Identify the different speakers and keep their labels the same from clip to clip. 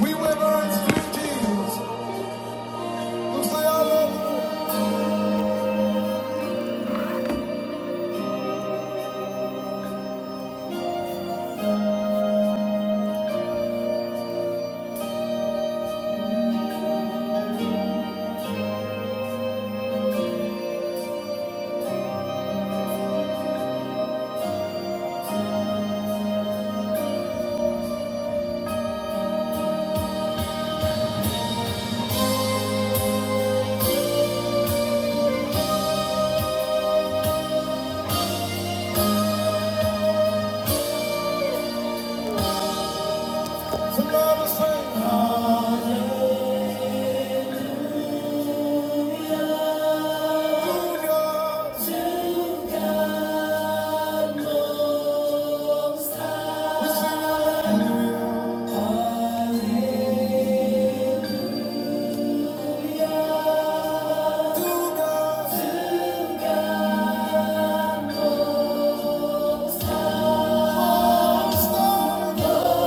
Speaker 1: We were born to be kings. Looks like all over from love and strength. Hallelujah. We sing hallelujah to God. Star above.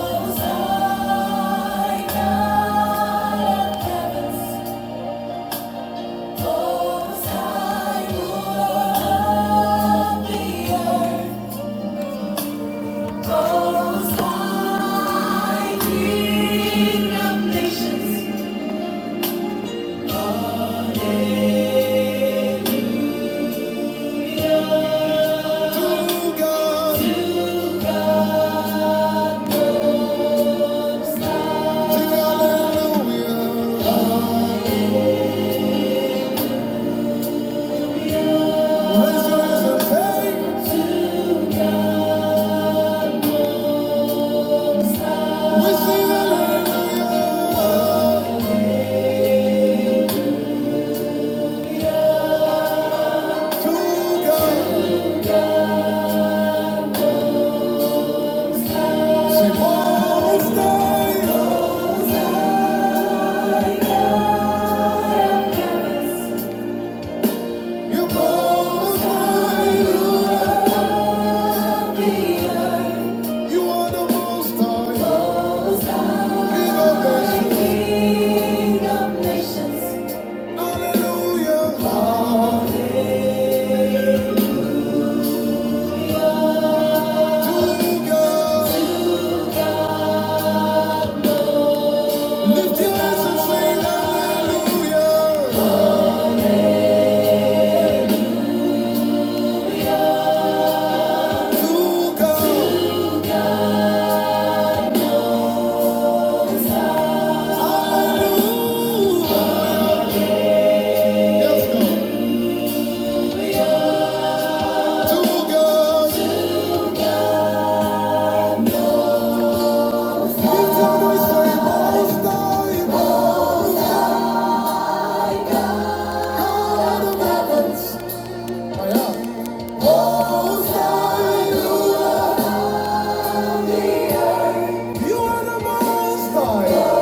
Speaker 1: You are the most high, King of nations. Hallelujah. hallelujah. You are the most high.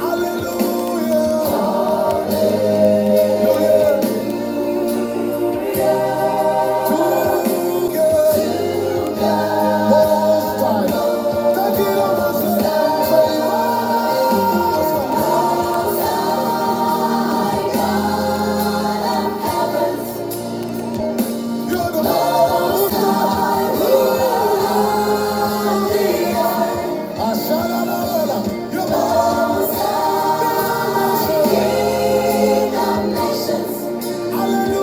Speaker 1: Hallelujah. Hallelujah.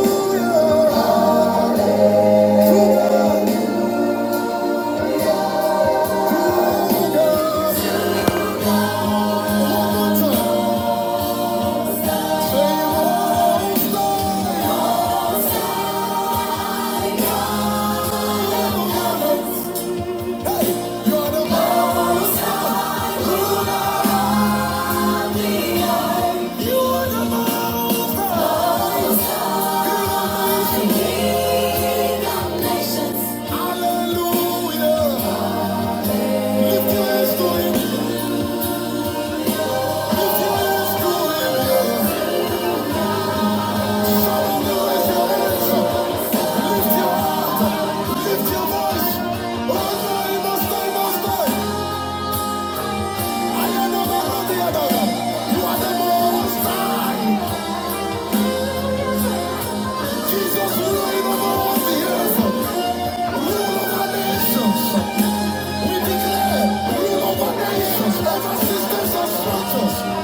Speaker 1: You are the most high. Jesus, ruler over all the earth, rule over nations. We declare rule over nations, over systems and structures. Rule.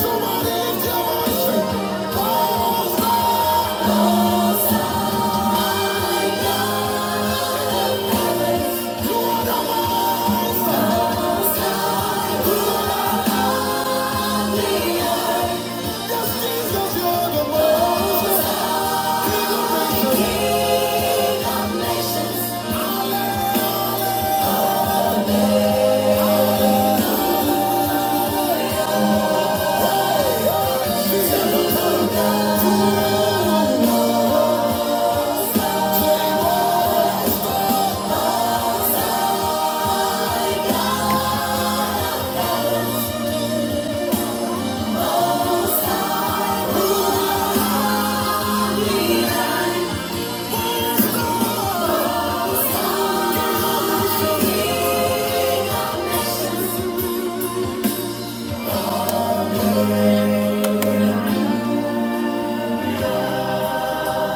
Speaker 1: Somebody lift your voice, say, "Hosanna." Yes, Jesus, you're the King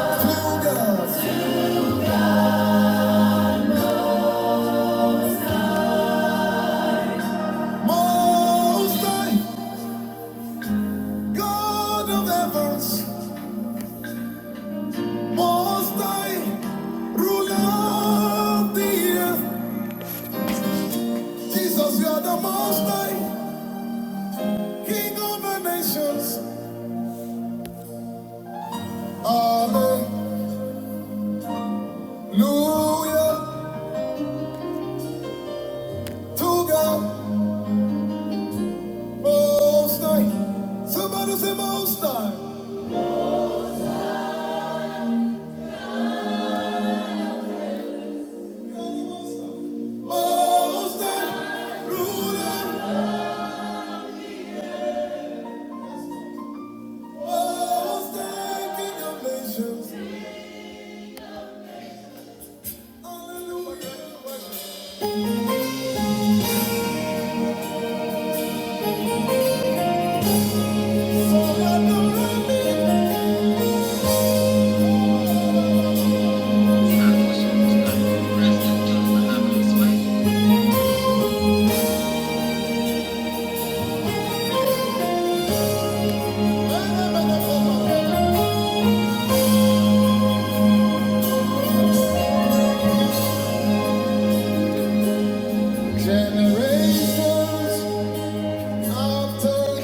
Speaker 1: of nations. Builders, most high, God of heavens, most high, ruler of the earth. Jesus, you are the most high, King of the nations. Hallelujah to God, most high. Somebody say most high. Most high, ruler, most high, King of nations. Hallelujah. Generations after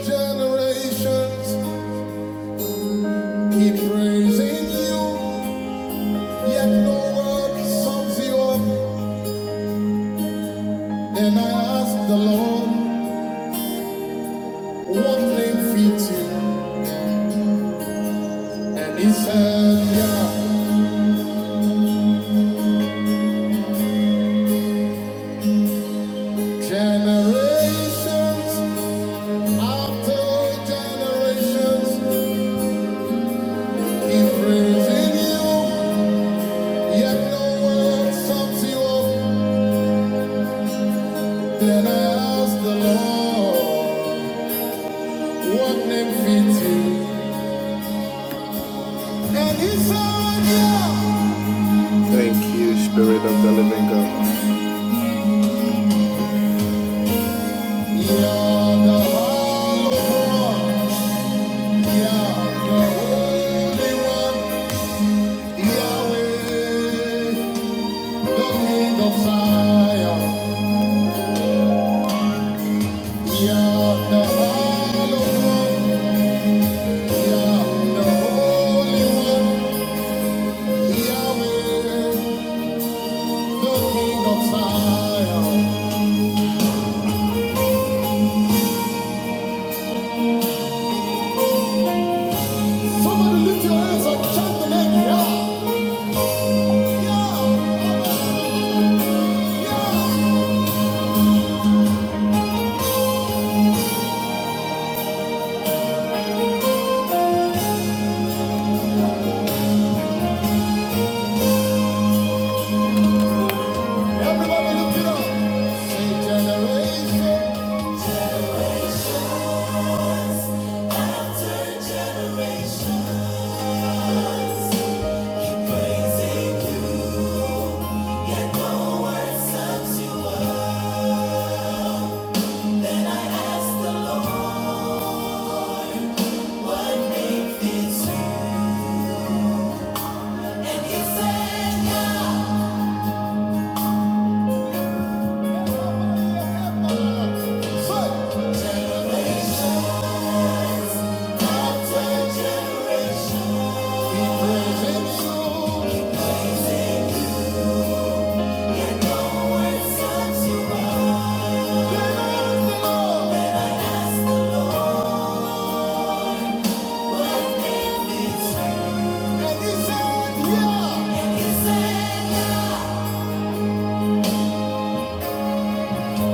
Speaker 1: generations keep praising you, yet no word sums you up. Then I asked the Lord, what name fits you? And he said, yeah. Generations after generations keep praising you, no yeah. Thank you, Spirit of the Living God. Somebody lift your hands up, shout the name, yeah, yeah, yeah. Everybody lift it up. Say generation, Then I asked the Lord, what made this you? Yeah.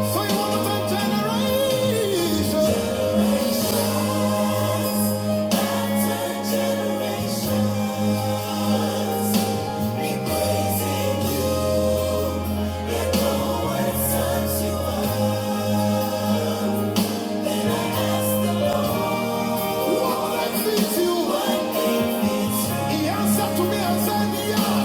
Speaker 1: We want a generation. What benefits you? He answered to me and said, Yeah.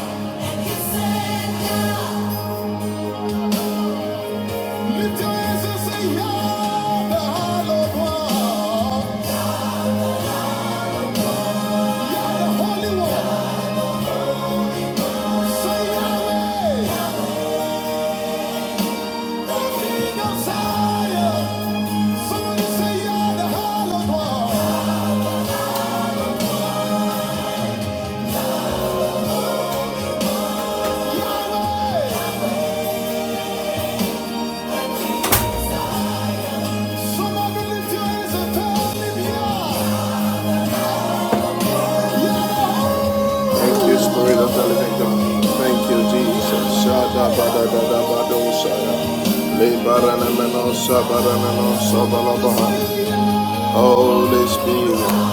Speaker 1: Lift your hands and say, Yeah, the Holy One. Yeah, the Holy One. Thank you, Spirit of the Living God. Thank you, Jesus. Shada bada bada bada usaya. Le barana meno sabarana no sabalabaha. Holy Spirit.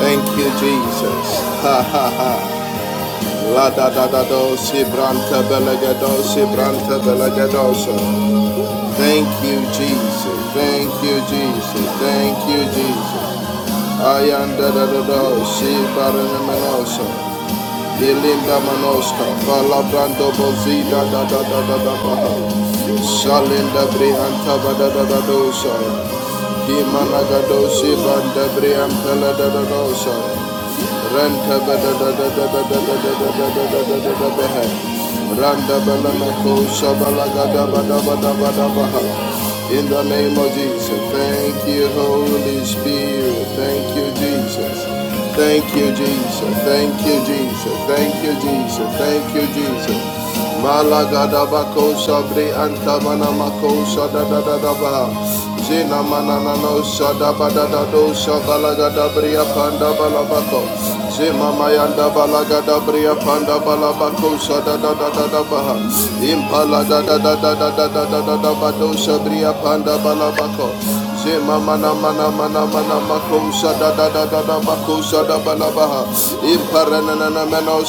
Speaker 1: Thank you, Jesus. Ha ha ha. La da da da do, si branta belegedo, si branta belegedoso. Thank you, Jesus. Thank you, Jesus. Thank you, Jesus. I am da da da do, si baranamanoso. Belinda Manoska, Palabrando Bozida, da da da da da da. Shalinda Brianta, da da da da dosa. Dimanagadosi, Banda Brianta, da da da dosa. Renta, da da da da da da da da da da da da da da da da. Randa Balamako, Shabalagada, ba da da da ba da ba. In the name of Jesus, thank you, Holy Spirit. Thank you, Jesus. Thank you, Jesus. Thank you, Jesus. Thank you, Jesus. Thank you, Jesus. Malagadabako sabri antamana mako da da da da ba. Zina manana no sada ba da da do sabalaga da panda balabako. Zema mayanda balaga da bria panda balabako sada da da da da baha. Impala da da da da da da da da da da badosa bria panda balabako. Zema mana mana mana mana mako sada da da da da bako sada balabaha. Impara na na na meno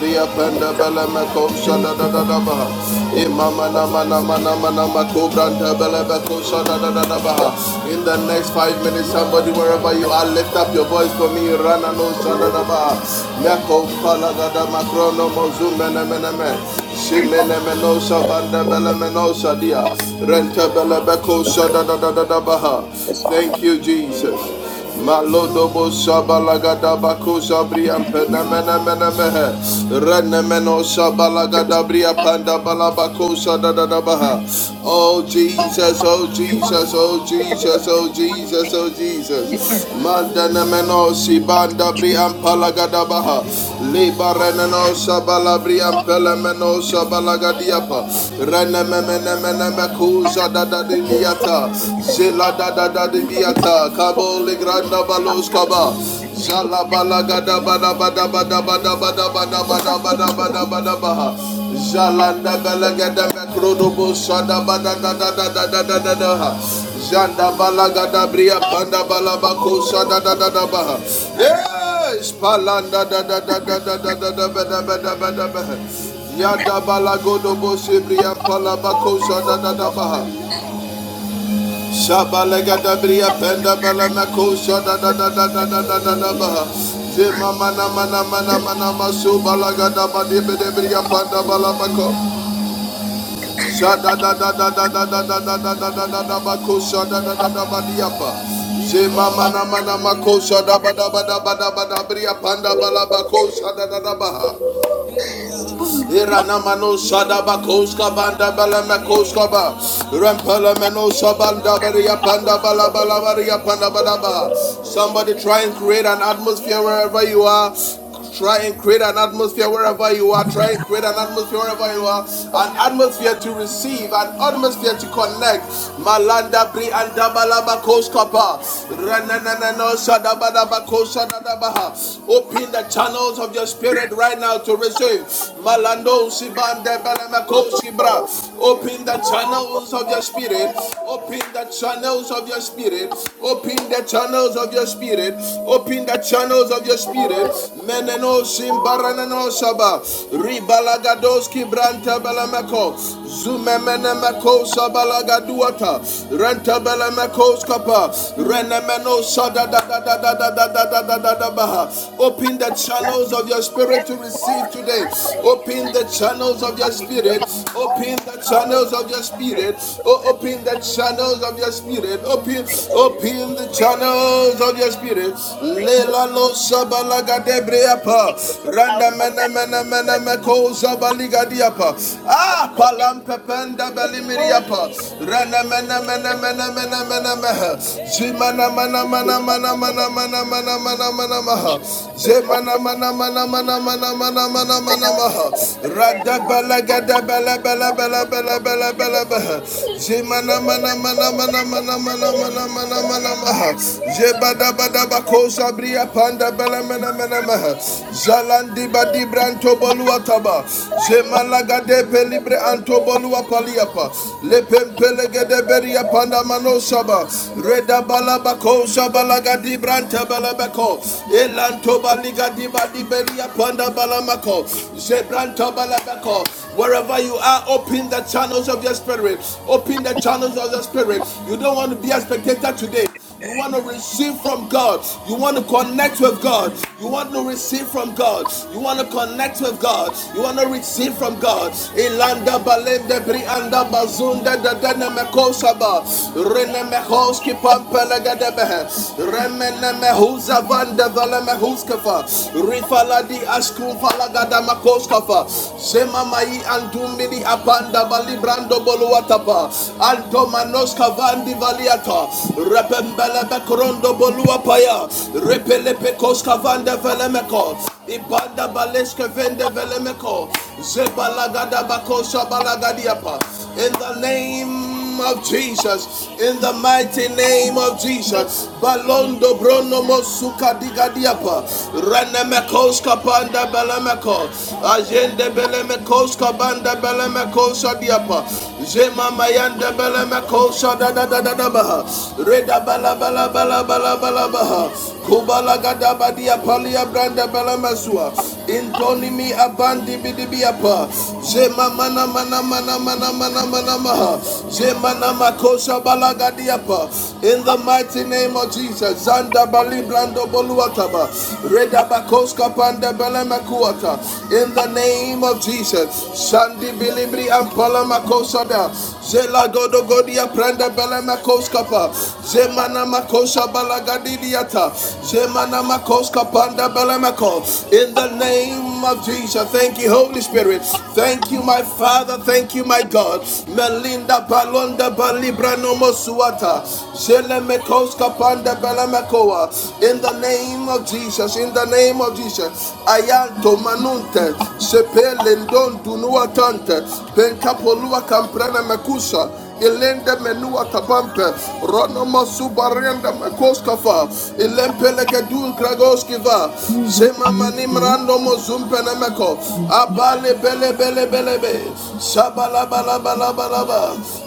Speaker 1: bria panda balamako da da da da baha. In the next five minutes, somebody wherever you are, lift up your voice for me. Rana no
Speaker 2: warrior
Speaker 1: shadadaba. Meko palagada makrono mozumene meneme. Shimene meno shabanda
Speaker 2: for
Speaker 1: bele meno shadia. Rente bele beko
Speaker 2: God, of
Speaker 1: shadadadadabaha.
Speaker 2: dishonor,
Speaker 1: Thank you, Jesus. Malodobo shabalagada bako shabriam penamena menemehe. Renemeno shabalagada bria panda balabako shadadadabaha. Oh Jesus, oh
Speaker 2: You want to
Speaker 1: Jesus, oh Jesus, oh
Speaker 2: divine
Speaker 1: Jesus, oh Jesus. Mandanemeno shibanda
Speaker 2: treatment
Speaker 1: briam palagadabaha. Libareneno shabalabriam pelemeno shabalagadiapa. Renemenemenemeko
Speaker 2: because
Speaker 1: shadadadiniata. Zela da da da di
Speaker 2: everything that
Speaker 1: biata kabo le granda
Speaker 2: God
Speaker 1: balos
Speaker 2: has
Speaker 1: kaba
Speaker 2: you hate it.
Speaker 1: shala balaga da ba da ba da ba da ba da ba da ba da ba
Speaker 2: is
Speaker 1: da
Speaker 2: that the
Speaker 1: ba
Speaker 2: way
Speaker 1: da
Speaker 2: you
Speaker 1: ba da
Speaker 2: want.
Speaker 1: ba da ba Jalanda balaga da mekrodo bo shada ba da da da da da da da da da Janda balaga da bria panda balaba ko shada da da da ba Yes, palanda da da da da da da da da ba da ba da ba da ba ha. Yada balago do bo sebria palaba ko shada da da ba Shabalega dabria penda bala makosa da da da da da da da da ba. Zema mana mana mana mana masu balaga da ba de be de bria panda bala mako. Shada da da da da da da da da da da da da da ba kosa da da da da ba dia ba. Zema mana mana makosa da ba da ba da ba da ba da bria panda bala makosa da da da ba. Iranamano Sadabakoska Banda Balamakoska Rampelameno Sabanda Baria Panda Balabalabaria Panda Badaba. Somebody try and create an atmosphere wherever you are try and create an atmosphere wherever you are try and create an atmosphere wherever you are an atmosphere to receive an atmosphere to connect malanda bri and dabalaba koskapa rananana no sadabadabakosh sadadabaha. open the channels of your spirit right right now to receive. Malando Sibande Belemekoski Bra. Open the channels of your spirit. Open the channels of your spirit. Open the channels of your spirit. Open the channels of your spirit. Meneno Simbaranano Saba. Ribalagadoski Branta Belemeko. Zumemenemeko Sabalagaduata. Renta Belemekoskapa. Renemeno Sada da da da da da da da da da da da Baha. Open the Open the channels of your spirit to receive today. Open the channels of your spirit. Open the channels of your spirit. Oh, open the channels of your spirit. Open, open the channels of your spirit. Lela lo sabalaga debreapa.
Speaker 2: Like this was
Speaker 1: Randa mena mena mena meko sabaliga diapa. Ah, palam pependa
Speaker 2: alcohol.
Speaker 1: belimiriapa. Randa mena mena mena mena mena mena Zimana mana mana mana mana mana mana mana mana maha. Je mana mana mana mana mana mana mana
Speaker 2: I
Speaker 1: mana
Speaker 2: know it's been
Speaker 1: maha.
Speaker 2: a really good day.
Speaker 1: Rada bala gada bala bala bala bala bala bala maha. Je
Speaker 2: But
Speaker 1: mana mana mana mana mana mana mana mana mana maha. Je bada bada bako sabria panda bala mana mana maha. Jalandi badi branto bolua taba. Je malaga de pelibre anto bolua paliapa. Le pempele gede beria panda mano saba. Reda bala bako saba balaga di branta balabako. Elanto baliga di baliberia panda balamako. Zebranta balabako. Wherever you are, open the channels of your spirit. Open the channels of the spirit. You don't want to be a spectator today. You want to receive from God. You want to connect with God. You want to receive from God. You want to connect with God. You want to receive from God. Ilanda balende brianda bazunda da dene mekosaba. rene mekos Roski Pampala Gadebehe, Remene Vanda Vala Mehuskafa, Askum Falagada Makoskafa, Antumini Apanda Bali Boluatapa, Anto Vandi Valiata, Repembele Bekrondo Boluapaya, Repelepe Koska Vanda Velemeko, Ipanda Baleska Vende Velemeko, Zebalagada Bakosha Balagadiapa, in the name name of Jesus. In the mighty name of Jesus. Balondo brono mosuka digadiapa. Renemekoska panda belemeko. Agende belemekoska banda belemekosa diapa. Zema mayanda belemekosa da da da da da baha. Reda bala bala bala bala bala baha. Kubala gada badia branda bala masua. Intoni mi abandi bidibiapa. Zema mana mana mana mana mana in the mighty name of Jesus, Zanda Bali Blando Boluataba, Reda Bakoska Panda Belemakuata. In the name of Jesus, Sandi Bilibri and Palamakosada, Zela godogodia prende bele mekoskapa. Zemana makosha balagadidiata. Zemana makoska panda bele meko. In the name of Jesus. Thank you, Holy Spirit. Thank you, my Father. Thank you, my God. Melinda balonda balibra nomosuata. Zele mekoska panda bele mekoa. In the name of Jesus. In the name of odisha ayanto manunte sepe lendon dunuwa tante penkapolua kamprana makusa ilende menua tabampe ronoma subarenda mekoskafa ilempelekedun kragoskiva semamanimrando mozumpenemeko abale bele bele belebe sabalabalabalaba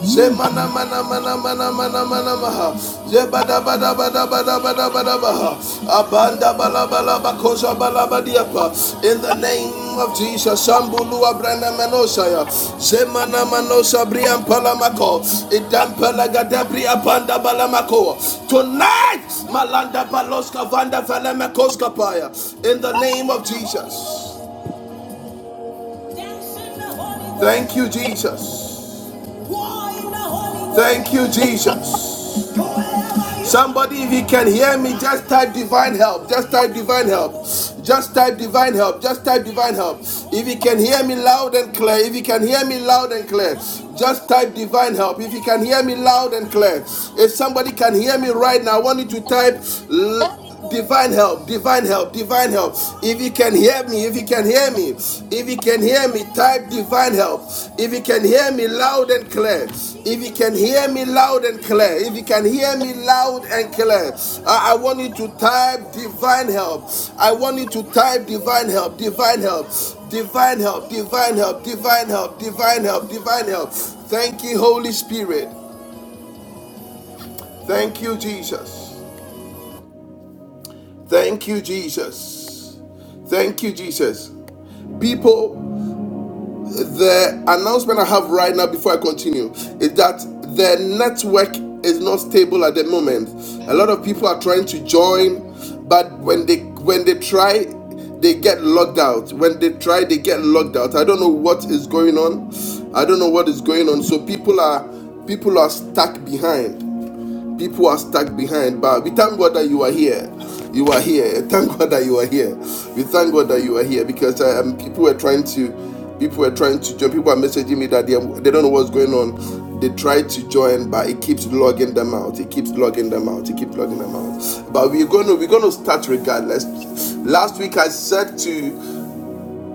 Speaker 1: semana mana Mana mana mana mana maha. Zebada bada bada bada bada bada maha. Abanda bala bala bakosa bala badiapa. In the name of Jesus, Sambulu Abrana Manosaya, Zemana Manosa Brian Palamako, Idampala Gadabri abanda Balamako. Tonight, Malanda Baloska Vanda Valamakoska Paya. In the name of Jesus. Thank you, Jesus. Thank you, Jesus. Somebody, if you can hear me, just type divine help. Just type divine help. Just type divine help. Just type divine help. If you can hear me loud and clear, if you can hear me loud and clear, just type divine help. If you can hear me loud and clear, if somebody can hear me right now, I want you to type. L- divine help divine help divine help if you can hear me if you can hear me if you can hear me type divine help if you can hear me loud and clear if you can hear me loud and clear if you can hear me loud and clear i, I want you to type divine help i want you to type divine help divine help divine help divine help divine help divine help divine help thank you holy spirit thank you jesus Thank you, Jesus. Thank you, Jesus. People, the announcement I have right now before I continue is that the network is not stable at the moment. A lot of people are trying to join, but when they when they try, they get locked out. When they try, they get locked out. I don't know what is going on. I don't know what is going on. So people are people are stuck behind. People are stuck behind, but we thank God that you are here. You are here. Thank God that you are here. We thank God that you are here because um, people were trying to, people were trying to join. People are messaging me that they, they don't know what's going on. They try to join, but it keeps logging them out. It keeps logging them out. It keeps logging them out. But we're gonna we're gonna start regardless. Last week I said to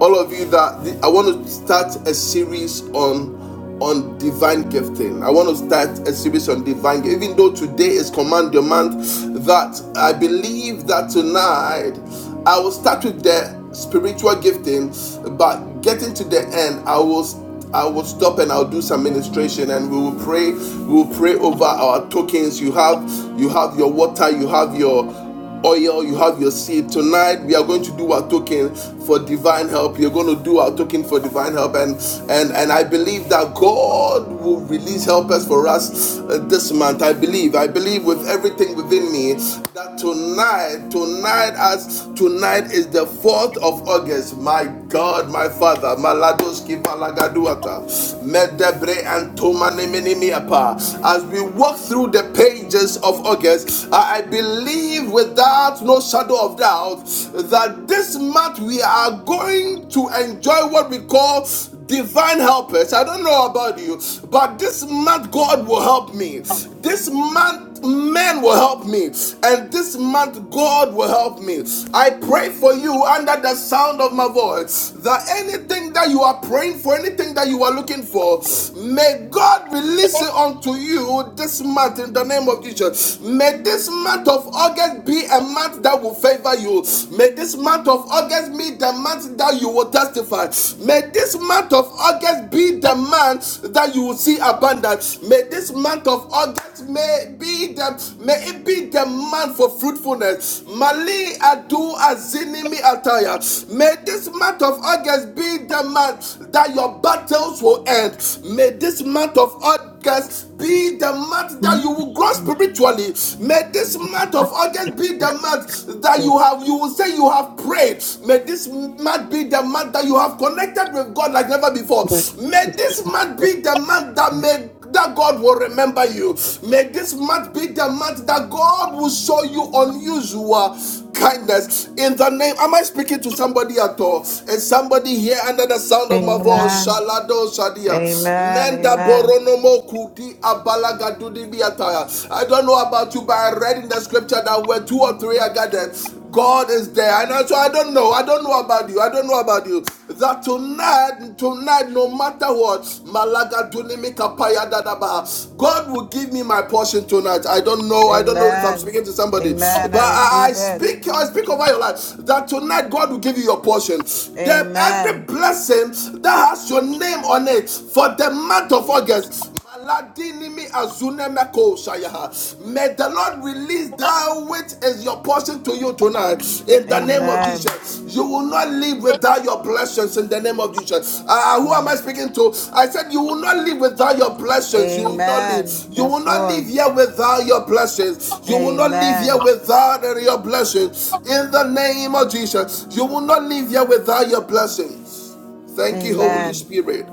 Speaker 1: all of you that I want to start a series on on divine gifting. I want to start a series on divine gift. Even though today is command your month, that I believe that tonight I will start with the spiritual gifting, but getting to the end, I will I will stop and I'll do some ministration and we will pray. We will pray over our tokens. You have you have your water, you have your oil, you have your seed. Tonight we are going to do our token for divine help. You're going to do our token for divine help, and and and I believe that God will release helpers for us uh, this month. I believe. I believe with everything within me that tonight, tonight as tonight is the fourth of August. My God, my Father, Maladoski Valagaduata, Medebre and Tomane Menimiapa. As we walk through the pages of August. Jesus, I I believe without no shadow of doubt that this month we are going to enjoy what we call divine helpers. I don't know about you, but this month God will help me. This month man will help me and this month god will help me i pray for you under the sound of my voice that anything that you are praying for anything that you are looking for may god release it unto you this month that in the name of Jesus. May this month of August be a month that will favor you. May this month of August be the month that you will testify. May this month of August be the month that you will see abundance. May this month of August may be the may it be the month for fruitfulness. Mali adu azinimi ataya. May this month of August be the month that your battles will end. May this month of August August be the month that you will grow spiritually. May this month of August be the month that you have you will say you have prayed. May this month be the month that you have connected with God like never before. May this month be the month that may that God will remember you. May this month be the month that God will show you unusual kindness in the name. Am I speaking to somebody at all? Is somebody here under the sound of my voice?
Speaker 3: Amen.
Speaker 1: Shalado Shadia.
Speaker 3: Amen.
Speaker 1: Menda
Speaker 3: Amen.
Speaker 1: boronomo kudi abalagadudi biataya. I don't know about you, but I read in the scripture that where two or three are gathered, God is there. And so I don't know. I don't know about you. I don't know about you. That tonight, tonight, no matter what, Malaga malagaduni mikapaya dadaba, God will give me my portion tonight. I don't know. I don't know if I'm
Speaker 3: Amen.
Speaker 1: speaking to somebody,
Speaker 3: Amen.
Speaker 1: but
Speaker 3: I
Speaker 1: I, I
Speaker 3: receive it.
Speaker 1: speak. I speak over your life that tonight God will give you your portion. That every
Speaker 3: Amen.
Speaker 1: blessing that has your your name on it for the month of August. May the Lord release that which is your portion to you tonight in the name of
Speaker 3: Amen.
Speaker 1: Jesus. You will not live without your blessings in the name of Jesus. Ah, who am I
Speaker 3: Am-
Speaker 1: speaking to? I said, You will not live without your blessings. You will not live.
Speaker 3: Amen.
Speaker 1: You will
Speaker 3: Yes,
Speaker 1: not live
Speaker 3: Lord.
Speaker 1: here without your blessings. You will not live here
Speaker 3: Amen.
Speaker 1: without your blessings. In the name of Jesus, you will not live here without your blessings. Thank you, Holy
Speaker 3: Amen.
Speaker 1: Spirit.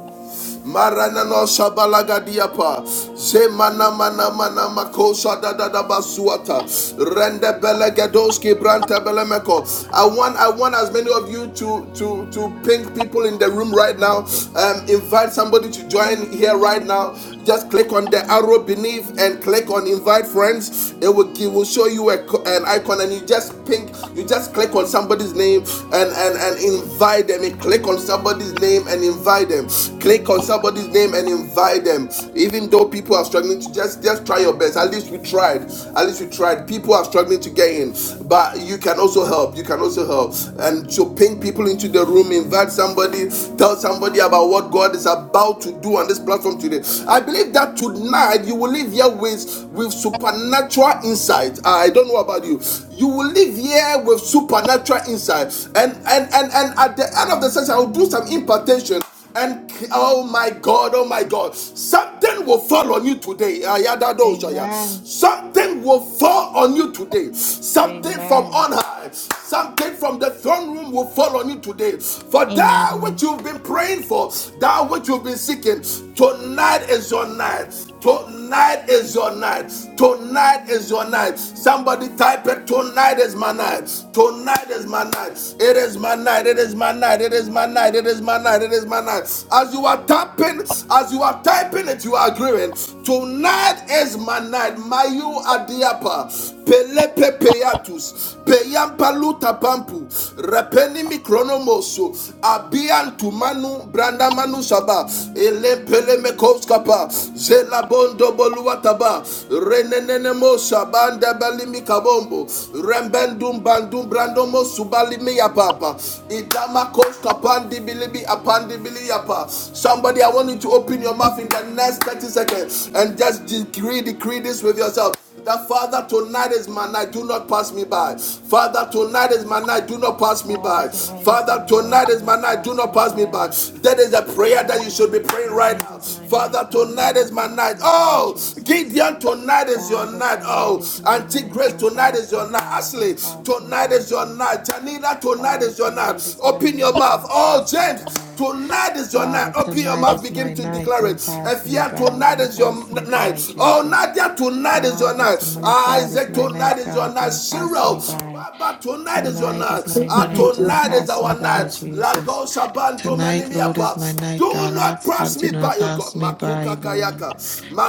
Speaker 1: Maranano shabalagadiapa zemana mana mana makosa da da da basuata rende belegedoski branta belemeko. I want I want as many of you to to to ping people in the room right now. Um, invite somebody to join here right now. Just click on the arrow beneath and click on invite friends. It will, it will show you a, an icon and you just ping, you just click on somebody's name and, and, and invite them. You click on somebody's name and invite them. Click on somebody's name and invite them. Even though people are struggling to just just try your best. At least we tried. At least we tried. People are struggling to get in, but you can also help. You can also help. And so ping people into the room, invite somebody, tell somebody about what God is is about to do on this platform today. I believe that tonight you will leave here with, with supernatural insight. I don't know about you. You will leave here with supernatural insight. And and and, and at the end of the session, I'll do some impartation. And oh my God, oh my God, something will fall on you today. Ayadadoshaya.
Speaker 3: Amen.
Speaker 1: Something will fall on you today. Something from
Speaker 3: Amen.
Speaker 1: on high, something from the throne room will fall on you today. For that
Speaker 4: Amen.
Speaker 1: which you've been praying for, that which you've been seeking, tonight is your night. Tonight is your night. Tonight is your night. Somebody type it. Tonight is my night. Tonight is my night. It is my night. It is my night. It is my night. It is my night. It is my night. As you are tapping, as you are typing it, you are agreeing. Tonight is my night. Mayu Adiapa. Pelepe Peyatus. Peyampaluta Pampu repeni mikronomosu abian tu manu branda manu saba elempele mekoskapa zela bondo boluataba renenene mosa banda balimi kabombo rembendum bandum brando mosu balimi yapapa idama koskapandi bilibi apandi bilibi yapa somebody I want you to open your mouth in the next 30 seconds and just decree decree this with yourself that Father, tonight is my night, do not pass me by. Father, tonight is my night, do not pass me
Speaker 3: Father,
Speaker 1: by.
Speaker 3: tonight is my
Speaker 1: Father,
Speaker 3: night.
Speaker 1: tonight
Speaker 3: Do
Speaker 1: is my
Speaker 3: not
Speaker 1: night, do
Speaker 3: pass
Speaker 1: not
Speaker 3: me
Speaker 1: pass me by.
Speaker 3: by.
Speaker 1: That is a prayer that you should be
Speaker 3: Father,
Speaker 1: praying right
Speaker 3: tonight
Speaker 1: now.
Speaker 3: is my night,
Speaker 1: Father,
Speaker 3: God. Do
Speaker 1: tonight is
Speaker 3: not
Speaker 1: my
Speaker 3: pass
Speaker 1: night.
Speaker 3: me by,
Speaker 1: Oh,
Speaker 3: Jesus.
Speaker 1: Gideon, tonight is your
Speaker 3: Father,
Speaker 1: night.
Speaker 3: tonight
Speaker 1: Oh,
Speaker 3: is my
Speaker 1: Auntie
Speaker 3: night.
Speaker 1: Grace,
Speaker 3: Don't
Speaker 1: tonight is
Speaker 3: pass
Speaker 1: your
Speaker 3: me
Speaker 1: night.
Speaker 3: by.
Speaker 1: Ashley,
Speaker 3: Don't pass me
Speaker 1: tonight
Speaker 3: by,
Speaker 1: is your night.
Speaker 3: Jesus.
Speaker 1: Janina, tonight
Speaker 3: Father,
Speaker 1: is your
Speaker 3: tonight
Speaker 1: night.
Speaker 3: is my
Speaker 1: Open your
Speaker 3: night.
Speaker 1: mouth.
Speaker 3: Don't
Speaker 1: Oh,
Speaker 3: pass me
Speaker 1: James.
Speaker 3: by.
Speaker 1: Tonight is your night.
Speaker 3: Father,
Speaker 1: Open your
Speaker 3: tonight
Speaker 1: mouth,
Speaker 3: is
Speaker 1: begin
Speaker 3: my
Speaker 1: to
Speaker 3: night.
Speaker 1: declare it.
Speaker 3: Don't pass me
Speaker 1: Efia,
Speaker 3: by.
Speaker 1: tonight
Speaker 3: Don't
Speaker 1: is your
Speaker 3: pass me by,
Speaker 1: night. Oh,
Speaker 3: Jesus.
Speaker 1: Nadia, tonight is your
Speaker 3: Father,
Speaker 1: night.
Speaker 3: tonight, God, is
Speaker 1: Isaac,
Speaker 3: my
Speaker 1: tonight
Speaker 3: night.
Speaker 1: is your
Speaker 3: God,
Speaker 1: night.
Speaker 3: don't pass me
Speaker 1: Cyril,
Speaker 3: by.
Speaker 1: Baba, tonight is your
Speaker 3: Tonight is
Speaker 1: night.
Speaker 3: my
Speaker 1: Ah,
Speaker 3: night. Don't
Speaker 1: tonight is
Speaker 3: pass
Speaker 1: our
Speaker 3: me by,
Speaker 1: night.
Speaker 3: Jesus.
Speaker 1: Lato Shaban,
Speaker 3: Tonight, Lord, is my
Speaker 1: Domenimiapa.
Speaker 3: night,
Speaker 1: Do
Speaker 3: God. I
Speaker 1: not
Speaker 3: ask
Speaker 1: pass
Speaker 3: God to
Speaker 1: me by,
Speaker 3: not
Speaker 1: O God.
Speaker 3: pass me by,
Speaker 1: Makuka
Speaker 3: Lord.
Speaker 1: kayaka,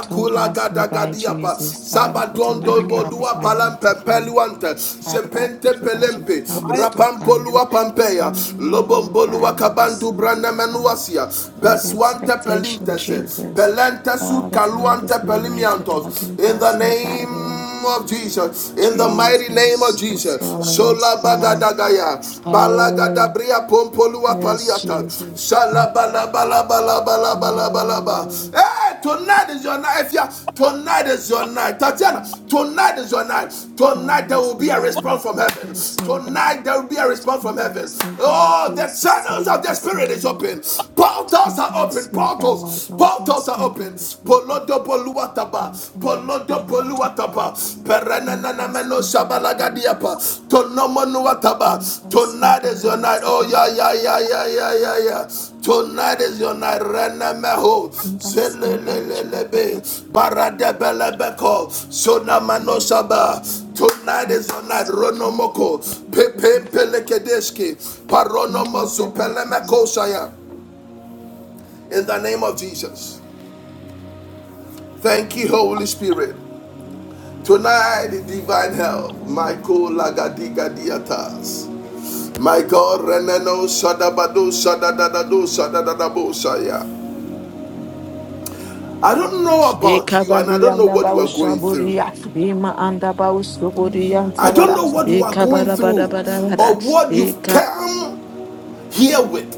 Speaker 3: Don't pass me by,
Speaker 1: gadagadiapa,
Speaker 3: Jesus. Father, for
Speaker 1: sabadondo
Speaker 3: tonight, God, is
Speaker 1: bodua
Speaker 3: my
Speaker 1: palam
Speaker 3: night. Father,
Speaker 1: pempeluante,
Speaker 3: Father, God,
Speaker 1: sempente
Speaker 3: for God, you
Speaker 1: pelempe,
Speaker 3: promised, oh God.
Speaker 1: rapampolua pampeya,
Speaker 3: Hallelujah, Father,
Speaker 1: lobombolua
Speaker 3: we
Speaker 1: kabandu
Speaker 3: receive for some
Speaker 1: branamenuasia,
Speaker 3: great
Speaker 1: peswante
Speaker 3: expectation,
Speaker 1: pelintese,
Speaker 3: Jesus.
Speaker 1: pelente sud
Speaker 3: Father, tonight
Speaker 1: kaluante
Speaker 3: is my night, but God
Speaker 1: pelimiantos.
Speaker 3: didn't
Speaker 1: In the
Speaker 3: pass me by,
Speaker 1: name
Speaker 3: Lord.
Speaker 1: name of Jesus. In the
Speaker 3: Jesus,
Speaker 1: mighty name of
Speaker 3: yes,
Speaker 1: Jesus.
Speaker 3: Lord, yes, Lord.
Speaker 1: Sholabagadagaya.
Speaker 3: Hallelujah,
Speaker 1: Balagadabria pompolua
Speaker 3: yes,
Speaker 1: paliata.
Speaker 3: Jesus. Hallelujah,
Speaker 1: Shalabalabalabalabalabalaba.
Speaker 3: Lord.
Speaker 1: Hey, tonight is your night. If you Tonight is your night. Tatiana, tonight is your night. Tonight
Speaker 3: From
Speaker 1: there
Speaker 3: this
Speaker 1: will be a response
Speaker 3: moment,
Speaker 1: from
Speaker 3: from
Speaker 1: heaven.
Speaker 3: this moment,
Speaker 1: Tonight there will be a response from
Speaker 3: don't
Speaker 1: heaven.
Speaker 3: pass me by,
Speaker 1: Oh, the
Speaker 3: Jesus.
Speaker 1: channels of
Speaker 3: From
Speaker 1: the
Speaker 3: this
Speaker 1: spirit is
Speaker 3: moment,
Speaker 1: open. Portals
Speaker 3: don't
Speaker 1: are open.
Speaker 3: pass me by,
Speaker 1: Portals.
Speaker 3: don't
Speaker 1: Portals
Speaker 3: pass
Speaker 1: are
Speaker 3: me by,
Speaker 1: open.
Speaker 3: Jesus.
Speaker 1: Polodo poluataba,
Speaker 3: And Tonight is my
Speaker 1: polodo
Speaker 3: night,
Speaker 1: poluataba, perenana
Speaker 3: Embrace
Speaker 1: meno
Speaker 3: me by your
Speaker 1: shabalagadiapa,
Speaker 3: Jesus.
Speaker 1: tonomanuataba.
Speaker 3: Embrace me
Speaker 1: Tonight
Speaker 3: by your
Speaker 1: is your night.
Speaker 3: mighty
Speaker 1: Oh yeah
Speaker 3: name.
Speaker 1: yeah yeah yeah yeah yeah yeah. Tonight is your night. Renemeho,
Speaker 3: Embrace me by your
Speaker 1: zelelelelebe,
Speaker 3: love.
Speaker 1: baradebelebeko, sonamano shaba. Tonight is your night.
Speaker 3: Embarrass me by
Speaker 1: Ronomoko,
Speaker 3: your
Speaker 1: pepe
Speaker 3: goodness.
Speaker 1: pelekedeski, paronomo
Speaker 3: Until the ground of
Speaker 1: supelemeko
Speaker 3: the earth.
Speaker 1: shaya. In the name of Jesus. Thank you, Holy Spirit. Tonight, the divine help, Michael Lagadiga My God, Renano Sadabado Sadadadado Sadadadabosaya. I don't know about you and I
Speaker 5: Ekabadi
Speaker 1: don't know
Speaker 5: anda
Speaker 1: what you are
Speaker 5: bausha
Speaker 1: going through.
Speaker 5: buria. Ima anda bausku buria
Speaker 1: I don't
Speaker 5: tabara.
Speaker 1: know what you are going
Speaker 5: Ekabara
Speaker 1: through
Speaker 5: bara bara
Speaker 1: or what you've
Speaker 5: bara.
Speaker 1: come here with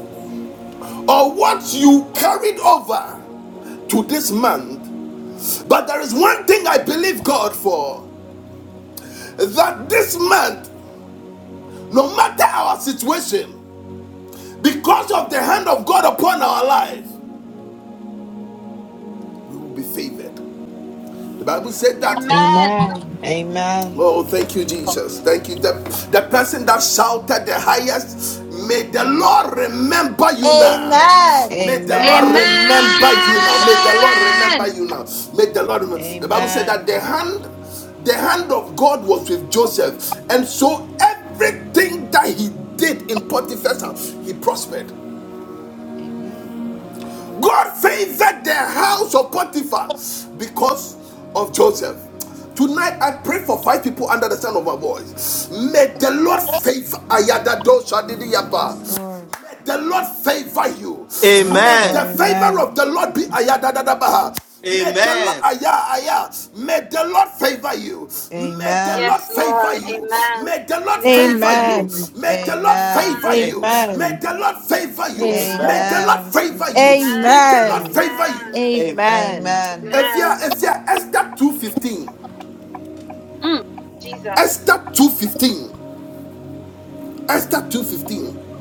Speaker 1: or what you carried over to this month. But there is one thing I believe God for that this month, no matter our situation, Because of the hand of God upon our life, we will be favored. The Bible said that.
Speaker 6: Amen.
Speaker 3: Amen. Amen.
Speaker 1: Oh, thank you, Jesus. Thank you. The, the person that shouted the highest, may the Lord remember you now. May
Speaker 4: Amen.
Speaker 1: the
Speaker 6: Amen.
Speaker 1: Lord
Speaker 3: Amen.
Speaker 1: remember you now. May the Lord remember you now. May the Lord remember. The Bible said that
Speaker 3: Amen.
Speaker 1: the hand the hand of God was with Joseph, and so everything that he did in Potiphar's house, he prospered.
Speaker 3: Amen.
Speaker 1: God favored the house of Potiphar because of Joseph. Tonight,
Speaker 3: Yes.
Speaker 1: I pray for five people under the sound of my voice. May the Lord favor Ayadado
Speaker 3: Yes, Lord.
Speaker 1: May the Lord favor you.
Speaker 3: Yes,
Speaker 1: May
Speaker 4: Amen.
Speaker 3: Lord.
Speaker 1: the favor
Speaker 3: Amen.
Speaker 1: of the Lord be Ayadadadabaha. May the Lord,
Speaker 4: Amen.
Speaker 1: ayah ayah. may the Lord favor you. May the
Speaker 3: Amen.
Speaker 1: Lord favor you. May the Lord
Speaker 4: Amen.
Speaker 1: favor you. May the Lord
Speaker 3: Amen.
Speaker 1: favor
Speaker 4: Amen.
Speaker 1: you. May the Lord favor you.
Speaker 4: Amen.
Speaker 1: May the
Speaker 3: Amen. I
Speaker 1: Lord favor
Speaker 3: receive
Speaker 4: Amen. Amen.
Speaker 1: you.
Speaker 3: it.
Speaker 1: May
Speaker 3: Yes,
Speaker 1: the Lord
Speaker 3: God.
Speaker 1: favor
Speaker 4: Amen. Amen. Amen. Amen. Amen.
Speaker 1: you.
Speaker 3: Amen.
Speaker 1: If you are, if you are Esther 2.15,
Speaker 6: Mm.
Speaker 1: Esther 2.15, Esther 2.15,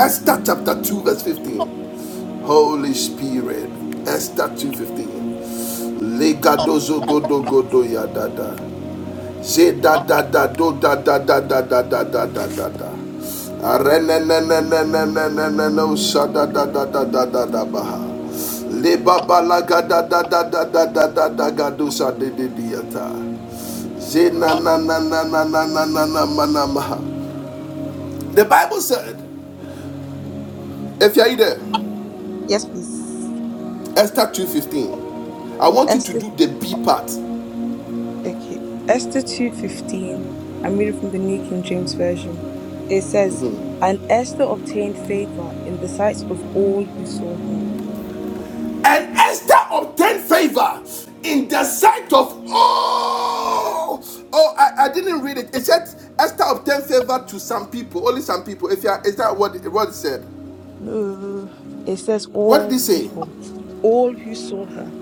Speaker 1: Esther chapter 2 verse 15. Holy Spirit, Esther 2.15. Legadozo godo godo yadada. Say da da da do da da da da da da da da da da. Areneneneneneneneneneno sa da da da da da da da baha. Le baba la ga da da da da da da da da ga do sa de de diata. Ze na na na na na na na na na ma na maha. The Bible said, if you are there,
Speaker 7: Yes, please.
Speaker 1: Esther 2.15, I want you to
Speaker 7: Esther,
Speaker 1: do the B part.
Speaker 7: okay. Esther 2.15. I'm reading from the New King James Version. It says, And Esther obtained favor in the sights of all who saw her.
Speaker 1: And Esther obtained favor in the sight of all. Oh, I, I didn't read it. It said Esther obtained favor to some people, only some people. If you are, is that what, what it said?
Speaker 7: No. It says
Speaker 1: What did
Speaker 7: all
Speaker 1: it say?
Speaker 7: people. All who saw her.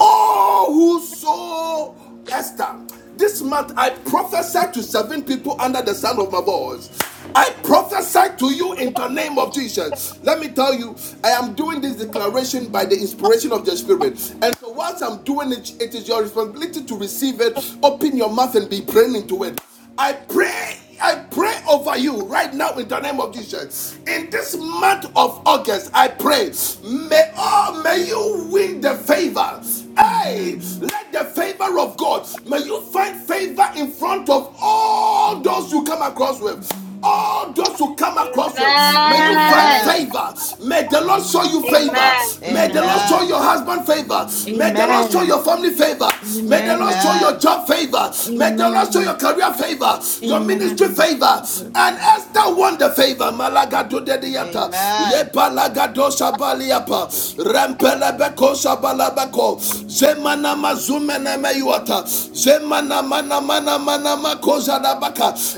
Speaker 1: all who saw Esther. This month I prophesied to seven people under the sound of my voice. I prophesy to you in the name of Jesus. Let me tell you, I am doing this declaration by the inspiration of the Spirit. And so, whilst I'm doing it, it is your responsibility to receive it. Open your mouth and be praying into it. I pray, I pray over you right now in the name of Jesus. In this month of August, I pray, may oh, may you win the favor. Hey, let the favor of God, may you find favor in front of all those you come across with
Speaker 7: Amen.
Speaker 1: all those who come across with, may you
Speaker 7: Amen.
Speaker 1: find
Speaker 3: Amen.
Speaker 1: favor. May the Lord show you favor.
Speaker 4: Amen.
Speaker 1: May the
Speaker 7: Amen.
Speaker 1: Lord show your
Speaker 3: Amen.
Speaker 1: husband favor. May the Lord show your family favor. May the Lord show your
Speaker 3: Amen.
Speaker 1: job favor. May the Lord show your career favor, your ministry favor. And
Speaker 7: Amen.
Speaker 1: Esther won the favor. Malaga do de diata.
Speaker 3: Amen.
Speaker 1: Yepa laga do shabaliapa. Rempelebeko shabalabako. Zemana mazumene meyuata. Zemana mana mana mana mako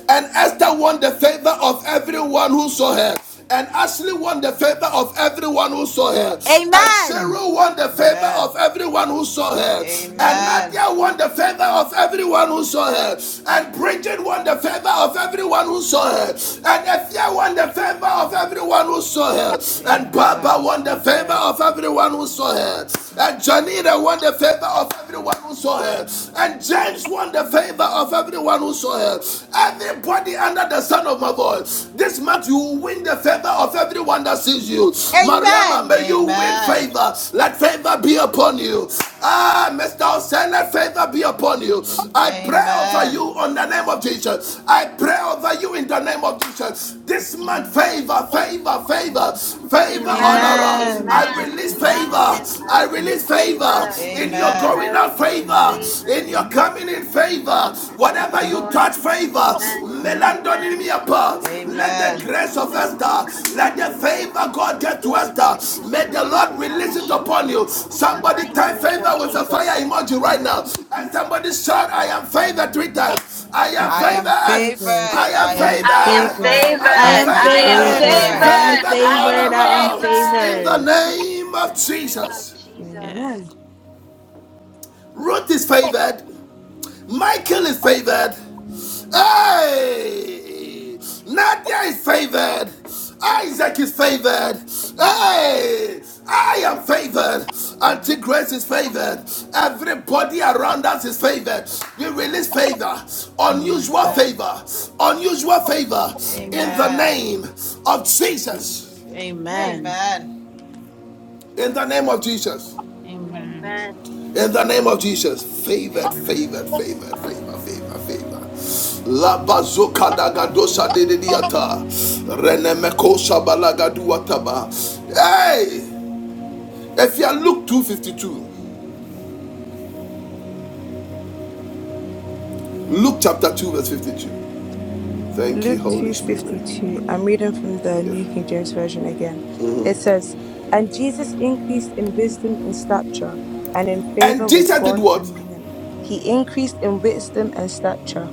Speaker 1: and Esther won the favor of everyone who saw her. And Ashley won the favor of everyone who saw her. And Sarah won the favor
Speaker 3: Amen.
Speaker 1: of everyone who saw her. And
Speaker 3: Amen.
Speaker 1: Nadia won the favor of everyone who saw her. And Bridget won the favor of everyone who saw her. And Ethia won the favor of
Speaker 3: Mm.
Speaker 1: everyone who saw her. And
Speaker 7: Amen.
Speaker 3: Amen. I
Speaker 1: Baba won the
Speaker 3: receive
Speaker 1: favor
Speaker 3: it.
Speaker 1: of everyone who saw her. And Janina won the favor of everyone who saw her. And James Hence won the favor of everyone who saw her. Everybody under the sound of my voice. This month you will win the favor of everyone that sees you. Mariama,
Speaker 4: Amen.
Speaker 1: may you win
Speaker 3: Amen.
Speaker 1: favor. Let favor be upon you. Ah, Mr. Hossein, let favor be upon you. I pray over
Speaker 3: Amen.
Speaker 1: you in the name of Jesus. I pray over you in the name of Jesus. This month, favor, favor, favor.
Speaker 4: Amen.
Speaker 1: Favor
Speaker 4: Amen.
Speaker 1: all around.
Speaker 4: Amen.
Speaker 1: I release favor. I release favor in your
Speaker 3: Amen.
Speaker 1: going out, favor
Speaker 4: Amen.
Speaker 1: in your coming in, favor. Whatever you touch, favor.
Speaker 7: Amen.
Speaker 1: Melandonimiapa. Let the
Speaker 3: Amen.
Speaker 1: grace of Esther, let the favor God get to Esther. May the Lord release it upon you.
Speaker 7: Amen.
Speaker 1: Somebody type favor with a fire emoji right now. And somebody shout, I am favored three times. I
Speaker 7: I
Speaker 1: am
Speaker 3: I am
Speaker 7: am
Speaker 3: favored.
Speaker 1: favored.
Speaker 7: favored.
Speaker 1: I am
Speaker 7: I
Speaker 3: I am
Speaker 7: am
Speaker 1: favored.
Speaker 7: favored.
Speaker 3: favored.
Speaker 1: I
Speaker 4: I
Speaker 1: am
Speaker 7: I
Speaker 3: I
Speaker 4: am
Speaker 7: am
Speaker 3: am
Speaker 1: favored,
Speaker 4: favored. I
Speaker 3: favored.
Speaker 7: favored.
Speaker 4: am
Speaker 1: favored
Speaker 4: favored.
Speaker 1: all
Speaker 4: I am
Speaker 1: around in the
Speaker 4: favored.
Speaker 1: name of Jesus.
Speaker 7: Amen.
Speaker 4: Yes.
Speaker 1: Ruth is favored. Michael is favored. Hey! Nadia is favored.
Speaker 7: Amen.
Speaker 1: Isaac is favored. Hey! I am favored. Auntie
Speaker 7: Amen.
Speaker 1: Grace is favored. Everybody around us is favored. We release
Speaker 7: Amen.
Speaker 1: favor,
Speaker 4: Amen.
Speaker 1: unusual
Speaker 3: Amen.
Speaker 1: favor, unusual favor in the
Speaker 4: Amen.
Speaker 3: Amen.
Speaker 1: name of
Speaker 4: Thank you, Jesus.
Speaker 1: Jesus.
Speaker 7: Amen.
Speaker 4: Amen.
Speaker 3: Amen.
Speaker 1: In the name of Jesus.
Speaker 4: Amen.
Speaker 1: In the name of Jesus, favored,
Speaker 3: Amen.
Speaker 1: favored,
Speaker 3: Yes,
Speaker 1: favored,
Speaker 3: God.
Speaker 1: favor, favor, favor. La bazoka da gadosa de de diata. Rene mekosa balagaduataba. Hey! If you look 252, Luke chapter 2, verse 52. Thank you,
Speaker 7: Luke
Speaker 1: Holy Spirit.
Speaker 7: 2:52. I'm reading from the New King
Speaker 1: Yeah.
Speaker 7: James Version again. It says, "And Jesus increased in wisdom and stature, and in
Speaker 1: And
Speaker 7: favor with
Speaker 1: Jesus did
Speaker 7: God
Speaker 1: what?
Speaker 7: and men. He increased in wisdom and stature."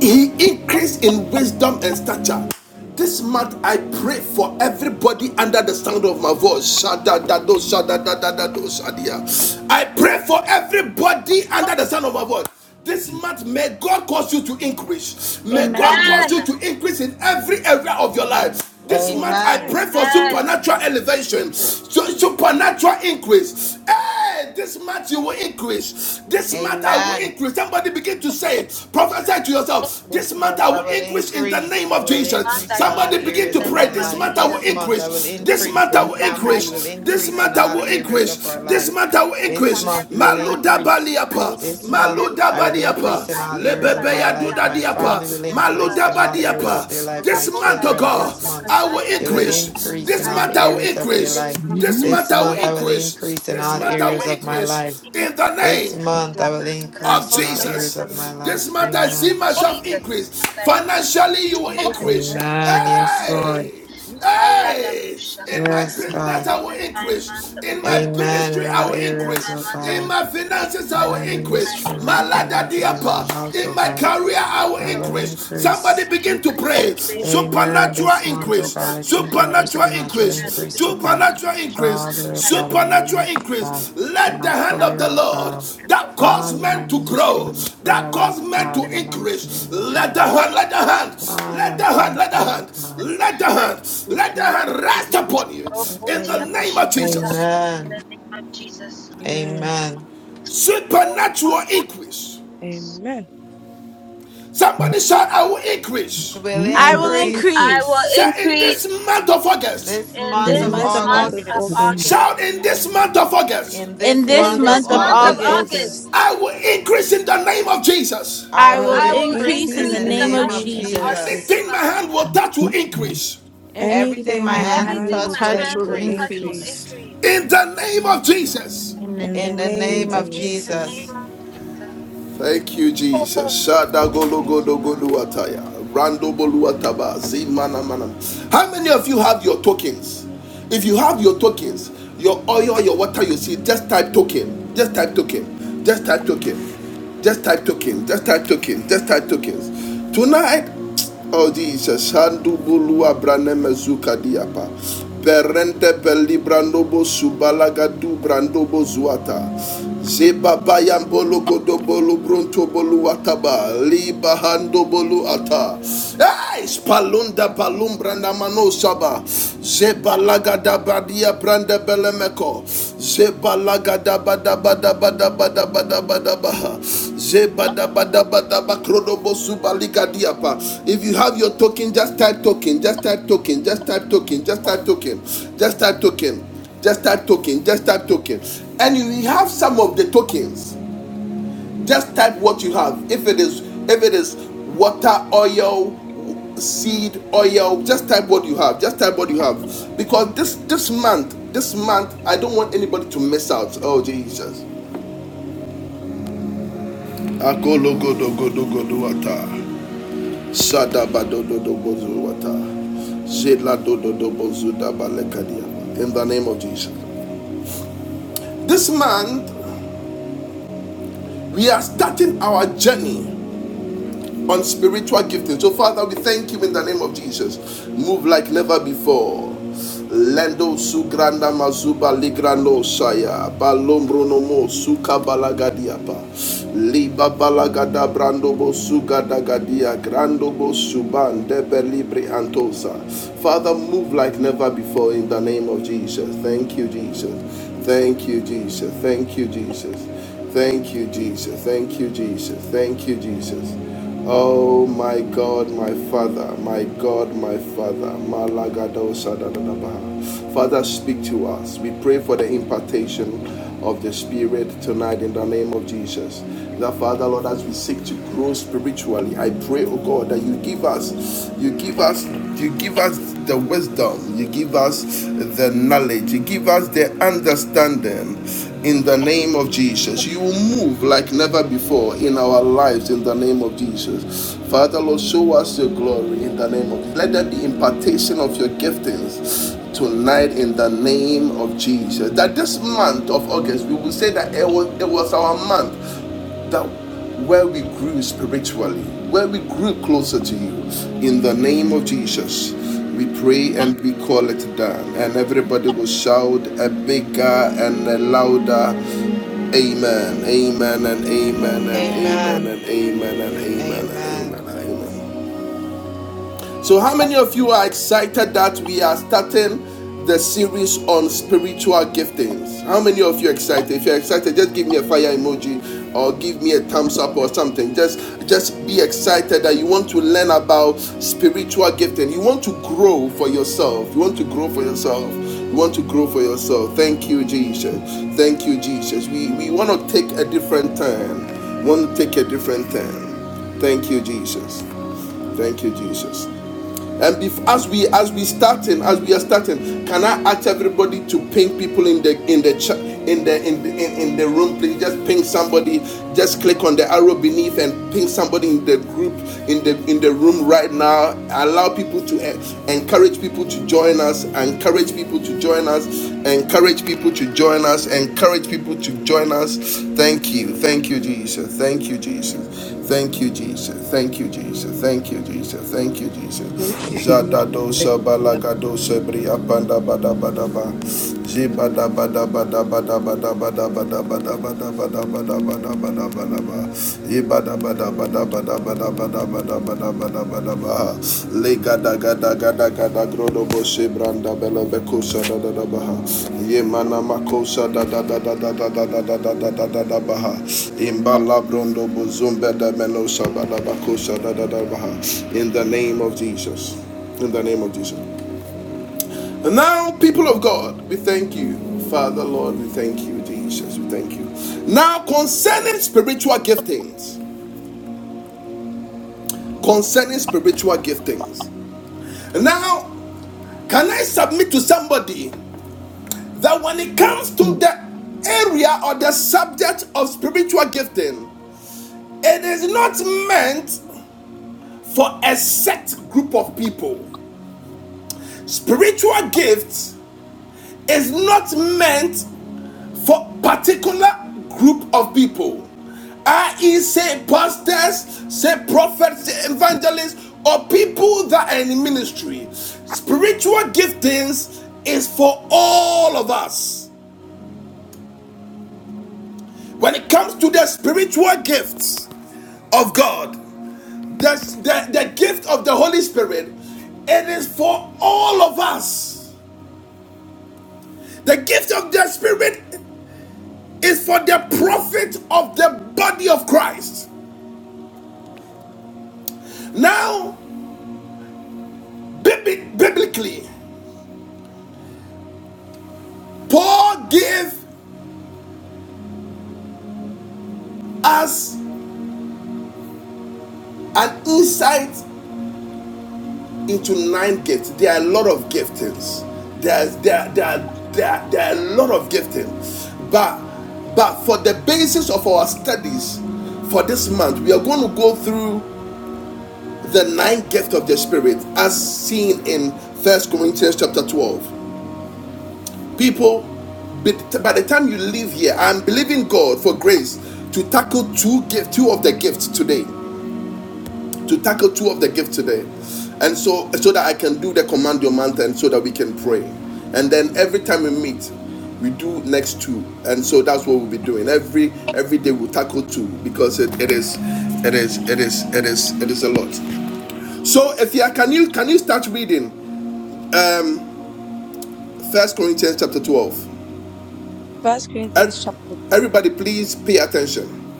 Speaker 1: He increased in wisdom and stature. This month I pray for everybody under the sound of my voice. Shada da do, shada da da da do, shadia. I pray for everybody under the sound of my voice. This month, may God cause you to increase. May
Speaker 7: Amen.
Speaker 1: God
Speaker 4: Amen.
Speaker 1: cause you to increase in every area of your life. This
Speaker 7: Amen.
Speaker 1: month, I
Speaker 7: Remove
Speaker 3: Amen.
Speaker 1: pray for supernatural elevation, supernatural increase. Hey! Hey, this month you will increase. This month I will
Speaker 3: Amen.
Speaker 1: increase. Somebody begin to say, it. prophesy to yourself, this
Speaker 3: This
Speaker 1: month I
Speaker 3: month I
Speaker 1: will
Speaker 3: will
Speaker 1: increase in the
Speaker 3: increase.
Speaker 1: name
Speaker 3: I
Speaker 1: of
Speaker 3: will
Speaker 7: because
Speaker 1: Jesus.
Speaker 3: increase in all
Speaker 1: Somebody begin
Speaker 3: areas
Speaker 1: to
Speaker 3: of
Speaker 1: pray,
Speaker 3: my
Speaker 1: this
Speaker 3: life.
Speaker 1: month I will
Speaker 3: This month I will
Speaker 1: increase. This
Speaker 3: increase.
Speaker 1: month I
Speaker 3: My
Speaker 1: will
Speaker 3: family, we will
Speaker 1: increase.
Speaker 7: everything
Speaker 1: This
Speaker 3: increase
Speaker 1: month
Speaker 3: in
Speaker 1: I
Speaker 3: all
Speaker 1: will
Speaker 7: that
Speaker 3: areas of
Speaker 1: increase.
Speaker 3: our
Speaker 1: This
Speaker 3: life.
Speaker 7: carries
Speaker 1: month I will
Speaker 3: This
Speaker 7: this,
Speaker 1: increase.
Speaker 3: month we will
Speaker 1: Maluda
Speaker 3: increase.
Speaker 7: this
Speaker 1: baliapa,
Speaker 3: This
Speaker 7: new
Speaker 3: month
Speaker 1: maluda
Speaker 3: I will increase in
Speaker 1: badiapa,
Speaker 3: all
Speaker 7: is
Speaker 3: areas of my
Speaker 1: lebebeya
Speaker 3: life.
Speaker 1: duda
Speaker 3: My
Speaker 1: diapa,
Speaker 3: family
Speaker 7: increase
Speaker 3: will
Speaker 7: our in-
Speaker 3: increase
Speaker 1: maluda
Speaker 3: in all areas of their
Speaker 1: badiapa.
Speaker 7: our
Speaker 3: life. My
Speaker 7: in-
Speaker 1: This month, oh
Speaker 3: children
Speaker 1: God,
Speaker 3: this month,
Speaker 1: I will
Speaker 7: increase
Speaker 3: they will
Speaker 7: us,
Speaker 1: increase.
Speaker 3: increase
Speaker 7: our
Speaker 1: This
Speaker 3: in
Speaker 7: increase
Speaker 3: all
Speaker 1: month I will
Speaker 3: areas of
Speaker 7: in
Speaker 3: their
Speaker 1: increase.
Speaker 3: life.
Speaker 7: opportunity
Speaker 1: This
Speaker 3: This
Speaker 1: matter will
Speaker 3: month I will
Speaker 1: increase.
Speaker 3: increase in
Speaker 7: and I
Speaker 1: This
Speaker 3: all
Speaker 7: know
Speaker 1: matter will
Speaker 3: areas of my life.
Speaker 1: increase
Speaker 7: in
Speaker 1: in the
Speaker 3: This
Speaker 1: name
Speaker 3: month
Speaker 7: the
Speaker 3: I will
Speaker 1: of
Speaker 3: increase in all areas of
Speaker 7: name
Speaker 1: Jesus.
Speaker 3: my
Speaker 7: of Jesus.
Speaker 1: This
Speaker 3: life.
Speaker 1: matter, I see
Speaker 3: Amen.
Speaker 1: myself increase. Financially, you will
Speaker 7: In this
Speaker 1: increase.
Speaker 7: month
Speaker 3: Amen.
Speaker 7: of the
Speaker 3: Yes, Lord.
Speaker 1: Hey! Hey! In
Speaker 7: increase
Speaker 1: my
Speaker 3: Yes,
Speaker 1: business,
Speaker 3: God.
Speaker 7: my
Speaker 1: I will increase. In
Speaker 7: order
Speaker 1: my
Speaker 3: Amen.
Speaker 1: ministry,
Speaker 3: In
Speaker 1: I
Speaker 3: all
Speaker 1: will
Speaker 3: areas, oh
Speaker 1: increase. In
Speaker 3: God.
Speaker 7: as
Speaker 1: my finances,
Speaker 3: In
Speaker 1: I will
Speaker 3: my ministry,
Speaker 1: increase.
Speaker 3: my
Speaker 1: My
Speaker 7: increase
Speaker 1: ladder, the
Speaker 3: finances, and my
Speaker 1: upper.
Speaker 3: health,
Speaker 1: In
Speaker 3: oh
Speaker 1: my
Speaker 3: God.
Speaker 7: what
Speaker 1: career, I will
Speaker 3: I will
Speaker 1: increase.
Speaker 7: I will
Speaker 1: Somebody
Speaker 3: increase.
Speaker 7: increase
Speaker 1: begin to pray
Speaker 7: and what
Speaker 3: Amen.
Speaker 1: supernatural
Speaker 3: This month, oh God,
Speaker 1: increase,
Speaker 3: I thank you for
Speaker 7: we
Speaker 1: supernatural
Speaker 3: supernatural
Speaker 7: will put in
Speaker 1: increase,
Speaker 3: increase, oh
Speaker 7: our
Speaker 3: God.
Speaker 7: side
Speaker 1: supernatural increase,
Speaker 3: Father, oh God, in my
Speaker 1: supernatural
Speaker 3: life, oh God.
Speaker 1: increase.
Speaker 3: In
Speaker 1: Let the
Speaker 3: my
Speaker 1: hand of
Speaker 3: career,
Speaker 1: the
Speaker 3: oh
Speaker 1: Lord
Speaker 3: God.
Speaker 1: that caused
Speaker 3: Father, in my
Speaker 1: men to
Speaker 3: ministry,
Speaker 1: grow,
Speaker 3: in my
Speaker 7: and
Speaker 3: prayer
Speaker 1: that
Speaker 3: life,
Speaker 1: caused men
Speaker 3: God,
Speaker 1: to
Speaker 3: in the mighty
Speaker 1: increase.
Speaker 3: name of
Speaker 1: Let the
Speaker 3: Jesus.
Speaker 1: hand, let the hand,
Speaker 3: Father,
Speaker 1: let
Speaker 3: I
Speaker 1: the hand,
Speaker 3: thank
Speaker 1: let the
Speaker 3: you, oh
Speaker 1: hand,
Speaker 3: God.
Speaker 1: let the hand,
Speaker 7: we
Speaker 1: let the
Speaker 7: shall
Speaker 1: hand rest upon you in
Speaker 7: be-
Speaker 1: the name of Jesus.
Speaker 3: Amen.
Speaker 7: Amen.
Speaker 3: Amen.
Speaker 1: Supernatural increase.
Speaker 7: Amen.
Speaker 1: Somebody shout, I will increase.
Speaker 3: will
Speaker 2: Mhm.
Speaker 7: I
Speaker 4: I
Speaker 7: will
Speaker 4: will
Speaker 3: increase
Speaker 6: I
Speaker 4: increase
Speaker 6: will
Speaker 7: increase
Speaker 1: Say in
Speaker 6: increase
Speaker 1: this month of August.
Speaker 3: this
Speaker 6: in
Speaker 4: in
Speaker 3: month
Speaker 4: this
Speaker 7: in
Speaker 6: this
Speaker 3: of
Speaker 2: Mhm.
Speaker 4: month
Speaker 7: this
Speaker 4: of
Speaker 7: month
Speaker 6: month
Speaker 7: of
Speaker 3: August.
Speaker 6: of
Speaker 4: August.
Speaker 7: August.
Speaker 1: Shout
Speaker 6: August.
Speaker 1: in this month of August.
Speaker 3: In
Speaker 4: In
Speaker 3: this
Speaker 4: this
Speaker 7: In
Speaker 6: In
Speaker 3: month of
Speaker 7: this
Speaker 4: month
Speaker 6: this
Speaker 4: of
Speaker 7: month
Speaker 6: month of
Speaker 7: of
Speaker 3: August,
Speaker 6: August,
Speaker 4: August,
Speaker 7: August,
Speaker 1: I will increase in the name of Jesus.
Speaker 3: I
Speaker 4: I
Speaker 7: I
Speaker 3: will
Speaker 4: will
Speaker 6: I
Speaker 7: will
Speaker 6: will
Speaker 3: increase
Speaker 4: increase in
Speaker 3: in
Speaker 7: increase
Speaker 4: the
Speaker 3: the
Speaker 6: increase in
Speaker 7: in
Speaker 6: the
Speaker 4: name
Speaker 7: the
Speaker 4: of
Speaker 3: name
Speaker 6: month
Speaker 3: of
Speaker 7: name
Speaker 6: of
Speaker 7: of
Speaker 6: August in
Speaker 3: Jesus.
Speaker 6: the
Speaker 4: Jesus.
Speaker 7: Jesus.
Speaker 6: name
Speaker 1: Anything my
Speaker 6: of
Speaker 1: hand will
Speaker 6: Jesus.
Speaker 1: touch will
Speaker 2: Amen.
Speaker 1: increase.
Speaker 4: Everything
Speaker 3: Everything my
Speaker 7: Anything
Speaker 4: my
Speaker 7: my
Speaker 3: hands
Speaker 4: hand
Speaker 7: hand
Speaker 4: will
Speaker 6: Everything
Speaker 7: will
Speaker 3: touch
Speaker 6: my
Speaker 3: will
Speaker 4: touch
Speaker 7: touch
Speaker 6: hands
Speaker 4: will
Speaker 6: will
Speaker 7: will
Speaker 6: touch
Speaker 3: increase
Speaker 6: will
Speaker 7: increase
Speaker 4: increase
Speaker 6: increase.
Speaker 1: In the name of Jesus.
Speaker 4: in the
Speaker 7: in
Speaker 3: in
Speaker 7: the
Speaker 4: name
Speaker 3: the
Speaker 4: of
Speaker 7: name
Speaker 3: name of
Speaker 7: of
Speaker 4: Jesus.
Speaker 7: Jesus.
Speaker 3: Jesus.
Speaker 1: Thank you, Jesus.
Speaker 3: Thank you, God.
Speaker 1: How many of you have your tokens? If you have your tokens, your oil, your water, you see, just type token. Just type token. Just type token. Just type token. Just type token. Just type tokens. Tonight, Oh Jesus, Handu Bulua Braneme Zuka Diapa. Perente Pelibrandobo Subalagadu Brandobo Zuata. Zeba Bayambolo Godobolo Bronto Bolu Ataba. Liba Hando Bolu Ata. Hey, Spalunda Balumbrandamano Saba. Zeba lagada badia branda belemeko. Zeba lagada bada bada bada bada bada bada baha. Zeba da bada bada bakrodo bosu diapa. If you have your token, just type token, just type token, just type token, just type token, just type token, just type token, just type token. And you have some of the tokens just type what you have if it is if it is water oil seed oil just type what you have just type what you have because this this month this month i don't want anybody to miss out oh jesus Akologodogodowata. Shadabadododobozowata. Zeladododobozudabalekandia. in the name of jesus this month we are starting our journey on spiritual gifting. So, Father, we thank you in the name of Jesus. Move like never before. Lendo su granda mazuba ligrano saya balombro no mo suka balagadiapa liba balagada brando bo suga dagadia grando bo suban debe libri antosa. Father, move like never before in the name of Jesus. Thank you, Jesus. Thank you, Jesus. Thank you, Jesus. Thank you, Jesus. Thank you, Jesus. Thank you, Jesus. Oh my God, my Father, my God, my Father. Malagado sadadadabaha. Father, speak to us. We pray for the impartation of the Spirit tonight in the name of Jesus. That Father, Lord, as we seek to grow spiritually, I pray, oh God, that you give us, you give us, you give us us the wisdom, you give us the knowledge, you give us the understanding in the name of Jesus. You will move like never before in our lives in the name of Jesus. Father, Lord, show us your glory in the name of Jesus. Let there be impartation of your giftings tonight in the name of Jesus. That this month of August, we will say that it was, it was our month that where we grew spiritually, where we grew closer to you. In the name of Jesus, we pray and we call it done. And everybody will shout a bigger and a louder Amen, amen, and amen, and amen, and amen,
Speaker 4: Amen.
Speaker 3: Amen.
Speaker 1: and amen, and
Speaker 3: Amen.
Speaker 1: amen, and amen. So, how many of you are excited that we are starting the series on spiritual giftings? How many of you are excited? If you're excited, just give me a fire emoji or give me a thumbs up or something. Just just be excited that you want to learn about spiritual gifting. You want to grow for yourself. You want to grow for yourself. You want to grow for yourself. Thank you, Jesus. Thank you, Jesus. We we want to take a different turn. We want to take a different turn. Thank you, Jesus. Thank you, Jesus. And if, as we as we starting, as we are starting, can I ask everybody to ping people in the in the in the in the in, in the room? Please just ping somebody. Just click on the arrow beneath and ping somebody in the group in the in the room right now. Allow people to eh, encourage people to join us. Encourage people to join us. Encourage people to join us. Encourage people to join us. Thank you, thank you, Jesus. Thank you, Jesus. Thank you, Jesus. Thank you, Jesus. Thank you, Jesus. Thank you, Jesus. Zadadosa balagadosa bria panda bada bada ba. Zibada bada bada bada bada bada bada bada bada bada bada bada bada bada ba. Ibada bada bada bada bada bada bada bada bada bada Baha. Lega da ga da da da grodo boshe branda belo bekosa da da da baha. Ye mana makosa da da da da da da da da da da da da baha. Imbala brondo bozumbe da melosa ba bakosa da da da baha. In the name of Jesus. In the name of Jesus. And now, people of God, we thank you. Father, Lord, we thank you, Jesus. We thank you. Now, concerning spiritual giftings, concerning spiritual giftings. Now, Can I submit to somebody that when it comes to the area or the subject of spiritual gifting, it is not meant for a set group of people. Spiritual gifts is not meant for particular group of people. I.e., say pastors, say prophets, say evangelists, or people that are in ministry. Spiritual giftings is for all of us. When it comes to the spiritual gifts of God, the, the, the gift of the Holy Spirit, it is for all of us. The gift of the Spirit is for the profit of the body of Christ. Now, biblically, Paul gave us an insight into nine gifts. There are a lot of giftings. There's there, there, there, there are a lot of giftings. But but for the basis of our studies for this month, we are going to go through the nine gift of the spirit as seen in First Corinthians chapter 12. People, by the time you leave here, I'm believing God for grace to tackle two gift, two of the gifts today. to tackle two of the gifts today and so so that i can do the command your month and so that we can pray and then every time we meet we do next two and so that's what we'll be doing every every day we'll tackle two because it, it is it is it is it is it is a lot so if you can you can you start reading first corinthians chapter 12
Speaker 7: First
Speaker 1: E-
Speaker 7: Corinthians chapter
Speaker 1: everybody please pay attention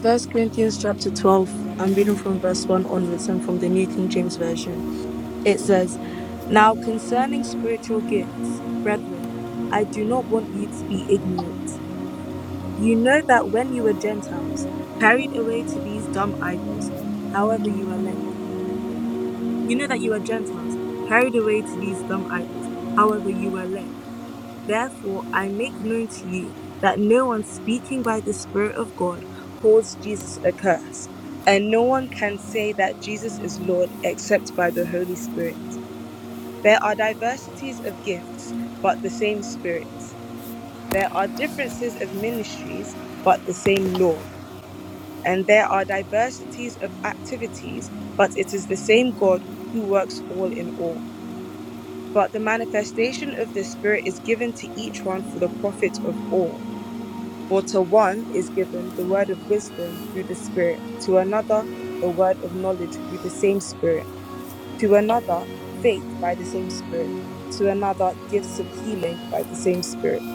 Speaker 7: First Corinthians chapter 12. I'm reading from verse 1 onwards and from the New King James Version. It says, Now concerning spiritual gifts, brethren, I do not want you to be ignorant. You know that when you were Gentiles, carried away to these dumb idols, however you were led. You know that you were Gentiles, carried away to these dumb idols, however you were led. Therefore, I make known to you that no one speaking by the Spirit of God calls Jesus accursed, and no one can say that Jesus is Lord except by the Holy Spirit. There are diversities of gifts, but the same Spirit. There are differences of ministries, but the same Lord And there are diversities of activities, but it is the same God who works all in all. But the manifestation of the Spirit is given to each one for the profit of all. For to one is given the word of wisdom through the Spirit, to another the word of knowledge through the same Spirit to another, faith by the same Spirit. To another, gifts of healing by the same Spirit.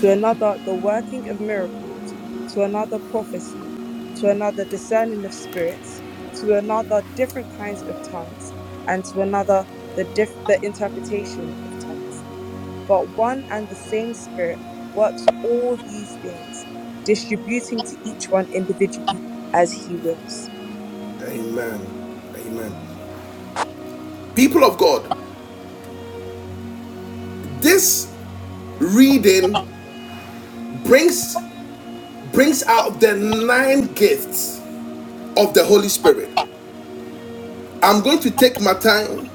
Speaker 7: To another, the working of miracles. To another, prophecy. To another, discerning of spirits. To another, different kinds of tongues. And to another, the, diff- the interpretation of tongues. But one and the same Spirit works all these things, distributing to each one individually as he wills.
Speaker 1: amen amen
Speaker 7: Amen.
Speaker 1: people of god this reading brings brings out the nine gifts of the Holy Spirit. I'm going to take my time.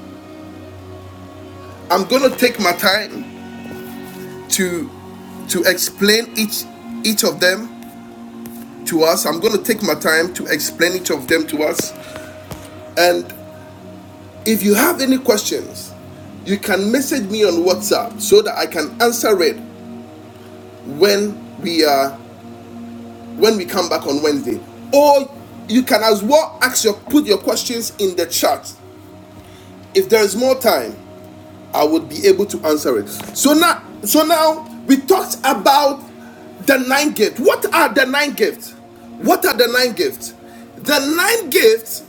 Speaker 1: I'm going to take my time to to explain each each of them to us. I'm going to take my time to explain each of them to us. And if you have any questions, you can message me on WhatsApp so that I can answer it when we are when we come back on Wednesday. Or you can as well ask your put your questions in the chat if there is more time. I would be able to answer it. So now, so now we talked about the nine gifts. What are the nine gifts? What are the nine gifts? The nine gifts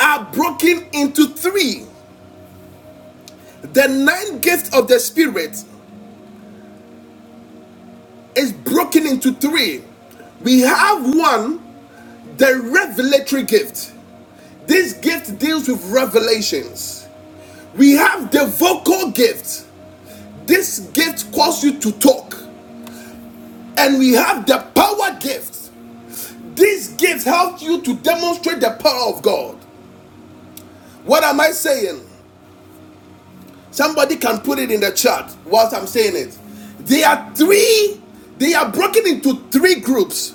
Speaker 1: are broken into three. The nine gifts of the Spirit is broken into three. We have one, the revelatory gift. This gift deals with revelations. We have the vocal gift. This gift calls you to talk. And we have the power gift. These gifts help you to demonstrate the power of God. What am I saying? Somebody can put it in the chat whilst I'm saying it. They are three, they are broken into three groups.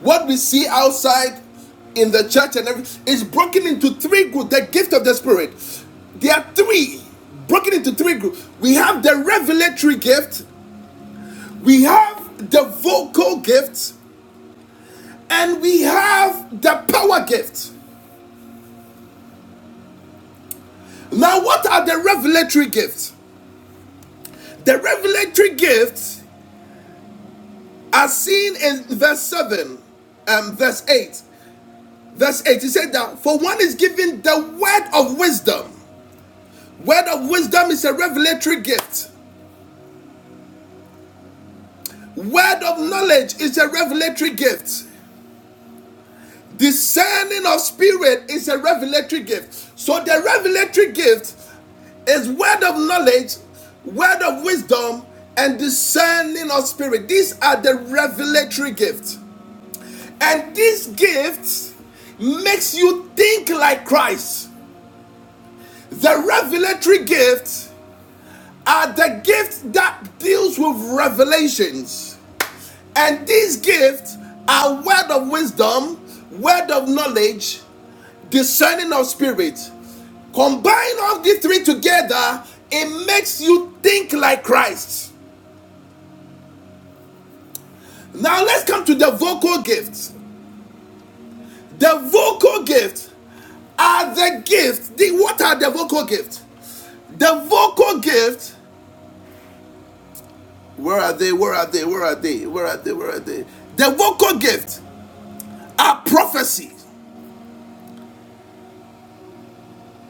Speaker 1: What we see outside in the church and everything is broken into three groups. The gift of the Spirit. There are three, broken into three groups. We have the revelatory gift, we have the vocal gift, and we have the power gift. Now, what are the revelatory gifts? The revelatory gifts are seen in verse 7 and verse 8. Verse 8, he said that for one is given the word of wisdom. Word of wisdom is a revelatory gift. Word of knowledge is a revelatory gift. Discerning of spirit is a revelatory gift. So the revelatory gift is word of knowledge, word of wisdom, and discerning of spirit. These are the revelatory gifts. And these gifts makes you think like Christ. The revelatory gifts are the gifts that deals with revelations. And these gifts are word of wisdom, word of knowledge, discerning of spirit. Combine all these three together, it makes you think like Christ. Now let's come to the vocal gifts. The vocal gifts are the gifts. The, what are the vocal gifts? The vocal gifts, where are they? Where are they? Where are they? Where are they? Where are they? The vocal gifts are prophecy.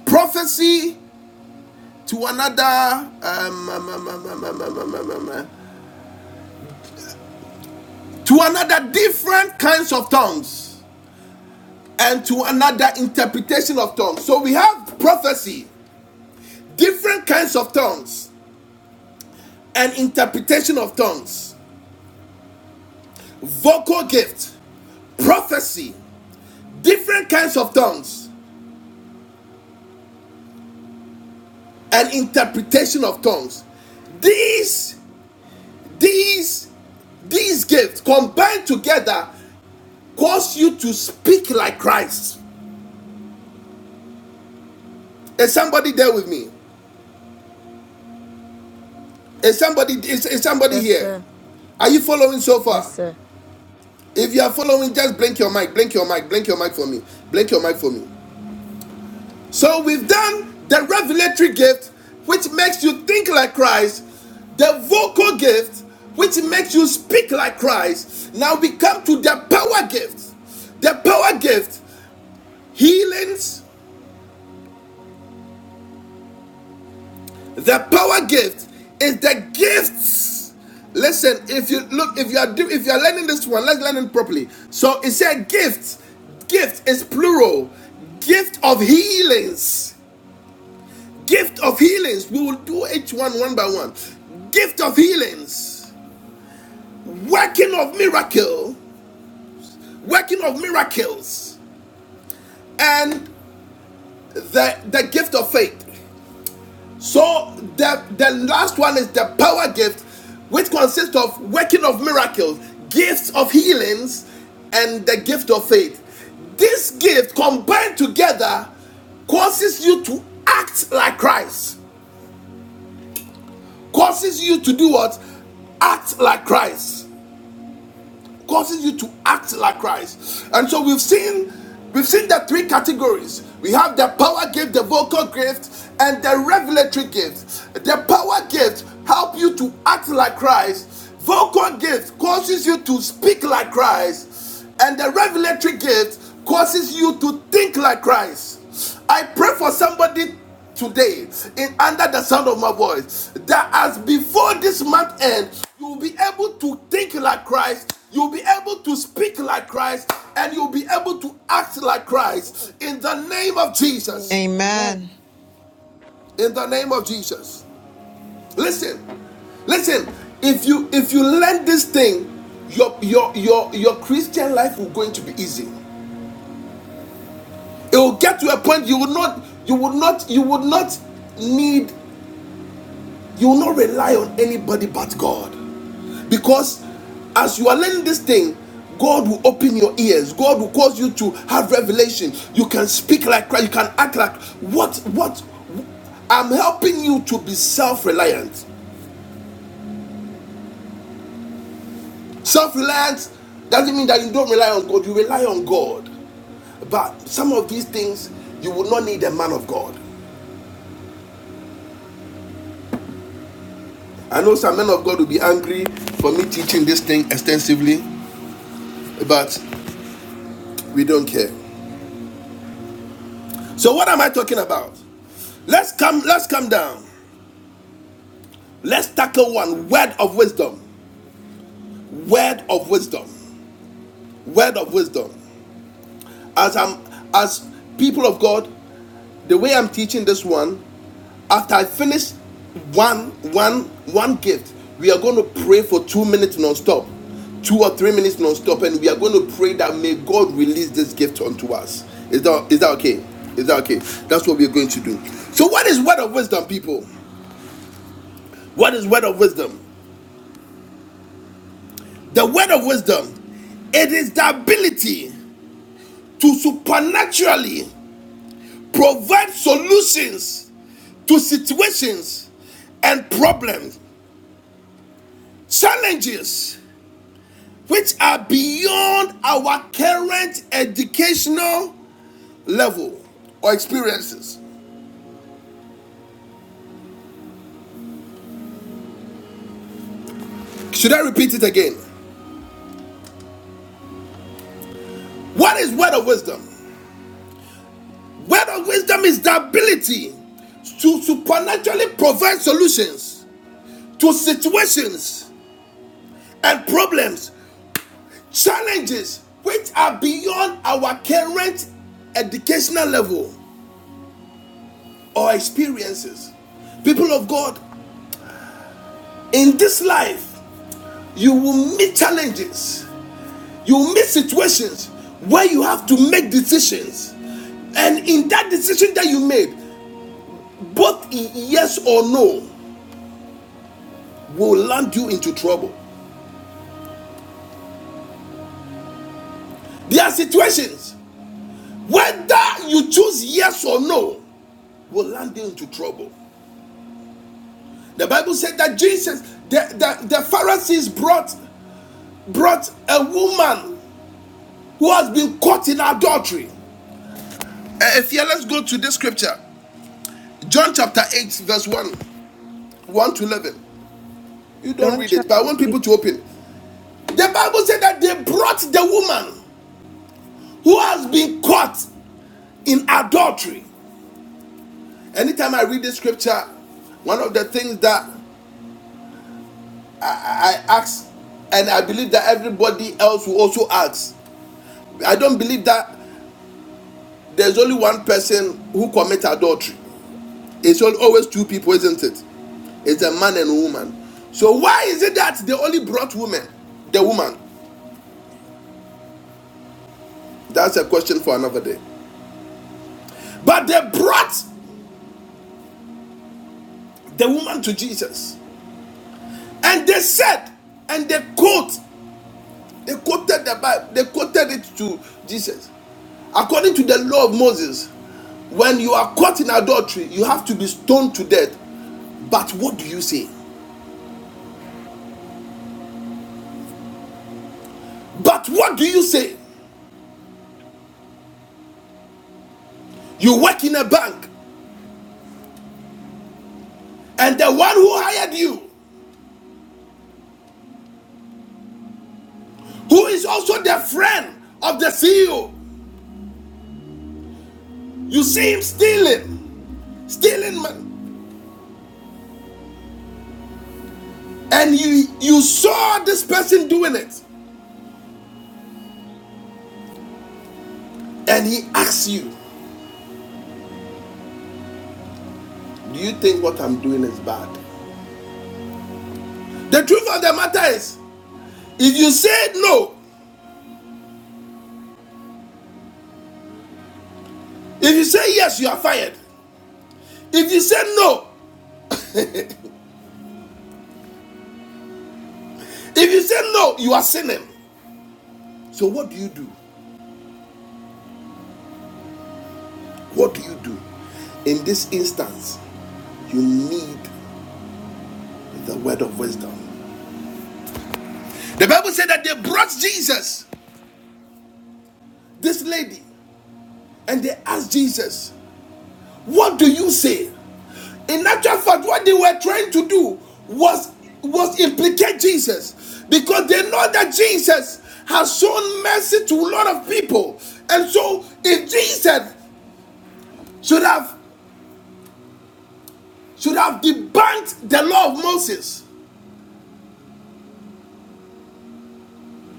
Speaker 1: Prophecy to another um, um, um, um, um, um, um, um, um, um, to another different kinds of tongues and to another interpretation of tongues. So we have prophecy, different kinds of tongues, and interpretation of tongues, vocal gift, prophecy, different kinds of tongues, and interpretation of tongues. These, these, these gifts combined together cause you to speak like Christ. Is somebody there with me? Is somebody is, is somebody
Speaker 7: Yes,
Speaker 1: here?
Speaker 7: sir.
Speaker 1: Are you following so
Speaker 7: Yes,
Speaker 1: far?
Speaker 7: sir.
Speaker 1: If you are following, just blink your mic, blink your mic, blink your mic for me, blink your mic for me. So we've done the revelatory gift, which makes you think like Christ, the vocal gift, which makes you speak like Christ. Now we come to the power gift. The power gift, healings, The power gift is the gifts. Listen, if you look, if you are do, if you are learning this one, let's learn it properly. So it said gift. Gift is plural. Gift of healings. Gift of healings. We will do each one one by one. Gift of healings. Working of miracle. Working of miracles. And the the gift of faith. So the the last one is the power gift, which consists of working of miracles, gifts of healings, and the gift of faith. This gift combined together causes you to act like Christ. Causes you to do what? Act like Christ. causes you to act like Christ. And so we've seen we've seen the three categories. We have the power gift, the vocal gift, and the revelatory gift. The power gift helps you to act like Christ. Vocal gift causes you to speak like Christ, and the revelatory gift causes you to think like Christ. I pray for somebody today in under the sound of my voice that as before this month ends, you will be able to think like Christ you'll be able to speak like Christ and you'll be able to act like Christ in the name of Jesus
Speaker 7: Amen.
Speaker 3: Amen.
Speaker 1: in the name of Jesus listen listen if you if you learn this thing your your your your Christian life will going to be easy it will get to a point you will not you will not you will not need You will not rely on anybody but God. Because as you are learning this thing, God will open your ears. God will cause you to have revelation. You can speak like Christ. You can act like what what I'm helping you to be self-reliant. Self-reliant doesn't mean that you don't rely on God. You rely on God. But some of these things you will not need a man of God. I know some men of God will be angry for me teaching this thing extensively, but we don't care. So what am I talking about? Let's come let's come down. Let's tackle one word of wisdom. Word of wisdom. Word of wisdom. As I'm as people of God, the way I'm teaching this one, after I finish one one one gift, we are going to pray for 2 minutes non-stop. 2 or 3 minutes non-stop and we are going to pray that may God release this gift unto us. Is that is that okay? Is that okay? That's what we're going to do. So what is word of wisdom people? What is word of wisdom? The word of wisdom, it is the ability to supernaturally provide solutions to situations and problems, challenges which are beyond our current educational level or experiences. Should I repeat it again? What is word of wisdom? Word of wisdom is the ability to supernaturally provide solutions to situations and problems, challenges which are beyond our current educational level or experiences. People of God, in this life, you will meet challenges, you will meet situations where you have to make decisions. And in that decision that you made, both yes or no will land you into trouble. There are situations, whether you choose yes or no, will land you into trouble. The Bible said that Jesus, the, the, the Pharisees brought brought a woman who has been caught in adultery. Uh, If here, let's go to this scripture. John chapter 8, verse 1, 1 to 11. You don't
Speaker 7: John
Speaker 1: read
Speaker 7: chapter
Speaker 1: it, but I want people to open. The Bible said that they brought the woman who has been caught in adultery. Anytime I read this scripture, one of the things that I ask, and I believe that everybody else will also ask, I don't believe that There's only one person who commits adultery. It's always two people, isn't it? It's a man and a woman. So why is it that they only brought women? The woman. That's a question for another day. But they brought the woman to Jesus. And they said, and they quote, they quoted the Bible, they quoted it to Jesus. According to the law of Moses, when you are caught in adultery, you have to be stoned to death. But what do you say? But what do you say? You work in a bank, and the one who hired you, who is also the friend of the CEO, you see him stealing, stealing money. And you you saw this person doing it, and he asks you, Do you think what I'm doing is bad? The truth of the matter is, if you say no, if you say yes, you are fired. If you say no, if you say no, you are sinning. So what do you do? What do you do? In this instance, you need the word of wisdom. The Bible said that they brought Jesus, this lady, and they asked Jesus, What do you say? In actual fact, what they were trying to do was, was implicate Jesus because they know that Jesus has shown mercy to a lot of people. And so if Jesus should have should have debunked the law of Moses,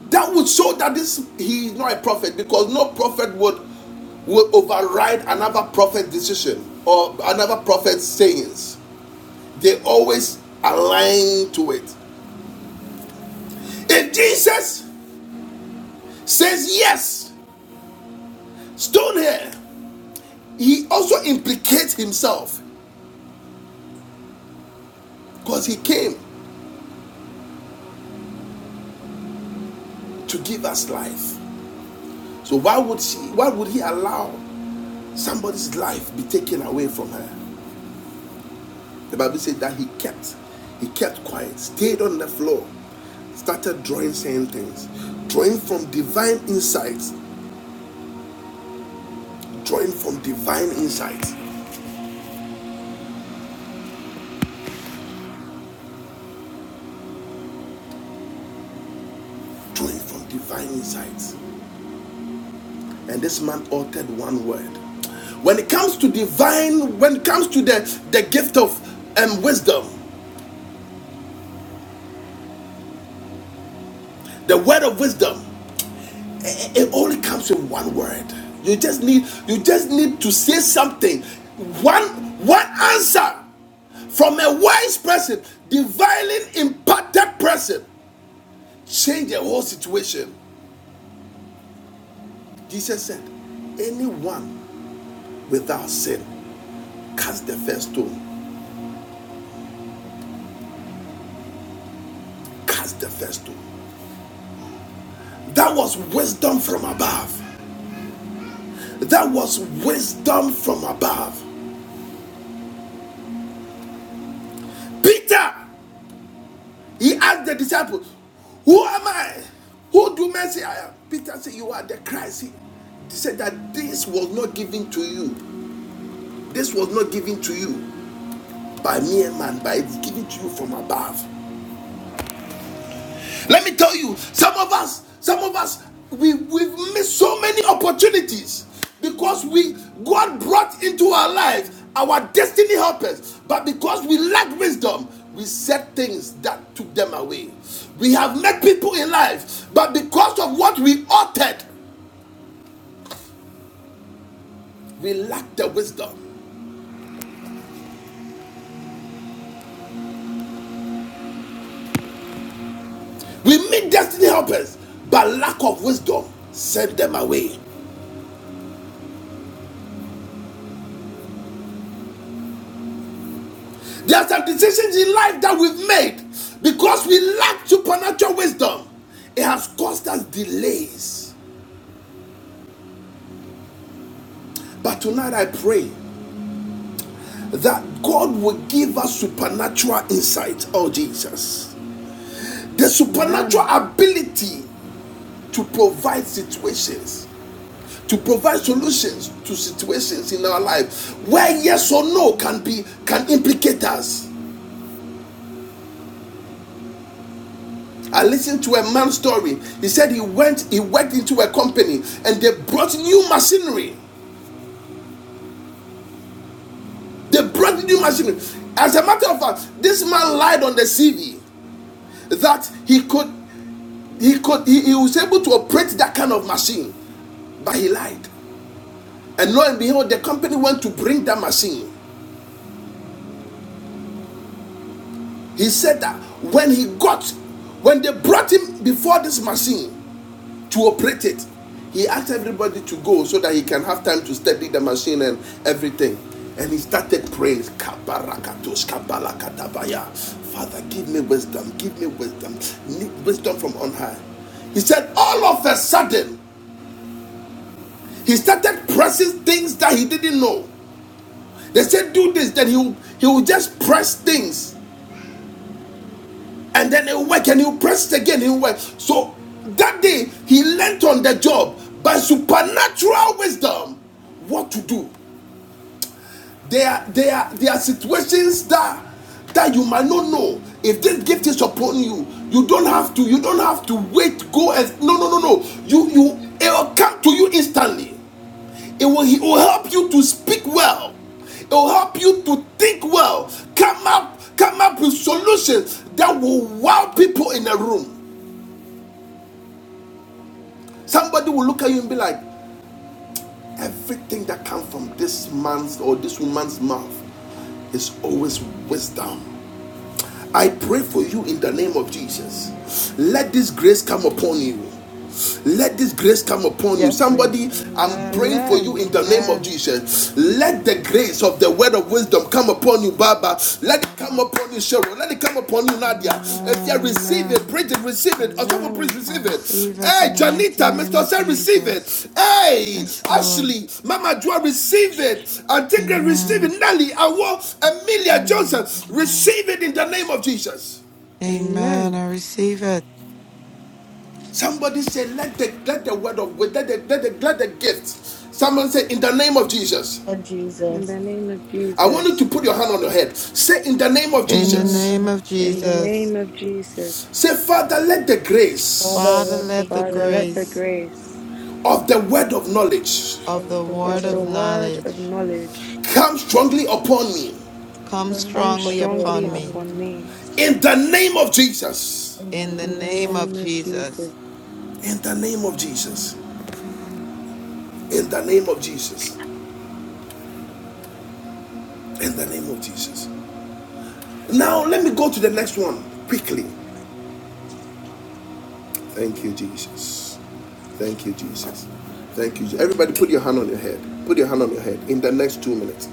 Speaker 1: That would show that this he is not a prophet because no prophet would will override another prophet's decision or another prophet's sayings. They always align to it. If Jesus says yes, stone here, he also implicates himself because he came to give us life. So why would she why would he allow somebody's life be taken away from her? The Bible says that he kept, he kept quiet, stayed on the floor, started drawing certain things, drawing from divine insights, drawing from divine insights, drawing from divine insights. And this man uttered one word. When it comes to divine, when it comes to the, the gift of um, wisdom, the word of wisdom, It only comes with one word. You just need you just need to say something. One one answer from a wise person, divinely impacted person, change the whole situation. Jesus said, anyone without sin, cast the first stone. Cast the first stone. That was wisdom from above. That was wisdom from above. Peter He asked the disciples, Who am I? Who do men say I am? Peter said, You are the Christ. He said that this was not given to you. This was not given to you by mere man, but it's given to you from above. Let me tell you, some of us, some of us, we, we've missed so many opportunities because we God brought into our life our destiny helpers, but because we lack wisdom, we said things that took them away. We have met people in life, but because of what we uttered, we lack the wisdom. We meet destiny helpers, but lack of wisdom sent them away. There are some decisions in life that we've made because we lack supernatural wisdom. It has caused us delays. But tonight I pray that God will give us supernatural insight. Oh, Jesus. The supernatural
Speaker 7: Amen.
Speaker 1: ability to provide situations, to provide solutions to situations in our life where yes or no can be can implicate us. I listened to a man's story. He said he went, he worked into a company and they brought new machinery. They brought new machinery. As a matter of fact, this man lied on the CV that he could, he could, he, he was able to operate that kind of machine, but he lied. And lo and behold, the company went to bring that machine. He said that when he got, when they brought him before this machine, to operate it. He asked everybody to go so that he can have time to study the machine and everything. And he started praying. "Kabarakatos, kabalakatabaya. Father, give me wisdom, give me wisdom, wisdom from on high. He said, all of a sudden, he started pressing things that he didn't know. They said, do this, then he, he would just press things. and then he worked and he pressed again. He worked. So that day he learnt on the job by supernatural wisdom what to do. There, there, there are situations that that you might not know. If this gift is upon you, you don't have to. You don't have to wait. Go and no, no, no, no. You, you. It will come to you instantly. It will, it will help you to speak well. It will help you to think well. Come up, come up with solutions that will wow people in the room. Somebody will look at you and be like, everything that comes from this man's or this woman's mouth is always wisdom. I pray for you in the name of Jesus. Let this grace come upon you. Let this grace come upon you.
Speaker 3: Yes, please.
Speaker 1: Somebody, I'm
Speaker 3: Amen.
Speaker 1: praying for you
Speaker 7: Amen.
Speaker 1: in the name of
Speaker 3: Amen.
Speaker 1: Jesus. Let the grace of the word of wisdom come upon you, Baba. Let it
Speaker 3: Father,
Speaker 1: come
Speaker 3: yes.
Speaker 1: upon you, Cheryl. Let it come upon Olu Nadia.
Speaker 7: Amen.
Speaker 1: If
Speaker 3: Amen.
Speaker 1: you receive it,
Speaker 3: Amen.
Speaker 1: Bridget, receive it. Osofo,
Speaker 7: Amen.
Speaker 1: please
Speaker 3: I
Speaker 1: receive it.
Speaker 3: receive it
Speaker 1: Hey,
Speaker 3: in the mighty
Speaker 1: Janita,
Speaker 3: name
Speaker 1: Mr.
Speaker 3: of
Speaker 1: Say, receive
Speaker 3: Jesus.
Speaker 1: it. Hey,
Speaker 3: Yes, Lord.
Speaker 1: Ashley, Mama Joa, receive it. Antigre, receive
Speaker 7: Amen.
Speaker 3: Amen.
Speaker 1: it. Nelly, Awo, Emilia, Johnson
Speaker 4: Amen. Amen.
Speaker 1: receive it in the name of Jesus.
Speaker 3: Amen.
Speaker 7: Amen.
Speaker 3: I receive it.
Speaker 1: Somebody say, let the, let the word of God, let the, let the, let the gift. Someone say, in the name of Jesus.
Speaker 4: Lord
Speaker 7: In
Speaker 4: Jesus.
Speaker 7: the name of
Speaker 1: I want you to
Speaker 7: Jesus.
Speaker 1: put your hand on your head. Say, in the name of
Speaker 3: In
Speaker 4: In
Speaker 3: the
Speaker 4: the
Speaker 1: Jesus.
Speaker 4: name
Speaker 3: name
Speaker 4: of
Speaker 3: of
Speaker 7: In the
Speaker 4: Jesus,
Speaker 3: Jesus,
Speaker 7: name of Jesus.
Speaker 1: Say, Father, let the
Speaker 4: Father,
Speaker 3: Father,
Speaker 1: grace
Speaker 4: let
Speaker 3: let
Speaker 4: the
Speaker 3: the
Speaker 7: Father, let the
Speaker 3: grace
Speaker 4: words
Speaker 7: grace
Speaker 1: of the word of knowledge
Speaker 3: of
Speaker 4: of
Speaker 3: the
Speaker 4: the
Speaker 3: word
Speaker 4: word
Speaker 7: of
Speaker 4: of
Speaker 7: the
Speaker 3: of
Speaker 4: knowledge
Speaker 7: word of
Speaker 3: knowledge
Speaker 7: knowledge
Speaker 1: Come strongly upon me
Speaker 3: come
Speaker 4: come
Speaker 7: come
Speaker 3: strongly
Speaker 4: strongly
Speaker 7: strongly
Speaker 3: upon
Speaker 4: upon
Speaker 3: me.
Speaker 4: me.
Speaker 7: upon me.
Speaker 1: in the name of Jesus.
Speaker 4: In the
Speaker 3: In the
Speaker 7: In the
Speaker 4: name of
Speaker 3: name of
Speaker 7: name of
Speaker 4: Jesus.
Speaker 7: Jesus.
Speaker 3: Jesus,
Speaker 1: In the name of Jesus.
Speaker 4: Amen.
Speaker 1: In the name of Jesus. In the name of Jesus. Now, let me go to the next one quickly. Thank you, Jesus. Thank you, Jesus. Thank you. Everybody, put your hand on your head. Put your hand on your head in the next two minutes.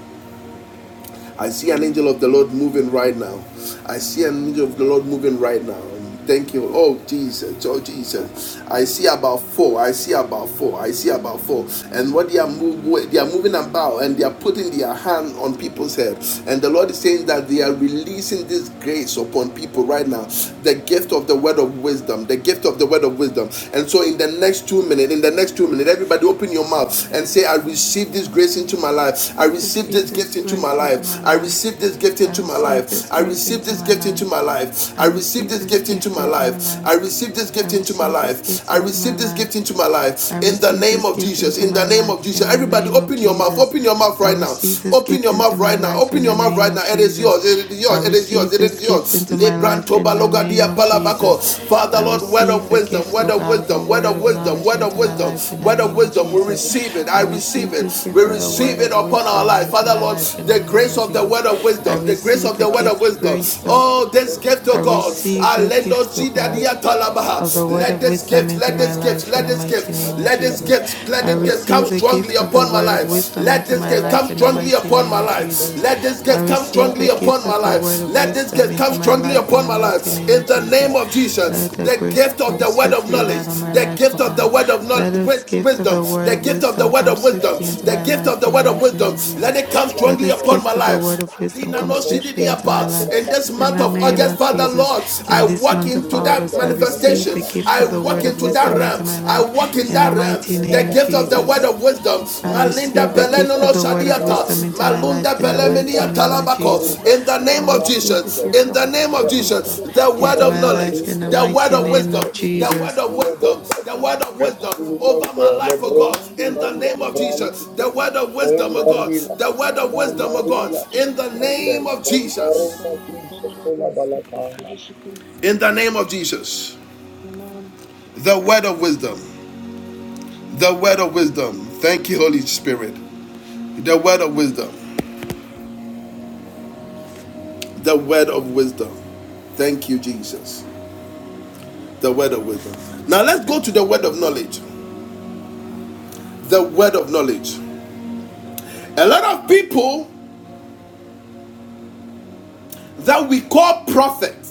Speaker 1: I see an angel of the Lord moving right now. I see an angel of the Lord moving right now. Thank you. Oh Jesus, oh Jesus. I see about four. I see about four. I see about four. And what they are move, they are moving about and they are putting their hand on people's head. And the Lord is saying that they are releasing this grace upon people right now. The gift of the word of wisdom. The gift of the word of wisdom. And so in the next two minutes, in the next two next two minutes, everybody open your mouth and say, I receive this grace into my life. I receive
Speaker 3: receive
Speaker 1: this
Speaker 3: this
Speaker 1: gift into my
Speaker 3: grace into my
Speaker 1: life. I
Speaker 3: life.
Speaker 1: receive this gift
Speaker 3: I
Speaker 1: into my
Speaker 3: receive this
Speaker 1: life. I
Speaker 3: grace
Speaker 1: receive
Speaker 3: into
Speaker 1: this
Speaker 3: my
Speaker 1: gift into my
Speaker 3: life.
Speaker 1: life.
Speaker 3: I
Speaker 1: I receive
Speaker 3: receive
Speaker 1: this
Speaker 7: My
Speaker 3: this
Speaker 1: gift into
Speaker 7: life,
Speaker 3: gift
Speaker 1: my
Speaker 3: in my
Speaker 1: life.
Speaker 3: life.
Speaker 1: I receive this
Speaker 3: I
Speaker 1: gift into my
Speaker 3: receive
Speaker 7: my
Speaker 3: this
Speaker 1: life.
Speaker 3: gift
Speaker 1: I
Speaker 3: into
Speaker 1: receive
Speaker 3: my
Speaker 7: life. See
Speaker 1: this
Speaker 7: this
Speaker 1: gift
Speaker 3: life.
Speaker 1: into my
Speaker 7: gift into
Speaker 1: life.
Speaker 3: I
Speaker 7: my
Speaker 1: In the
Speaker 7: life.
Speaker 3: receive
Speaker 1: name
Speaker 3: this
Speaker 1: of
Speaker 3: gift
Speaker 1: Jesus.
Speaker 3: into
Speaker 1: In the
Speaker 3: my
Speaker 7: See
Speaker 1: name of
Speaker 3: life
Speaker 7: this
Speaker 1: Jesus.
Speaker 3: in the
Speaker 7: gift into
Speaker 1: Everybody
Speaker 3: name of
Speaker 7: my
Speaker 1: open your
Speaker 7: life.
Speaker 1: mouth.
Speaker 3: Jesus.
Speaker 1: Open your
Speaker 7: In
Speaker 1: mouth
Speaker 3: I
Speaker 1: right now.
Speaker 3: receive this
Speaker 1: Open
Speaker 3: gift
Speaker 1: your
Speaker 3: into
Speaker 1: mouth
Speaker 3: my
Speaker 1: right now.
Speaker 3: life
Speaker 1: Open
Speaker 3: in the
Speaker 1: your mouth
Speaker 3: name
Speaker 1: right
Speaker 3: of
Speaker 1: now. It is
Speaker 3: Jesus.
Speaker 1: yours. It is
Speaker 3: I
Speaker 1: yours. It
Speaker 7: the
Speaker 1: is
Speaker 7: name
Speaker 1: yours.
Speaker 3: receive
Speaker 7: of
Speaker 1: It
Speaker 7: Jesus.
Speaker 3: this
Speaker 1: is
Speaker 3: gift
Speaker 1: yours.
Speaker 3: into my life
Speaker 1: Lebranto
Speaker 3: in the name of
Speaker 7: Thank
Speaker 3: Jesus.
Speaker 7: you.
Speaker 1: Father
Speaker 3: I
Speaker 1: Lord, word
Speaker 3: receive
Speaker 1: of
Speaker 3: the
Speaker 1: wisdom,
Speaker 3: gift,
Speaker 1: word
Speaker 3: O
Speaker 1: of
Speaker 3: God, of the
Speaker 1: wisdom, word
Speaker 3: word
Speaker 1: of
Speaker 3: of
Speaker 1: wisdom,
Speaker 3: knowledge
Speaker 1: word of
Speaker 3: into my
Speaker 1: wisdom,
Speaker 3: life in the
Speaker 1: word of
Speaker 3: name of
Speaker 1: wisdom. We
Speaker 3: Jesus.
Speaker 8: Thank
Speaker 1: receive it.
Speaker 3: I
Speaker 1: I
Speaker 3: receive
Speaker 1: receive
Speaker 3: this
Speaker 1: it. We
Speaker 3: gift of the word
Speaker 1: receive it
Speaker 3: of
Speaker 1: upon our
Speaker 3: wisdom
Speaker 1: life.
Speaker 3: into
Speaker 1: Father
Speaker 3: my
Speaker 1: Lord,
Speaker 3: life in the
Speaker 1: the
Speaker 3: name
Speaker 1: grace
Speaker 3: of
Speaker 1: of the
Speaker 3: Jesus.
Speaker 1: word of
Speaker 3: I
Speaker 1: wisdom, the grace
Speaker 3: receive
Speaker 1: of
Speaker 3: the
Speaker 1: the word of
Speaker 3: gift,
Speaker 1: wisdom.
Speaker 3: grace, O
Speaker 1: Oh, this gift
Speaker 3: I
Speaker 1: of God.
Speaker 3: receive the
Speaker 1: Alendo
Speaker 3: gift, O God
Speaker 1: Zidadia Talabaha.
Speaker 3: of the word
Speaker 1: Let
Speaker 3: of
Speaker 1: this
Speaker 3: wisdom
Speaker 1: gift,
Speaker 3: into
Speaker 1: let
Speaker 3: my
Speaker 1: this gift,
Speaker 3: life in
Speaker 1: let
Speaker 3: the
Speaker 1: this
Speaker 3: mighty
Speaker 1: gift,
Speaker 3: name of
Speaker 1: let this
Speaker 3: Jesus.
Speaker 1: gift, let
Speaker 3: I
Speaker 1: this gift come
Speaker 3: receive the
Speaker 1: strongly
Speaker 3: gift of the
Speaker 1: upon my
Speaker 3: word of
Speaker 1: life.
Speaker 3: wisdom
Speaker 1: Let
Speaker 3: into
Speaker 1: this
Speaker 3: my
Speaker 1: gift come
Speaker 3: life
Speaker 1: come
Speaker 3: in the
Speaker 1: strongly
Speaker 3: mighty
Speaker 1: upon my
Speaker 3: name of
Speaker 1: life.
Speaker 3: Jesus.
Speaker 1: Let this
Speaker 3: I
Speaker 1: gift come
Speaker 3: receive
Speaker 1: strongly
Speaker 3: the
Speaker 1: upon
Speaker 3: gift
Speaker 1: my
Speaker 3: of the word
Speaker 1: life.
Speaker 3: of
Speaker 1: Let this
Speaker 3: wisdom
Speaker 1: gift come
Speaker 3: into my
Speaker 1: strongly
Speaker 3: life in
Speaker 1: upon
Speaker 3: the
Speaker 1: my
Speaker 3: mighty
Speaker 1: life.
Speaker 3: name
Speaker 1: In
Speaker 3: of
Speaker 1: the name
Speaker 3: Jesus.
Speaker 1: of Jesus,
Speaker 3: Let the
Speaker 1: the
Speaker 3: grace
Speaker 1: gift of
Speaker 3: come
Speaker 1: the word of
Speaker 3: swiftly, O
Speaker 1: knowledge,
Speaker 3: God, on my
Speaker 1: the
Speaker 3: life, O
Speaker 1: gift of the
Speaker 3: God.
Speaker 1: word of knowledge,
Speaker 3: Let this gift of
Speaker 1: wisdom,
Speaker 3: the word
Speaker 1: the
Speaker 3: of
Speaker 1: gift of the
Speaker 3: wisdom
Speaker 1: word
Speaker 3: come
Speaker 1: of wisdom,
Speaker 3: swiftly into
Speaker 1: the
Speaker 3: my
Speaker 1: gift of
Speaker 3: life
Speaker 1: the
Speaker 3: in the
Speaker 1: word of
Speaker 3: mighty name
Speaker 1: wisdom.
Speaker 3: of
Speaker 1: Let
Speaker 3: Jesus.
Speaker 1: it come
Speaker 3: Let
Speaker 1: strongly
Speaker 3: this
Speaker 8: you.
Speaker 1: upon my
Speaker 3: gift of the
Speaker 1: life.
Speaker 3: word of wisdom
Speaker 1: Lina
Speaker 8: All
Speaker 3: come
Speaker 8: the
Speaker 1: no
Speaker 3: swiftly
Speaker 8: Olabosha
Speaker 3: into my
Speaker 1: shididiapa.
Speaker 3: life
Speaker 1: In
Speaker 8: Naglabat,
Speaker 1: this
Speaker 3: in
Speaker 1: month
Speaker 3: the
Speaker 1: of
Speaker 3: name
Speaker 8: Unia
Speaker 1: August,
Speaker 3: of
Speaker 1: Father
Speaker 3: Jesus.
Speaker 1: Lord,
Speaker 8: Olabas,
Speaker 1: I
Speaker 3: In this
Speaker 1: walk
Speaker 3: month of
Speaker 1: into that
Speaker 3: August,
Speaker 8: Imanda,
Speaker 3: I receive
Speaker 1: manifestation.
Speaker 3: the
Speaker 8: Marilas,
Speaker 3: gift
Speaker 1: I
Speaker 3: of the
Speaker 1: walk
Speaker 3: word of
Speaker 1: into
Speaker 8: Kapanda
Speaker 1: that
Speaker 3: wisdom
Speaker 8: Glaba,
Speaker 1: realm.
Speaker 3: into my
Speaker 1: I
Speaker 3: life.
Speaker 1: walk in
Speaker 8: Sins,
Speaker 3: In the
Speaker 1: that realm.
Speaker 3: mighty
Speaker 1: The
Speaker 3: name of
Speaker 8: Solaba,
Speaker 1: gift of the word
Speaker 3: Jesus,
Speaker 1: of
Speaker 8: Rinas,
Speaker 1: wisdom.
Speaker 3: I
Speaker 8: Rapinda,
Speaker 1: Malinda
Speaker 3: receive the gift of
Speaker 1: belenono
Speaker 8: Upas,
Speaker 3: the word of
Speaker 1: shadiata.
Speaker 8: Maglaba,
Speaker 3: wisdom into my life.
Speaker 1: Malunda
Speaker 3: In the mighty
Speaker 8: Renda,
Speaker 1: belemenia
Speaker 3: name of
Speaker 1: talabako.
Speaker 3: Jesus,
Speaker 1: In the
Speaker 3: I
Speaker 1: name of
Speaker 3: receive the
Speaker 1: Jesus.
Speaker 8: Uparulas,
Speaker 3: gift
Speaker 1: In
Speaker 3: of
Speaker 1: the
Speaker 3: the
Speaker 1: name
Speaker 3: word
Speaker 1: of
Speaker 3: of
Speaker 1: Jesus.
Speaker 3: wisdom
Speaker 1: The word
Speaker 3: into
Speaker 1: of
Speaker 3: my
Speaker 1: knowledge.
Speaker 3: life. In the
Speaker 1: The word
Speaker 3: mighty
Speaker 1: of
Speaker 3: name of
Speaker 1: wisdom the word
Speaker 3: Jesus.
Speaker 1: of wisdom, the
Speaker 7: Dipasyan
Speaker 1: word of wisdom
Speaker 7: Tadadaba,
Speaker 1: over my life, oh
Speaker 7: Ebu
Speaker 1: God,
Speaker 7: San
Speaker 1: in the name of
Speaker 7: Tadadabe,
Speaker 1: Jesus,
Speaker 7: Rebayan
Speaker 1: the word of
Speaker 7: Tadadaba,
Speaker 1: wisdom, oh God, the word of
Speaker 7: Nansika
Speaker 1: wisdom, oh
Speaker 7: Tadadabe,
Speaker 1: God, in
Speaker 7: Sian
Speaker 1: the name
Speaker 7: Tadadabu,
Speaker 1: of Jesus,
Speaker 7: Rebayan Tadadaba, Sika Tadadabe,
Speaker 1: in
Speaker 7: Sian
Speaker 1: the name of
Speaker 7: Tadadaba.
Speaker 1: Jesus,
Speaker 7: Amen.
Speaker 1: the word of wisdom, the word of wisdom. Thank you, Holy Spirit, the word of wisdom, the word of wisdom. Thank you, Jesus, the word of wisdom. Now let's go to the word of knowledge, the word of knowledge. A lot of people that we call prophets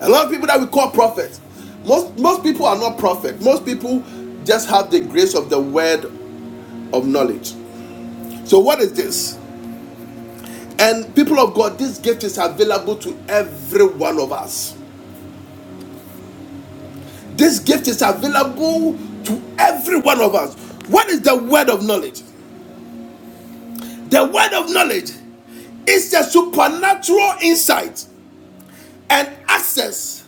Speaker 1: A lot of people that we call prophets, most most people are not prophets. Most people just have the grace of the word of knowledge. So what is this? And people of God, this gift is available to every one of us. This gift is available to every one of us. What is the word of knowledge? The word of knowledge is the supernatural insight and access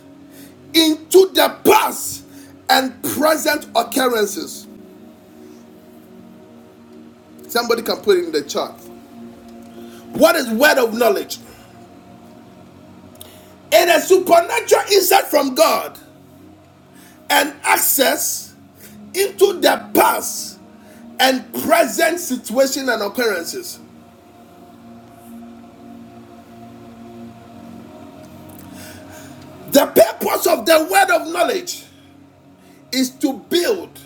Speaker 1: into the past and present occurrences. Somebody can put it in the chat. What is word of knowledge? It is supernatural insight from God and access into the past and present situation and occurrences. The purpose of the word of knowledge is to build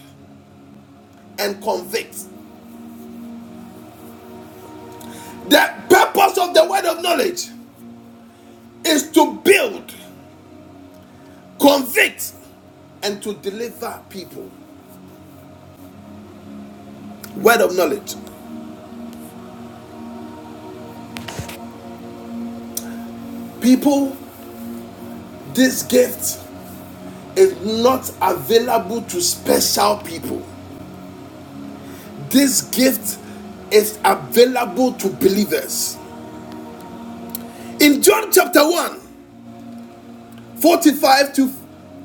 Speaker 1: and convict. The purpose of the word of knowledge is to build, convict, and to deliver people. Word of knowledge. People, this gift is not available to special people. This gift is available to believers. In John chapter one, 45 to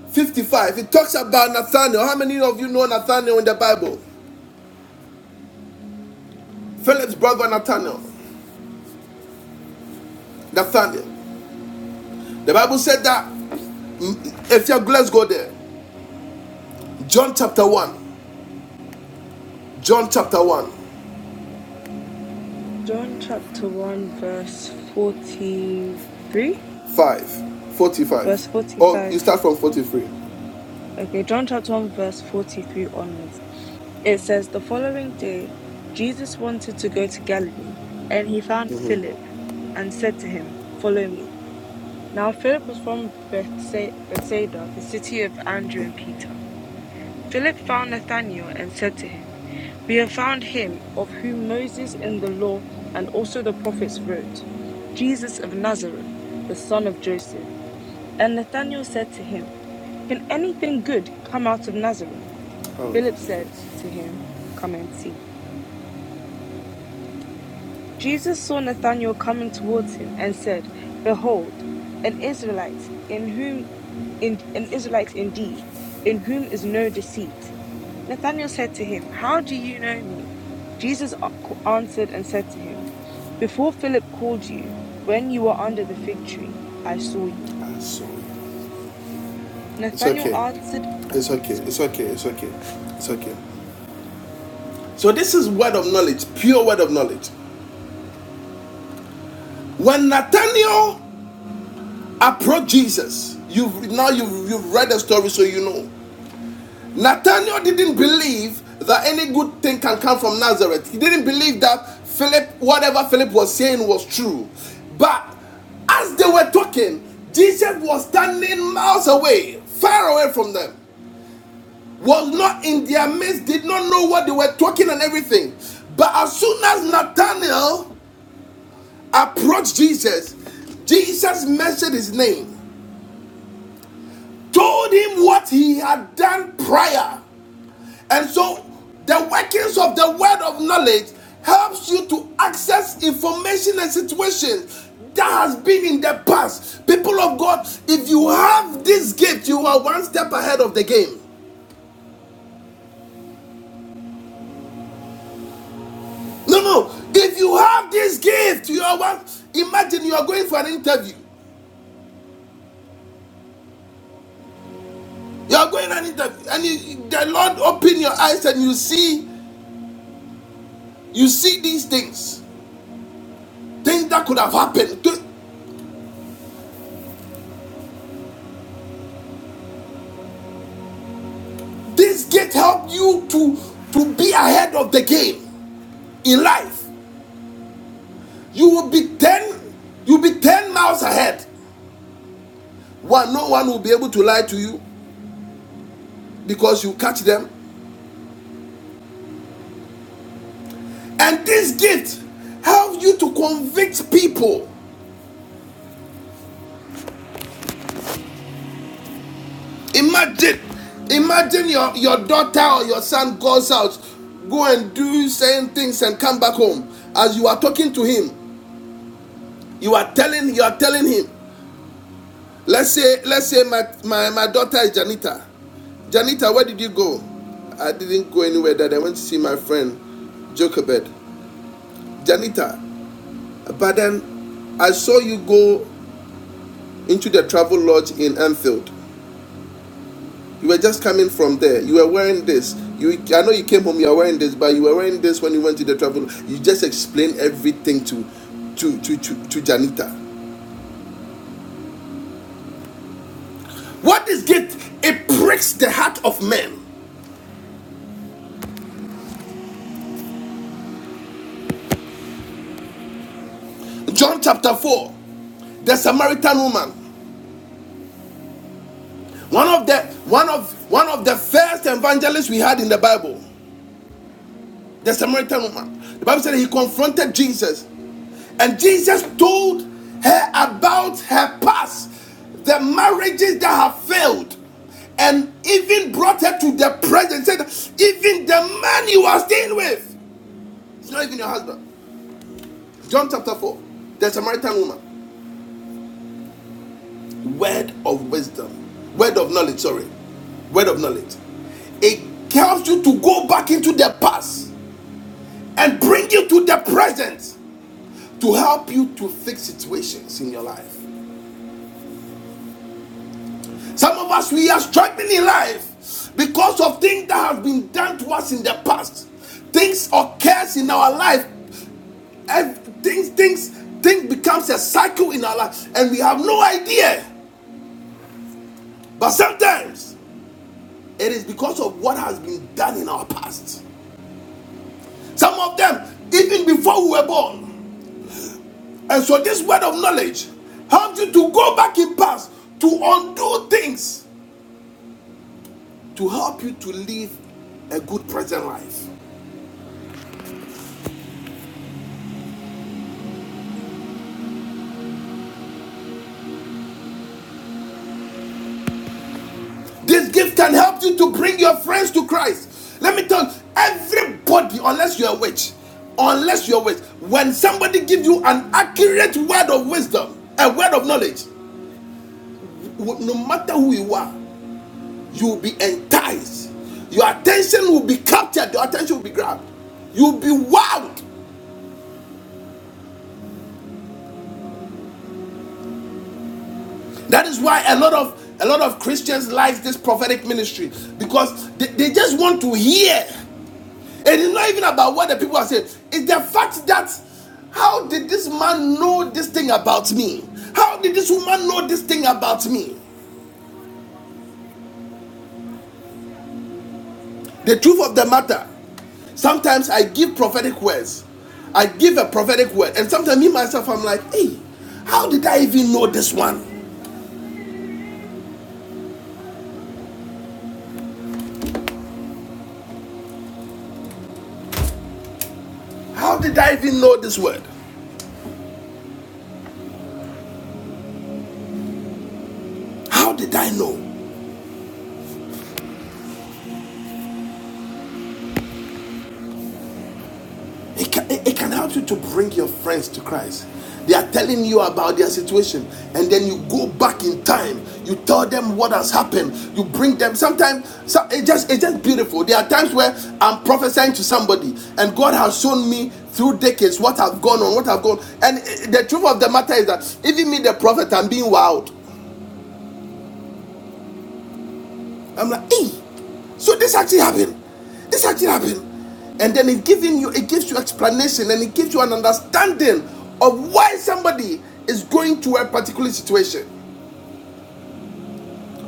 Speaker 1: 55, it talks about Nathaniel. How many of you know Nathaniel in the Bible? Philip's brother Nathaniel. Nathaniel. The Bible said that mm, if you're blessed, go there. John chapter 1. John chapter 1,
Speaker 7: John chapter one verse forty three,
Speaker 1: 5, 45.
Speaker 7: verse forty
Speaker 1: Oh, you
Speaker 7: five.
Speaker 1: start from 43.
Speaker 7: Okay, John chapter one verse forty three onwards. It says the following day Jesus wanted to go to Galilee, and he found Philip and said to him, Follow me. Now Philip was from Bethsaida, the city of Andrew and Peter. Philip found Nathanael and said to him, We have found him of whom Moses in the law and also the prophets wrote, Jesus of Nazareth, the son of Joseph. And Nathanael said to him, Can anything good come out of Nazareth?
Speaker 1: Oh,
Speaker 7: Philip said
Speaker 1: Jesus.
Speaker 7: to him, Come and see. Jesus saw Nathanael coming towards him and said, Behold, an Israelite in whom in, an Israelite indeed, in whom is no deceit. Nathanael said to him, How do you know me? Jesus answered and said to him, Before Philip called you, when you were under the fig tree, I saw you.
Speaker 1: Ah, It's
Speaker 7: Nathanael
Speaker 1: okay.
Speaker 7: answered, Oh,
Speaker 1: It's
Speaker 7: okay,
Speaker 1: okay.
Speaker 7: sorry.
Speaker 1: It's okay. It's okay. It's okay. So this is word of knowledge, pure word of knowledge. When Nathaniel approached Jesus, you've now you've, you've read the story, so you know. Nathaniel didn't believe that any good thing can come from Nazareth. He didn't believe that Philip, whatever Philip was saying was true. But as they were talking, Jesus was standing miles away, far away from them, was not in their midst, did not know what they were talking and everything. But as soon as Nathanael approached Jesus. Jesus mentioned his name, told him what he had done prior. And so the workings of the word of knowledge helps you to access information and situations that has been in the past. People of God, if you have this gift, you are one step ahead of the game. No, no. If you have this gift, you are one. Imagine you are going for an interview. You are going on an interview, and you, the Lord open your eyes and you see You see these things, things that could have happened. This gate helped you to to be ahead of the game in life. You will be ten, you'll be ten miles ahead. One, no one will be able to lie to you because you catch them. And this gate helps you to convict people. Imagine, imagine your your daughter or your son goes out, go and do certain things and come back home. As you are talking to him, you are telling you are telling him. Let's say, let's say my, my, my daughter is Janita. Janita, where did you go? I didn't go anywhere that I went to see my friend Jokebed. Janita, but then I saw you go into the travel lodge in Anfield. You were just coming from there. You were wearing this. You I know you came home, you are wearing this, but you were wearing this when you went to the travel. You just explained everything to to to, to, to Janita. What is it? It pricks the heart of man. John chapter 4, the Samaritan woman. One of the one of one of the first evangelists we had in the Bible, the Samaritan woman. The Bible said he confronted Jesus and Jesus told her about her past, the marriages that have failed, and even brought her to the present. Said, even the man you are staying with, it's not even your husband. John chapter 4, the Samaritan woman. word of wisdom, word of knowledge, sorry, word of knowledge. It helps you to go back into the past and bring you to the present to help you to fix situations in your life. Some of us, we are struggling in life because of things that have been done to us in the past. Things occurs in our life. and Things, things, things becomes a cycle in our life, and we have no idea. But sometimes it is because of what has been done in our past. Some of them, even before we were born. And so this word of knowledge helps you to go back in past, to undo things, to help you to live a good present life. This gift can help you to bring your friends to Christ. Let me tell you, everybody, unless you're a witch, unless you're a witch, when somebody gives you an accurate word of wisdom, a word of knowledge, no matter who you are, you will be enticed. Your attention will be captured. Your attention will be grabbed. You'll be wowed. That is why a lot of a lot of Christians like this prophetic ministry because they, they just want to hear. And it's not even about what the people are saying. It's the fact that how did this man know this thing about me? How did this woman know this thing about me? The truth of the matter, sometimes I give prophetic words. I give a prophetic word, and sometimes me myself, I'm like, hey, how did I even know this one? How did I even know this word? How did I know? It can, it it can help you to bring your friends to Christ. They are telling you about their situation, and then you go back in time. You tell them what has happened. You bring them. Sometimes so it just it's just beautiful. There are times where I'm prophesying to somebody, and God has shown me through decades what I've gone on, what I've gone. And eh, the truth of the matter is that even me, the prophet, I'm being wild. I'm like, hey, so this actually happened. This actually happened. And then it giving you, it gives you explanation and it gives you an understanding of why somebody is going to a particular situation.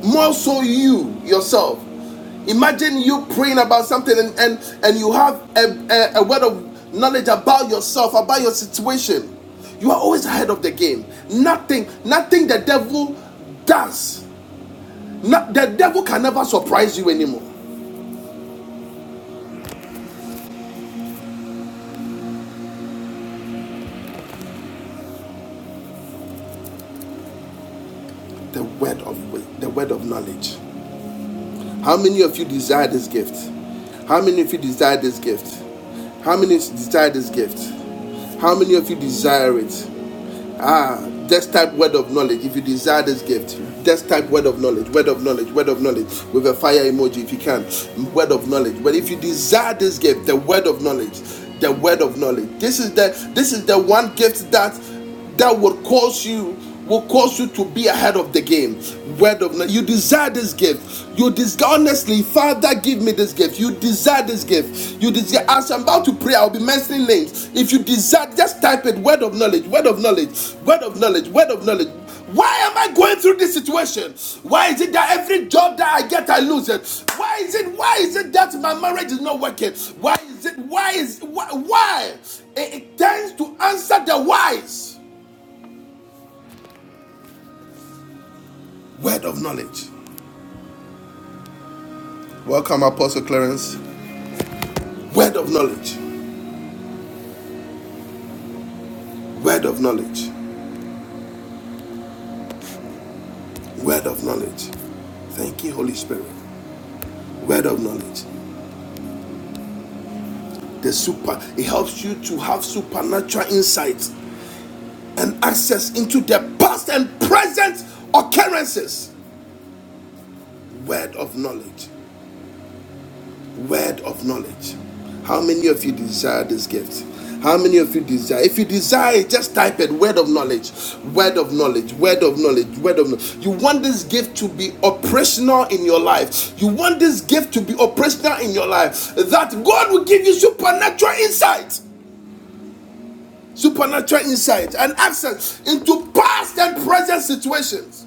Speaker 1: More so you yourself. Imagine you praying about something and, and, and you have a, a, a word of knowledge about yourself, about your situation. You are always ahead of the game. Nothing, nothing the devil does. Not, the devil can never surprise you anymore. the word of the word of knowledge how many of you desire this gift how many of you desire this gift how many desire this gift how many of you desire it ah just type word of knowledge if you desire this gift just type word of knowledge word of knowledge word of knowledge with a fire emoji if you can word of knowledge but if you desire this gift the word of knowledge the word of knowledge this is the this is the one gift that that would cause you will cause you to be ahead of the game. Word of knowledge. you desire this gift. You des- honestly, Father, give me this gift. You desire this gift. You desire. As I'm about to pray, I'll be mentioning names. If you desire, just type it. Word of knowledge. Word of knowledge. Word of knowledge. Word of knowledge. Why am I going through this situation? Why is it that every job that I get, I lose it? Why is it? Why is it that my marriage is not working? Why is it? Why is why? why? It, it tends to answer the whys. Word of knowledge. Welcome, Apostle Clarence. Word of knowledge, word of knowledge, word of knowledge. Thank you, Holy Spirit. Word of knowledge. The super, it helps you to have supernatural insights and access into the past and present occurrences. Word of knowledge. Word of knowledge. How many of you desire this gift? How many of you desire? If you desire, just type it word of knowledge, word of knowledge, word of knowledge, word of knowledge. You want this gift to be operational in your life. You want this gift to be operational in your life. That God will give you supernatural insight, supernatural insight and access into past and present situations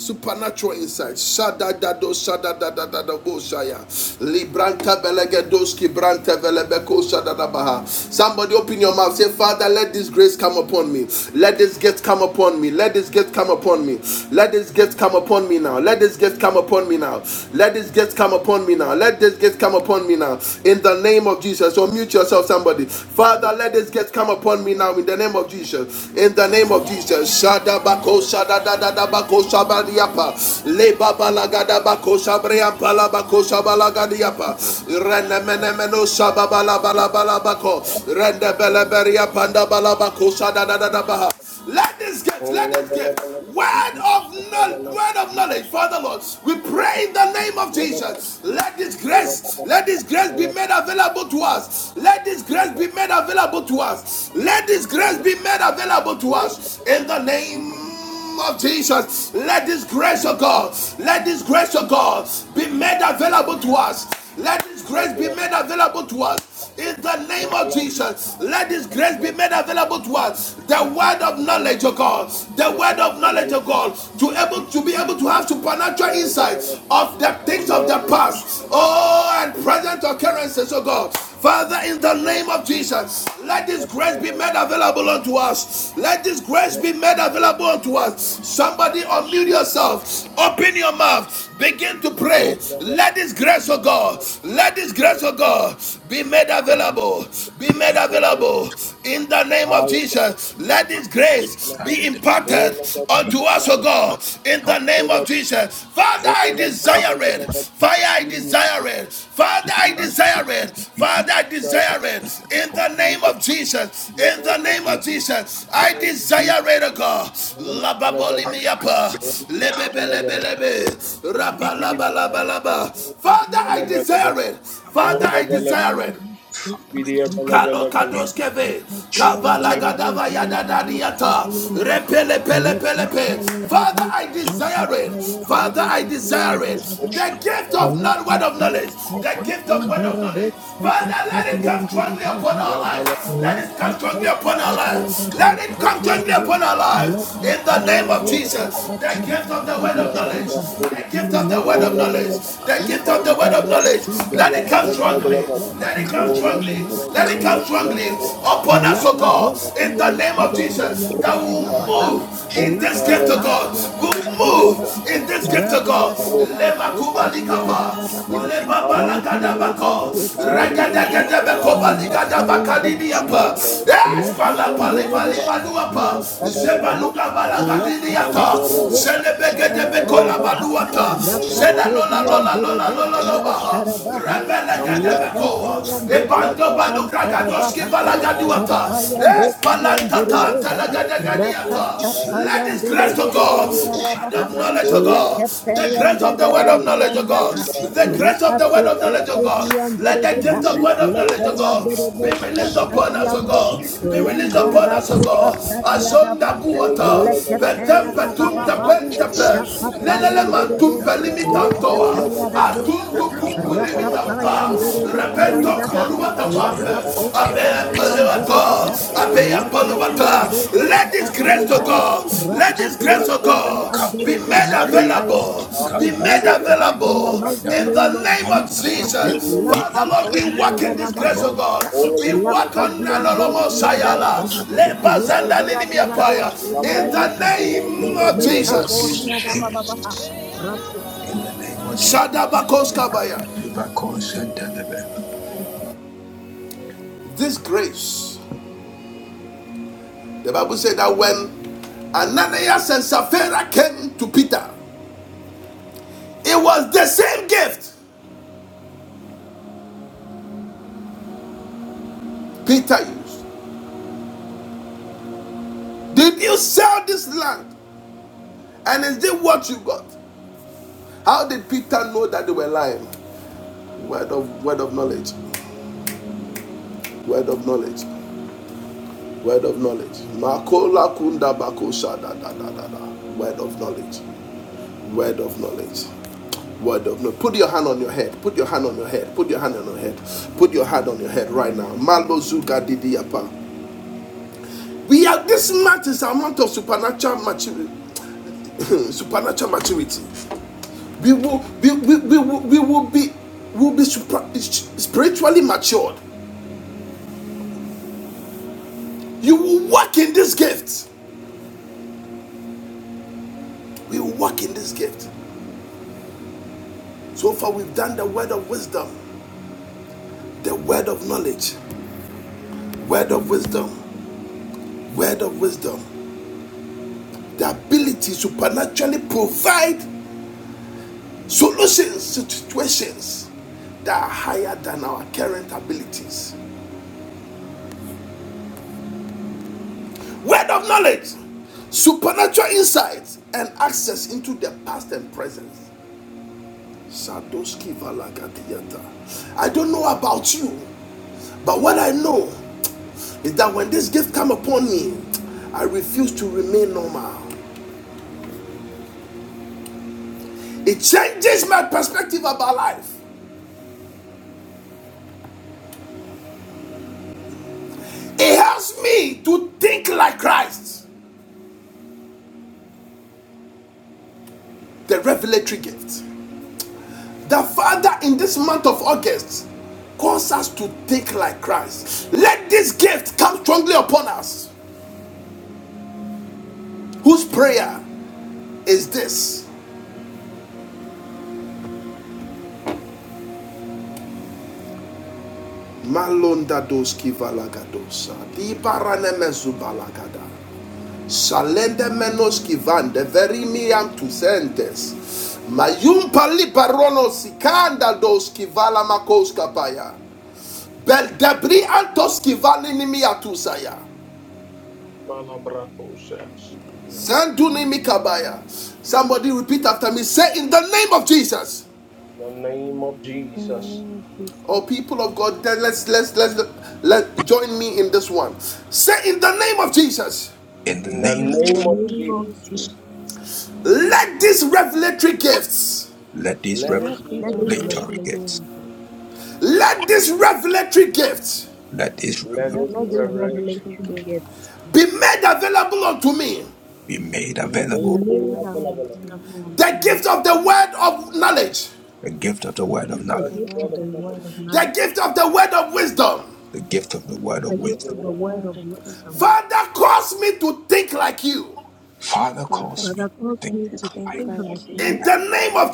Speaker 1: supernatural insight. Shadadado, shadadadadado, boshaya. Libranta belegedoski, branta belebeko, shadadabaha. Somebody open your mouth. Say, Father, let this grace come upon me. Let this gift come upon me. Let this gift come upon me. Let this gift come upon me now. Let this gift come upon me now. Let this gift come upon me now. Let this gift come upon me now. In the name of Jesus. So mute yourself, somebody. Father, let this gift come upon me now. In the name name of Jesus. In the name of Jesus. Shadabako shadadadabako shabadiapa. Lebabalagadabako shabriampalabako shabalagadiapa. Renemenemeno shababalabalabalabako. Rendebeleberiapandabalabakoshadadadabaha. Let this gift, let this gift. Word of knowledge, word of knowledge, Father Lord, we pray in the name of Jesus. Let this grace, let this grace be made available to us. Let this grace be made available to us. Let this grace be made available to us in the name of Jesus. Let this grace of God, let this grace of God be made available to us. Let this grace be made available to us. In the name of Jesus, let this grace be made available to us. The word of knowledge, of God. The word of knowledge, of God. To able to be able to have supernatural insights of the things of the past. Oh, and present occurrences, oh God. Father, in the name of Jesus, let this grace be made available unto us. Let this grace be made available unto us. Somebody unmute yourself. Open your mouth.
Speaker 8: Thank you.
Speaker 1: Begin to pray. Let this grace, oh God. Let this grace, oh God, be made made available. Be made
Speaker 9: Liba
Speaker 1: available in the
Speaker 9: Adam,
Speaker 1: name of Jesus. Let
Speaker 9: Liba
Speaker 1: this
Speaker 9: Rock,
Speaker 1: grace be
Speaker 9: Sadede,
Speaker 1: imparted unto
Speaker 9: Liba
Speaker 1: us, O
Speaker 9: Rock,
Speaker 1: God, in
Speaker 9: Toye,
Speaker 1: the name of Jesus. Father,
Speaker 9: Liba
Speaker 1: I desire it. Father,
Speaker 9: Rapides,
Speaker 1: I desire it. Father, I
Speaker 9: Rato,
Speaker 1: desire it. Father, I
Speaker 9: Liba Toye,
Speaker 8: Jesus,
Speaker 1: desire it in
Speaker 9: Lebo,
Speaker 1: the name of Jesus. In the name of Jesus, I
Speaker 9: Desa,
Speaker 1: desire it, O God.
Speaker 9: Araya,
Speaker 1: Lababolimiapa, lebebelebelebe,
Speaker 10: Thank
Speaker 9: Liba
Speaker 1: rapalabalaba. Father, I desire it.
Speaker 9: Abado,
Speaker 1: Father, I desire it.
Speaker 9: Father, I desire, in
Speaker 1: Kalokadoskeve,
Speaker 9: Jesus,
Speaker 1: Kavalagadava Yadadadiata,
Speaker 9: Allah,
Speaker 1: Repele Pele Pele
Speaker 9: Liba,
Speaker 1: Pe. Father, I
Speaker 9: Ibanda,
Speaker 1: desire it.
Speaker 9: Lapa,
Speaker 1: Father, I desire
Speaker 9: Liba,
Speaker 1: it. The
Speaker 9: Roshia,
Speaker 1: gift of non word of knowledge. The
Speaker 9: Company,
Speaker 1: gift of
Speaker 9: God,
Speaker 1: word of knowledge.
Speaker 9: Rep,
Speaker 1: Father, let it come strongly upon
Speaker 10: you.
Speaker 1: our
Speaker 8: Yabala
Speaker 1: lives. Let
Speaker 10: Let
Speaker 1: it
Speaker 10: that
Speaker 1: come strongly
Speaker 10: faith
Speaker 1: upon our
Speaker 10: that we are
Speaker 1: lives.
Speaker 10: going
Speaker 1: Let
Speaker 10: to
Speaker 9: Tolaba,
Speaker 1: it
Speaker 10: take
Speaker 1: come
Speaker 10: the
Speaker 1: strongly
Speaker 10: end.
Speaker 9: Shahid,
Speaker 1: upon our
Speaker 10: Let
Speaker 1: lives.
Speaker 10: that
Speaker 1: In the
Speaker 10: fire
Speaker 1: name
Speaker 10: and
Speaker 1: of
Speaker 10: those that
Speaker 1: Jesus,
Speaker 10: touch
Speaker 9: Koma,
Speaker 1: the
Speaker 10: us
Speaker 1: gift of
Speaker 9: Liba,
Speaker 1: the
Speaker 10: and
Speaker 1: word of
Speaker 9: Roshia,
Speaker 10: the bottom.
Speaker 1: knowledge
Speaker 9: Maha,
Speaker 1: the
Speaker 10: In
Speaker 1: gift
Speaker 10: the
Speaker 9: I
Speaker 1: of the
Speaker 10: mighty
Speaker 9: am,
Speaker 1: word of
Speaker 10: name
Speaker 1: knowledge.
Speaker 10: of
Speaker 1: The gift of
Speaker 10: Jesus,
Speaker 1: the word
Speaker 10: I
Speaker 1: of knowledge.
Speaker 10: receive the
Speaker 1: Let it
Speaker 10: gift
Speaker 1: come
Speaker 10: of
Speaker 1: strongly.
Speaker 10: the blood of
Speaker 9: like,
Speaker 1: Let it come
Speaker 10: life. In the
Speaker 1: strongly.
Speaker 10: mighty
Speaker 9: Let it
Speaker 1: Let it
Speaker 9: come.
Speaker 10: name
Speaker 1: come
Speaker 10: of Jesus,
Speaker 1: strongly
Speaker 9: Let it come.
Speaker 1: upon us, O God,
Speaker 8: Manta,
Speaker 1: in the
Speaker 10: Lapazesian
Speaker 1: name of Jesus.
Speaker 10: Tedebedian
Speaker 1: That we will
Speaker 10: Darababa,
Speaker 9: Oh,
Speaker 1: move in
Speaker 9: Spirit,
Speaker 1: this gift of God.
Speaker 10: Lapatadia
Speaker 1: We'll
Speaker 9: let it
Speaker 10: Darababa,
Speaker 1: move in
Speaker 9: change.
Speaker 1: this gift of
Speaker 10: Radia
Speaker 1: God.
Speaker 10: Darababa,
Speaker 9: Cause me
Speaker 10: Chipedian
Speaker 9: to
Speaker 10: Darababa.
Speaker 1: Le
Speaker 9: make it.
Speaker 1: baba la
Speaker 10: Let me
Speaker 1: Lebabalakadabako,
Speaker 10: be
Speaker 9: The word
Speaker 10: your
Speaker 9: of God.
Speaker 10: praise and your gift
Speaker 1: Ragadagadabako,
Speaker 10: in the mighty name of
Speaker 9: In the
Speaker 1: Balikadabakadiniapa,
Speaker 10: Jesus.
Speaker 9: name of the word of
Speaker 8: fellow
Speaker 10: Ladi
Speaker 8: Ashkumanda,
Speaker 10: Andorobo
Speaker 8: Brakas
Speaker 1: Espalapalipalibaluapa,
Speaker 10: Sian
Speaker 8: Kumanta,
Speaker 9: desire.
Speaker 8: Lalabaskiba,
Speaker 9: I
Speaker 1: Zebalukabalagadiniapa,
Speaker 9: desire
Speaker 8: Banderolas,
Speaker 9: to
Speaker 8: banderolas,
Speaker 10: Lekepeyandosantarabaha.
Speaker 1: Zelebegedebekolabaluata,
Speaker 9: see it.
Speaker 8: mantelemos, iba,
Speaker 9: see it,
Speaker 8: elas,
Speaker 1: Zelalolalalolalolalolobaha,
Speaker 10: Rakaterianderibusiantarabaha.
Speaker 9: Desire it.
Speaker 8: mantos,
Speaker 9: I see it.
Speaker 8: magladis,
Speaker 9: I
Speaker 1: Rebelegedebekoa,
Speaker 9: desire it.
Speaker 8: magladas,
Speaker 9: I
Speaker 10: Lekepeyandosikiantarabaha.
Speaker 1: Ebandobalukragadoskibalagadua.
Speaker 8: escalabantas,
Speaker 1: Balagaduata,
Speaker 9: I desire it.
Speaker 8: magladida,
Speaker 1: Espalanta
Speaker 8: elas,
Speaker 1: Tanta
Speaker 10: Papayandosianderibeha.
Speaker 9: I
Speaker 8: mantelemos,
Speaker 9: I
Speaker 1: Lagadeganiata,
Speaker 8: iba,
Speaker 9: see it.
Speaker 1: let
Speaker 9: I
Speaker 1: this grace
Speaker 9: desire it.
Speaker 1: to God,
Speaker 8: banderolas,
Speaker 9: See it.
Speaker 1: word
Speaker 10: Rakatapayanderiberiyandarabaha.
Speaker 1: of knowledge of
Speaker 8: comanderolas,
Speaker 1: God, the
Speaker 9: See it.
Speaker 1: grace of the word of
Speaker 8: banderinas,
Speaker 1: knowledge of God,
Speaker 10: Lekepeyanderebediyandaha.
Speaker 9: See it.
Speaker 1: the
Speaker 8: banderinas,
Speaker 1: grace of the word of knowledge of
Speaker 8: cabalabalas,
Speaker 1: God. Let the
Speaker 10: Rakatoseterianderibeha.
Speaker 1: gift of word
Speaker 8: ibidia,
Speaker 1: of knowledge of
Speaker 8: cobalas,
Speaker 9: See it.
Speaker 1: God be released upon us, O
Speaker 8: cabalabalas,
Speaker 10: Lekeyandereboshakadiyande.
Speaker 9: See
Speaker 1: God. Be
Speaker 9: I don't
Speaker 1: released upon us, O
Speaker 8: ibidia,
Speaker 1: God.
Speaker 10: Libaratokatadiyadaba.
Speaker 1: Azonda
Speaker 8: Ola
Speaker 1: buata,
Speaker 8: gala gala gala.
Speaker 1: petem
Speaker 10: Lekepeya da
Speaker 9: need
Speaker 1: petum
Speaker 10: baba
Speaker 9: but a
Speaker 10: ba,
Speaker 9: little
Speaker 1: tepen
Speaker 8: Yapanda
Speaker 9: child.
Speaker 1: tepe,
Speaker 8: brashi
Speaker 9: Ra-
Speaker 8: panda
Speaker 9: ra-
Speaker 10: şakapaya
Speaker 1: lelele
Speaker 8: brava
Speaker 9: ra-
Speaker 1: mantum
Speaker 10: derebe,
Speaker 9: ra- ra- ra-
Speaker 8: sata.
Speaker 9: ra- ra-
Speaker 8: Ola
Speaker 1: pelimitantoa,
Speaker 10: lekepeya
Speaker 8: gala
Speaker 10: da
Speaker 8: gala.
Speaker 10: bolsa,
Speaker 1: Atundu
Speaker 9: Ivan
Speaker 8: Yapanda
Speaker 1: kunkuni
Speaker 8: gala
Speaker 9: Tora
Speaker 8: gala.
Speaker 9: Bada
Speaker 10: rakapaya
Speaker 1: mitapa.
Speaker 9: Bada Bada
Speaker 8: Shona
Speaker 10: derebe
Speaker 8: na
Speaker 9: Bada
Speaker 10: diyan
Speaker 8: brila.
Speaker 1: Repento
Speaker 10: daha,
Speaker 9: Bada
Speaker 1: poluata pampe.
Speaker 9: Bada
Speaker 8: Shilo
Speaker 9: Bada
Speaker 8: banda.
Speaker 10: lakapolsa
Speaker 1: Abeya
Speaker 8: Galosh
Speaker 10: diyan derebe
Speaker 9: In
Speaker 1: poluato.
Speaker 10: ha,
Speaker 8: kabanda. Rola
Speaker 1: Abeya
Speaker 10: leke
Speaker 8: skumanda.
Speaker 10: diyan
Speaker 1: poluata.
Speaker 9: the
Speaker 10: dolsa
Speaker 1: Let
Speaker 10: da
Speaker 1: this grace
Speaker 8: Shilo
Speaker 10: diyan
Speaker 1: to
Speaker 10: da,
Speaker 8: banda.
Speaker 1: God,
Speaker 8: Shilo
Speaker 1: let this grace
Speaker 8: shilo
Speaker 1: to
Speaker 10: rakapolsa
Speaker 8: gomba.
Speaker 1: God
Speaker 10: diyan
Speaker 1: be
Speaker 10: derebe
Speaker 1: made
Speaker 10: ha. I
Speaker 8: Arriba.
Speaker 1: available,
Speaker 10: receive
Speaker 1: be
Speaker 10: the
Speaker 8: Ala
Speaker 1: made
Speaker 10: grace
Speaker 8: rola.
Speaker 10: uh,
Speaker 8: Shna
Speaker 10: in the
Speaker 1: available
Speaker 10: mighty
Speaker 1: in
Speaker 8: bravita.
Speaker 10: name
Speaker 1: the
Speaker 10: of
Speaker 1: name of
Speaker 10: Jesus. uh,
Speaker 1: Jesus.
Speaker 8: Shilo
Speaker 1: Father Lord, we
Speaker 8: majuta.
Speaker 10: Lakapodiyan
Speaker 1: walk
Speaker 10: da
Speaker 1: in this grace of God.
Speaker 10: rababosha,
Speaker 8: Ola
Speaker 1: We
Speaker 8: gala
Speaker 1: walk
Speaker 8: gala
Speaker 1: on
Speaker 8: gala.
Speaker 10: lakadiyan
Speaker 1: Nanolomo
Speaker 8: Shilo
Speaker 10: dosiya da
Speaker 1: Sayala.
Speaker 8: gala
Speaker 10: rabaha,
Speaker 8: gala
Speaker 1: Lebazanda
Speaker 10: Lekedia
Speaker 8: gala.
Speaker 10: darabo,
Speaker 1: Ninimiapaya.
Speaker 10: kedia
Speaker 1: In the
Speaker 10: dabaha,
Speaker 8: Labaluski
Speaker 1: name
Speaker 8: manda
Speaker 1: of
Speaker 10: Yika
Speaker 8: belebe
Speaker 9: name of
Speaker 1: Jesus.
Speaker 10: poria
Speaker 8: Jesus.
Speaker 10: dababaha,
Speaker 9: Jesus, in the name of Jesus, in
Speaker 10: Rakosia,
Speaker 9: the name
Speaker 10: Jesus, my Lord,
Speaker 1: Shadabakoskabaya. This grace, the Bible said that when Ananias and Sapphira came to Peter, it was the same gift Peter used. Did you sell this land? And is this what you got? How did Peter know that they were lying? Word of word of knowledge. Word of knowledge. Word of knowledge. Makola kunda bako sha da da da da da. Word of knowledge. Word of knowledge. word of no. Put your hand on your head. Put your hand on your head. Put your hand on your head. Put your hand on your head right now. Malo zuga didiapa. We are this month is a month of supernatural maturity. supernatural maturity. We will we, we, we, will, we will be will be supra- spiritually matured. You will walk in this gift. We will walk in this gift. So far we've done the word of wisdom, the word of knowledge, word of wisdom, word of wisdom, the ability to supernaturally provide solutions to situations that are higher than our current abilities. Word of knowledge, supernatural insights, and access into the past and present. Sadoski Valakatiyata. I don't know about you, but what I know is that when this gift come upon me, I refuse to remain normal. It changes my perspective about life. It helps me to think like Christ. The revelatory gift. The Father, in this month of August, calls us to think like Christ. Let this gift come strongly upon us. Whose prayer is this? Malondadoski valagadosa, di baranemezu balagada, salende menoski vande, verimiam tu sentes, mayumpa libarono sikanda doski vala makoska paya, beldebri antoski valinimi atusaya.
Speaker 8: Balabrakosa. Mm.
Speaker 1: Sanduni Mikabaya. Somebody repeat
Speaker 8: Jesus.
Speaker 1: after me. Say in the name of Jesus.
Speaker 8: In the name of
Speaker 7: In the
Speaker 8: Jesus.
Speaker 7: name of
Speaker 1: Oh,
Speaker 7: Jesus,
Speaker 1: people of God, then let's let's let's let join me in this one. Say in the name of Jesus.
Speaker 8: In the
Speaker 7: in the
Speaker 9: of
Speaker 10: in the
Speaker 8: name of
Speaker 7: name of
Speaker 10: name of Jesus,
Speaker 8: Jesus.
Speaker 7: Jesus,
Speaker 9: Jesus,
Speaker 1: Let these revelatory gifts,
Speaker 9: let this
Speaker 8: Let
Speaker 7: let
Speaker 8: this
Speaker 7: this
Speaker 10: let this
Speaker 9: revelatory
Speaker 7: revelatory
Speaker 8: revelation,
Speaker 7: gift,
Speaker 9: gifts,
Speaker 10: revelation gift,
Speaker 1: let these revelatory gifts
Speaker 9: let this
Speaker 8: let
Speaker 9: revelation
Speaker 7: let
Speaker 8: this
Speaker 10: let
Speaker 7: this
Speaker 10: this
Speaker 8: revelation
Speaker 7: revelatory
Speaker 10: revelation
Speaker 7: gift
Speaker 10: gift
Speaker 1: be made available unto me.
Speaker 9: be made
Speaker 8: be
Speaker 7: be made
Speaker 10: be
Speaker 9: available
Speaker 8: made
Speaker 10: made and
Speaker 7: available
Speaker 8: available
Speaker 7: unto
Speaker 8: unto
Speaker 7: me,
Speaker 8: you.
Speaker 10: available unto
Speaker 1: The
Speaker 10: you.
Speaker 1: gift of the word of knowledge,
Speaker 9: the gift of the
Speaker 8: The
Speaker 7: the
Speaker 9: word of
Speaker 7: gift
Speaker 8: gift
Speaker 7: of
Speaker 10: The
Speaker 7: the
Speaker 8: of
Speaker 9: knowledge,
Speaker 8: the
Speaker 10: gift
Speaker 7: word
Speaker 8: word
Speaker 10: of
Speaker 8: of
Speaker 10: the
Speaker 7: of
Speaker 10: word
Speaker 8: knowledge,
Speaker 10: of
Speaker 7: knowledge,
Speaker 1: the gift
Speaker 10: knowledge,
Speaker 1: of the word of wisdom.
Speaker 9: the gift of the
Speaker 8: the
Speaker 9: word
Speaker 10: the
Speaker 9: of
Speaker 7: the
Speaker 8: gift
Speaker 7: gift
Speaker 8: of
Speaker 10: gift
Speaker 8: the
Speaker 9: wisdom.
Speaker 7: of
Speaker 10: of the
Speaker 8: word
Speaker 7: the
Speaker 8: of
Speaker 10: word
Speaker 7: word
Speaker 10: of
Speaker 7: of
Speaker 8: wisdom.
Speaker 10: wisdom.
Speaker 7: wisdom.
Speaker 1: Father, cause me to think like you.
Speaker 9: Father
Speaker 7: Father,
Speaker 8: Father,
Speaker 9: calls me to
Speaker 10: Father,
Speaker 7: cause
Speaker 10: cause
Speaker 9: think
Speaker 8: help
Speaker 7: me
Speaker 10: me
Speaker 8: me
Speaker 7: to
Speaker 10: to
Speaker 8: to
Speaker 7: think
Speaker 9: like
Speaker 10: think
Speaker 8: think
Speaker 7: like
Speaker 8: like
Speaker 10: like
Speaker 7: you.
Speaker 1: In
Speaker 8: you.
Speaker 10: you
Speaker 1: the name of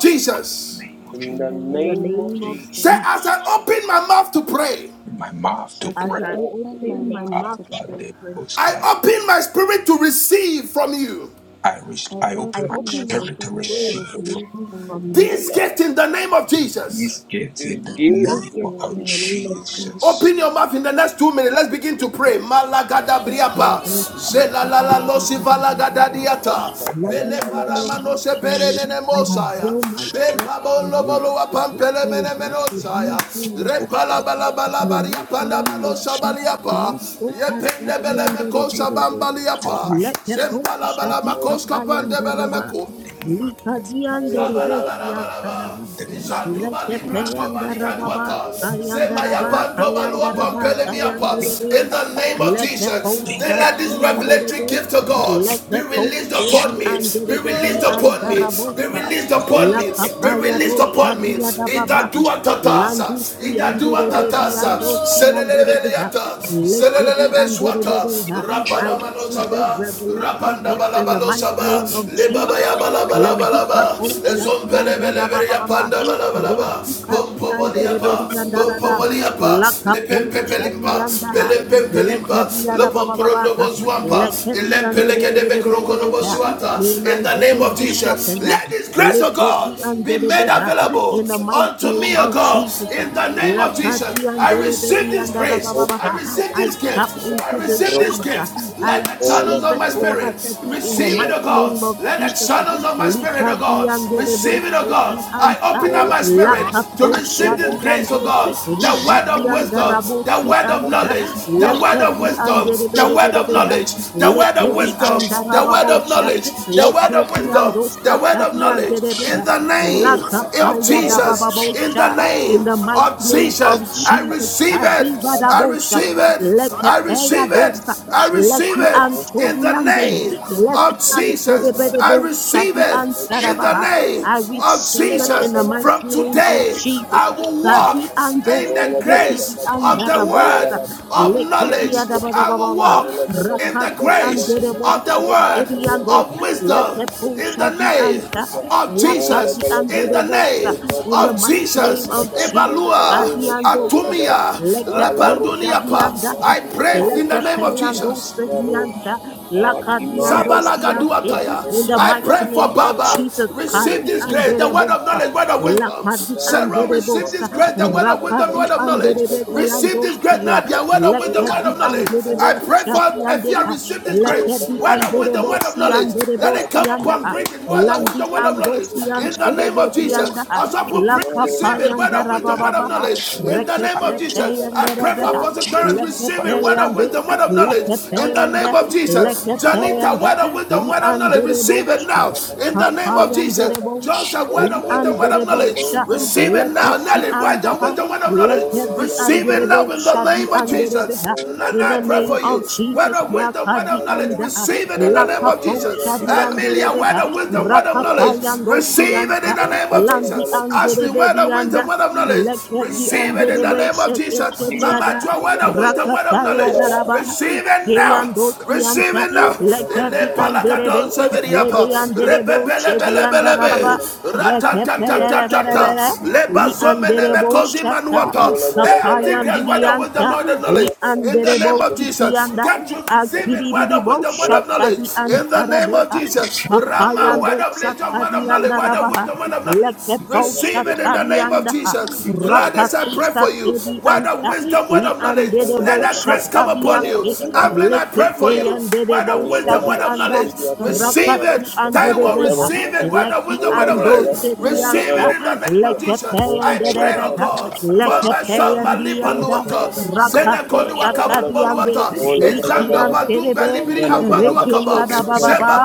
Speaker 9: the
Speaker 1: Jesus.
Speaker 9: name of
Speaker 8: In
Speaker 9: Jesus.
Speaker 7: In
Speaker 8: the
Speaker 7: the
Speaker 10: in the
Speaker 8: name
Speaker 7: name of
Speaker 8: of
Speaker 10: name of
Speaker 1: Say,
Speaker 7: Jesus,
Speaker 1: as
Speaker 8: Jesus.
Speaker 1: I
Speaker 10: Jesus.
Speaker 1: open my mouth to pray,
Speaker 9: My mouth
Speaker 8: As I
Speaker 9: to
Speaker 7: as
Speaker 10: As
Speaker 7: I
Speaker 9: break
Speaker 10: I
Speaker 7: open my
Speaker 8: open
Speaker 10: open
Speaker 8: my
Speaker 10: my
Speaker 7: mouth
Speaker 8: heart
Speaker 10: mouth
Speaker 7: to
Speaker 9: up
Speaker 8: to pray.
Speaker 9: the
Speaker 7: pray,
Speaker 9: most God.
Speaker 1: I open my spirit to receive from you
Speaker 9: I
Speaker 7: I
Speaker 9: rest, I
Speaker 8: His
Speaker 10: I
Speaker 9: open my
Speaker 7: open my
Speaker 10: open my
Speaker 9: spirit to
Speaker 7: spirit to
Speaker 10: spirit
Speaker 9: receive
Speaker 10: to
Speaker 9: from
Speaker 7: receive
Speaker 10: receive
Speaker 7: from you.
Speaker 10: from you
Speaker 1: this gift in the name of Jesus.
Speaker 9: these gifts in the
Speaker 7: Let's do
Speaker 10: those
Speaker 9: name
Speaker 7: this in
Speaker 10: gifts
Speaker 7: the
Speaker 9: of
Speaker 10: in the
Speaker 7: name of
Speaker 10: name of
Speaker 7: Jesus.
Speaker 10: Jesus.
Speaker 9: Jesus.
Speaker 1: Open your mouth in the next two minutes. Let's begin to pray. Malagada
Speaker 10: Father,
Speaker 1: briapa.
Speaker 10: those gifts
Speaker 9: Father,
Speaker 10: of the
Speaker 1: Zelalala no
Speaker 10: other, blah, blah, blah, blah.
Speaker 1: diata.
Speaker 9: I
Speaker 10: Love you,
Speaker 1: Bele
Speaker 9: open
Speaker 10: blah, blah, blah,
Speaker 1: parama
Speaker 9: such
Speaker 1: no
Speaker 10: blah,
Speaker 9: spirit
Speaker 10: shine.
Speaker 1: nene
Speaker 10: I
Speaker 1: mosaya.
Speaker 10: avail
Speaker 1: Ben
Speaker 9: to
Speaker 10: myself to
Speaker 1: pabo no
Speaker 10: you to bless and
Speaker 1: mene
Speaker 10: reverse with
Speaker 1: menosaya.
Speaker 10: you in the
Speaker 9: gifts, oh
Speaker 1: Rempala
Speaker 10: gifts.
Speaker 9: Lord,
Speaker 1: bala
Speaker 10: In the
Speaker 1: baria
Speaker 10: mighty
Speaker 1: panda
Speaker 10: name
Speaker 1: balo
Speaker 10: of
Speaker 9: see I
Speaker 10: Jesus,
Speaker 1: sabaliapa.
Speaker 10: let's go out at
Speaker 1: Yepende
Speaker 9: need
Speaker 10: the
Speaker 1: bele
Speaker 9: to
Speaker 10: end of
Speaker 1: meko
Speaker 9: give
Speaker 10: every day.
Speaker 9: for
Speaker 1: sabambaliapa.
Speaker 9: I
Speaker 10: Let the post
Speaker 1: Zempala bala
Speaker 10: shadi
Speaker 9: need
Speaker 1: makoska pande
Speaker 10: kapayanda
Speaker 1: bele
Speaker 10: raba.
Speaker 1: meko.
Speaker 9: the mind
Speaker 10: Lika
Speaker 9: of
Speaker 10: the end of
Speaker 1: Kabalabalabalaba.
Speaker 10: the
Speaker 9: the nothing
Speaker 1: Ishanduba librandoba
Speaker 10: Lekepeyandarababa,
Speaker 1: likaduata. Zemaya
Speaker 10: kayandaraba,
Speaker 1: pandoba
Speaker 10: kayandaraba,
Speaker 1: luapampele miapa.
Speaker 9: think,
Speaker 10: kayanderebe,
Speaker 1: In the name of Jesus,
Speaker 9: think,
Speaker 1: then let this revelatory
Speaker 10: lekeposhayanderebe,
Speaker 1: gift of
Speaker 9: Lord,
Speaker 1: God be released
Speaker 10: the
Speaker 1: upon
Speaker 9: shoot
Speaker 1: me, be
Speaker 10: Anderebe, the
Speaker 1: released upon me, be
Speaker 10: andarabosa,
Speaker 1: released upon me,
Speaker 9: at
Speaker 1: be released upon me.
Speaker 10: lakapayadoshabiyadababa,
Speaker 1: Ida dua tatasa, ida dua
Speaker 10: landusiyanderebebi,
Speaker 1: tatasa,
Speaker 10: andosiyanderebeha,
Speaker 1: selelelebeleata, selelelebeswata,
Speaker 10: lekebiyanderebebeha. I
Speaker 1: rapanamano
Speaker 10: see this
Speaker 1: saba,
Speaker 10: revelatory
Speaker 1: rapanda
Speaker 10: gift in the
Speaker 1: balabalo
Speaker 10: mighty
Speaker 1: saba,
Speaker 10: name of Jesus.
Speaker 1: lebaba
Speaker 10: Lendika posha di andara baba baba. Rezuka di andere beri andara da. Laka posha di andara. Leke di ada baba baba. Leke di andere bere bere bere bere. May
Speaker 1: in
Speaker 10: my
Speaker 1: the name
Speaker 10: visions
Speaker 1: of
Speaker 10: be
Speaker 1: Jesus.
Speaker 10: sharpened.
Speaker 1: Let this grace of
Speaker 10: Leke
Speaker 1: God
Speaker 10: di
Speaker 1: be
Speaker 10: andere
Speaker 1: made
Speaker 10: bere.
Speaker 1: available
Speaker 10: In the mighty
Speaker 1: unto
Speaker 10: name
Speaker 1: me, O
Speaker 10: of
Speaker 1: God,
Speaker 10: Jesus.
Speaker 1: in the name of
Speaker 10: Laka
Speaker 1: Jesus.
Speaker 10: di
Speaker 1: I
Speaker 10: andere
Speaker 1: receive
Speaker 10: beri
Speaker 1: this
Speaker 10: andara
Speaker 1: grace,
Speaker 10: baba
Speaker 1: I
Speaker 10: baba.
Speaker 1: receive
Speaker 10: I
Speaker 1: this
Speaker 10: tap
Speaker 1: gift. I
Speaker 10: into this
Speaker 1: receive this
Speaker 10: grace.
Speaker 1: gift.
Speaker 10: I
Speaker 1: Let the
Speaker 8: gift,
Speaker 1: channels
Speaker 10: receive
Speaker 1: of
Speaker 10: it
Speaker 1: my
Speaker 10: for
Speaker 1: spirit
Speaker 10: her in the
Speaker 1: receive it, O
Speaker 10: mighty
Speaker 1: God.
Speaker 10: name of
Speaker 1: Let the
Speaker 10: Jesus.
Speaker 8: Lord.
Speaker 1: channels of my spirit,
Speaker 10: Lika
Speaker 1: O God,
Speaker 10: diande de
Speaker 1: receive it, O
Speaker 10: boche
Speaker 1: God.
Speaker 10: di
Speaker 1: I
Speaker 10: anta.
Speaker 8: Thank
Speaker 1: open up my spirit
Speaker 10: Laka
Speaker 1: to
Speaker 10: posha
Speaker 1: receive this grace, O
Speaker 10: diande.
Speaker 1: God. The
Speaker 10: Lika
Speaker 1: word of
Speaker 10: dianda
Speaker 1: wisdom, the
Speaker 10: rabosi
Speaker 1: word of
Speaker 10: anta.
Speaker 1: knowledge, the word
Speaker 10: Leke
Speaker 1: of wisdom,
Speaker 10: diande de be
Speaker 1: the
Speaker 10: de be
Speaker 1: word
Speaker 10: de
Speaker 1: of
Speaker 10: be ha.
Speaker 1: knowledge, the word
Speaker 10: Leke
Speaker 1: of wisdom,
Speaker 10: dianda
Speaker 1: the word of
Speaker 10: rababosha.
Speaker 1: knowledge, the word
Speaker 10: Leke
Speaker 1: of wisdom, of
Speaker 10: diandosta
Speaker 1: the word of knowledge
Speaker 10: diande de be
Speaker 1: in
Speaker 10: ha.
Speaker 1: the name
Speaker 10: Laka
Speaker 1: of
Speaker 10: paya da
Speaker 1: Jesus.
Speaker 8: you.
Speaker 1: In the
Speaker 10: bababosha.
Speaker 1: name
Speaker 10: In the mighty
Speaker 1: of
Speaker 10: name
Speaker 1: Jesus,
Speaker 10: of
Speaker 1: I
Speaker 10: Jesus.
Speaker 1: receive it.
Speaker 10: Kadiva da
Speaker 1: I
Speaker 10: bosha.
Speaker 1: receive it.
Speaker 10: Leke
Speaker 1: I
Speaker 10: peya
Speaker 1: receive it.
Speaker 10: dosa.
Speaker 1: I receive
Speaker 10: Leki
Speaker 1: it in the name
Speaker 10: antodiande.
Speaker 1: of Jesus. I receive it in the
Speaker 10: Antedebedeboshagiantarabaha.
Speaker 1: name
Speaker 10: I
Speaker 1: of
Speaker 10: receive it
Speaker 8: Bala
Speaker 10: in the
Speaker 1: Jesus.
Speaker 10: mighty
Speaker 1: From
Speaker 10: name of
Speaker 1: today,
Speaker 10: Jesus.
Speaker 1: I will walk
Speaker 10: Kadi ando
Speaker 1: in the
Speaker 10: seketedi
Speaker 1: grace of the
Speaker 10: andarabosa.
Speaker 1: word of
Speaker 10: Lekedi
Speaker 1: knowledge. I will
Speaker 10: adababababa.
Speaker 1: walk in the
Speaker 10: Rakati
Speaker 1: grace
Speaker 10: anderebo
Speaker 1: of the word
Speaker 10: shekedi ande.
Speaker 1: of wisdom
Speaker 10: Lekebo
Speaker 1: in the
Speaker 10: shadi
Speaker 1: name
Speaker 10: anta.
Speaker 1: of Jesus.
Speaker 10: Lakadi
Speaker 1: In the
Speaker 10: anderebosa.
Speaker 1: name
Speaker 10: In the
Speaker 1: of
Speaker 10: mighty name
Speaker 1: Jesus.
Speaker 10: of Jesus.
Speaker 1: Ebalua
Speaker 10: Kadi andosa.
Speaker 1: Atumia
Speaker 10: Lekebo shadi
Speaker 1: Labanduniapa.
Speaker 10: andaha.
Speaker 1: I pray in the name
Speaker 10: Lekepe
Speaker 1: of Jesus.
Speaker 10: andosa di anta.
Speaker 8: uh, dimare la
Speaker 10: Lakadiandosiante,
Speaker 8: smartla
Speaker 1: Zabalagaduataya.
Speaker 10: in the
Speaker 8: prende
Speaker 1: I
Speaker 10: mighty
Speaker 1: pray for
Speaker 8: prakis
Speaker 10: name of
Speaker 1: Baba.
Speaker 8: promon
Speaker 10: Jesus.
Speaker 8: de
Speaker 1: Receive
Speaker 10: Lakadi
Speaker 8: prevede
Speaker 1: this grace,
Speaker 8: scola
Speaker 1: the word of
Speaker 8: data.
Speaker 10: anderebosta.
Speaker 1: knowledge, word of
Speaker 8: Ya
Speaker 1: wisdom.
Speaker 10: Lakadi
Speaker 8: dimare
Speaker 1: Sarah,
Speaker 8: la
Speaker 1: receive
Speaker 10: anderebosta.
Speaker 1: this
Speaker 8: smartla
Speaker 1: grace, the
Speaker 8: de
Speaker 1: word of
Speaker 8: prende
Speaker 1: wisdom,
Speaker 10: Rakadu
Speaker 1: word of
Speaker 8: stimon
Speaker 1: knowledge.
Speaker 8: de global
Speaker 1: Receive this grace,
Speaker 8: stimon
Speaker 10: Kadianderebosa,
Speaker 8: de
Speaker 1: Nadia, word of wisdom, word of
Speaker 8: corona
Speaker 1: knowledge.
Speaker 8: stimon
Speaker 1: I
Speaker 8: de
Speaker 1: pray
Speaker 10: Lakadianderebosa,
Speaker 8: la
Speaker 1: for if you
Speaker 8: platina
Speaker 10: Rakaduanderebediandosia,
Speaker 1: receive this
Speaker 8: smagle de
Speaker 1: grace, word of wisdom,
Speaker 8: stamane.
Speaker 1: word of knowledge. Let
Speaker 8: Dicada
Speaker 1: it
Speaker 8: da
Speaker 1: come upon
Speaker 10: Lekadiandereboshadiandeha,
Speaker 1: Bridget,
Speaker 10: Lekadianderebosianderebosiandaha,
Speaker 1: word
Speaker 8: la
Speaker 1: of wisdom, word of
Speaker 8: stamane
Speaker 1: knowledge.
Speaker 8: de qui
Speaker 1: In the name of Jesus.
Speaker 10: Landiandosianterebediandaha,
Speaker 1: Also for
Speaker 8: Thank
Speaker 1: Bridget, receive it, word of wisdom, word of
Speaker 10: Lakapayandarababa,
Speaker 1: knowledge. In the name of Jesus. I pray
Speaker 10: Reketepeyanderebe,
Speaker 1: for Apostle Clarence, receive it, word of
Speaker 10: lekepeyande,
Speaker 1: wisdom, word of knowledge in the
Speaker 10: lekepeyande,
Speaker 1: name of Jesus. Janita,
Speaker 10: lekepeyande,
Speaker 1: word of wisdom, word of knowledge, receive it
Speaker 10: lianderebosha,
Speaker 1: now in the name of Jesus.
Speaker 10: kapayanderebosha,
Speaker 1: Joseph, word of wisdom, word of knowledge,
Speaker 10: lianderebosha,
Speaker 1: receive it now. Nelly, word of
Speaker 10: leketiandaha,
Speaker 1: wisdom, word of knowledge, receive it now in
Speaker 10: lekevianderebosha,
Speaker 1: the name of Jesus.
Speaker 10: vianderebeha.
Speaker 1: Lord,
Speaker 10: In
Speaker 1: I
Speaker 10: the
Speaker 1: pray
Speaker 10: name
Speaker 1: for you.
Speaker 10: of
Speaker 1: Word
Speaker 10: Jesus,
Speaker 1: of wisdom, word of knowledge,
Speaker 8: you.
Speaker 10: lakadiandaha,
Speaker 1: receive it in the
Speaker 8: Ola
Speaker 1: name of
Speaker 8: bala bala
Speaker 10: lakaposha,
Speaker 1: Jesus.
Speaker 8: bala.
Speaker 1: Amelia, word
Speaker 10: vianderebeha,
Speaker 1: of
Speaker 8: Jesus,
Speaker 1: wisdom,
Speaker 8: Ola
Speaker 1: word of
Speaker 8: balaba,
Speaker 1: knowledge,
Speaker 8: Sibia,
Speaker 1: receive it
Speaker 10: rakapayandosianta,
Speaker 1: in the name
Speaker 8: Ola
Speaker 1: of
Speaker 8: balaba,
Speaker 1: Jesus. Ashley, word of
Speaker 8: Jesus,
Speaker 1: wisdom,
Speaker 10: landianderebebianda,
Speaker 1: word of knowledge,
Speaker 8: Jesus, Jesus,
Speaker 10: Lekedi
Speaker 1: receive it in
Speaker 10: andere
Speaker 1: the
Speaker 10: be
Speaker 8: Jesus,
Speaker 1: name of Jesus. Jesus.
Speaker 10: şekeri
Speaker 1: Mama,
Speaker 8: Jesus,
Speaker 1: draw
Speaker 8: Ola
Speaker 1: word of wisdom,
Speaker 8: balaba,
Speaker 1: word of
Speaker 10: Rakapaya
Speaker 1: knowledge.
Speaker 8: Ola
Speaker 10: daraba.
Speaker 8: balaba,
Speaker 1: Receive it now. Receive
Speaker 10: Yeyandosianta.
Speaker 1: it now.
Speaker 8: Ola
Speaker 1: Ele
Speaker 10: Lekabi
Speaker 8: balaba,
Speaker 10: anderebe.
Speaker 1: palakadon
Speaker 8: Sibia, Baba,
Speaker 10: Lede
Speaker 1: severiapa.
Speaker 8: Baba, Shababa,
Speaker 10: anderebo. Shedi
Speaker 8: Ola
Speaker 10: andaraba.
Speaker 1: Rebebelebelebelebe.
Speaker 8: balaba, Sibia,
Speaker 10: Rekepaya
Speaker 8: Baba,
Speaker 1: Ratatatatata.
Speaker 8: Shababa,
Speaker 10: rabarabara.
Speaker 1: Leba
Speaker 10: Li
Speaker 1: zomene
Speaker 8: Shababa,
Speaker 10: anderebo
Speaker 1: mekozi
Speaker 10: shata.
Speaker 1: manuata.
Speaker 8: Ola balaba,
Speaker 1: Eh, I
Speaker 10: Kapaya
Speaker 1: think
Speaker 8: Baba,
Speaker 1: there's word of
Speaker 8: Shababa,
Speaker 1: wisdom,
Speaker 10: andirianta.
Speaker 1: word of
Speaker 8: Ola
Speaker 10: Li
Speaker 1: knowledge.
Speaker 8: balaba,
Speaker 1: In
Speaker 8: Shababa,
Speaker 1: the name
Speaker 10: anderebo
Speaker 1: of Jesus,
Speaker 10: sikianda.
Speaker 8: Shababa,
Speaker 1: get you receiving word of
Speaker 10: Akiriribo
Speaker 1: wisdom, word
Speaker 8: Ola
Speaker 1: of
Speaker 10: shata
Speaker 1: knowledge.
Speaker 10: di
Speaker 1: In the name of
Speaker 8: balaba,
Speaker 10: antarabeha.
Speaker 1: Jesus, Rama,
Speaker 10: Kapaya
Speaker 8: Ola
Speaker 1: word of
Speaker 8: balaba,
Speaker 1: wisdom,
Speaker 10: andosata
Speaker 1: word
Speaker 10: di
Speaker 1: of knowledge, word of
Speaker 10: andarabaha.
Speaker 1: wisdom, word of knowledge.
Speaker 8: Ola
Speaker 10: Lekepo
Speaker 1: Receive it in
Speaker 10: shata
Speaker 1: the
Speaker 10: di
Speaker 1: name of
Speaker 10: anda
Speaker 1: Jesus. Gladys, I pray
Speaker 10: Rakatusha
Speaker 1: for you.
Speaker 10: tebi
Speaker 1: Word of
Speaker 10: anta
Speaker 1: wisdom, word
Speaker 10: li
Speaker 1: of knowledge.
Speaker 10: ande de
Speaker 1: Let
Speaker 10: bo
Speaker 1: that grace come
Speaker 10: shatabi
Speaker 1: upon you.
Speaker 10: ake
Speaker 1: Evelyn, I pray
Speaker 10: lekepe
Speaker 1: for you.
Speaker 10: ande de
Speaker 1: Word
Speaker 10: bo
Speaker 1: of wisdom,
Speaker 10: shabi
Speaker 1: word of
Speaker 10: anda
Speaker 1: knowledge. Receive
Speaker 10: rakatu
Speaker 1: it. They
Speaker 10: ande de
Speaker 1: will
Speaker 10: beha
Speaker 1: receive it. Word of
Speaker 10: leki
Speaker 1: wisdom, word of Spirit of
Speaker 10: ando
Speaker 1: Lord.
Speaker 10: tebi
Speaker 1: Receive
Speaker 10: anta
Speaker 1: it in the name of
Speaker 10: lekepe
Speaker 1: Jesus. I
Speaker 10: ande de
Speaker 1: pray, oh
Speaker 10: beha
Speaker 1: God, for
Speaker 10: lekepe
Speaker 1: myself,
Speaker 10: andi
Speaker 1: Malipa
Speaker 10: anda
Speaker 1: Luata,
Speaker 10: rakatusha
Speaker 1: Zenekoduaka
Speaker 10: tebi ande
Speaker 1: Bambaluata,
Speaker 10: liki
Speaker 1: Ezanda
Speaker 10: ante de be
Speaker 1: Badumba Libri
Speaker 10: reke
Speaker 1: Ambaluakaba,
Speaker 10: yada baba ba
Speaker 1: Zeba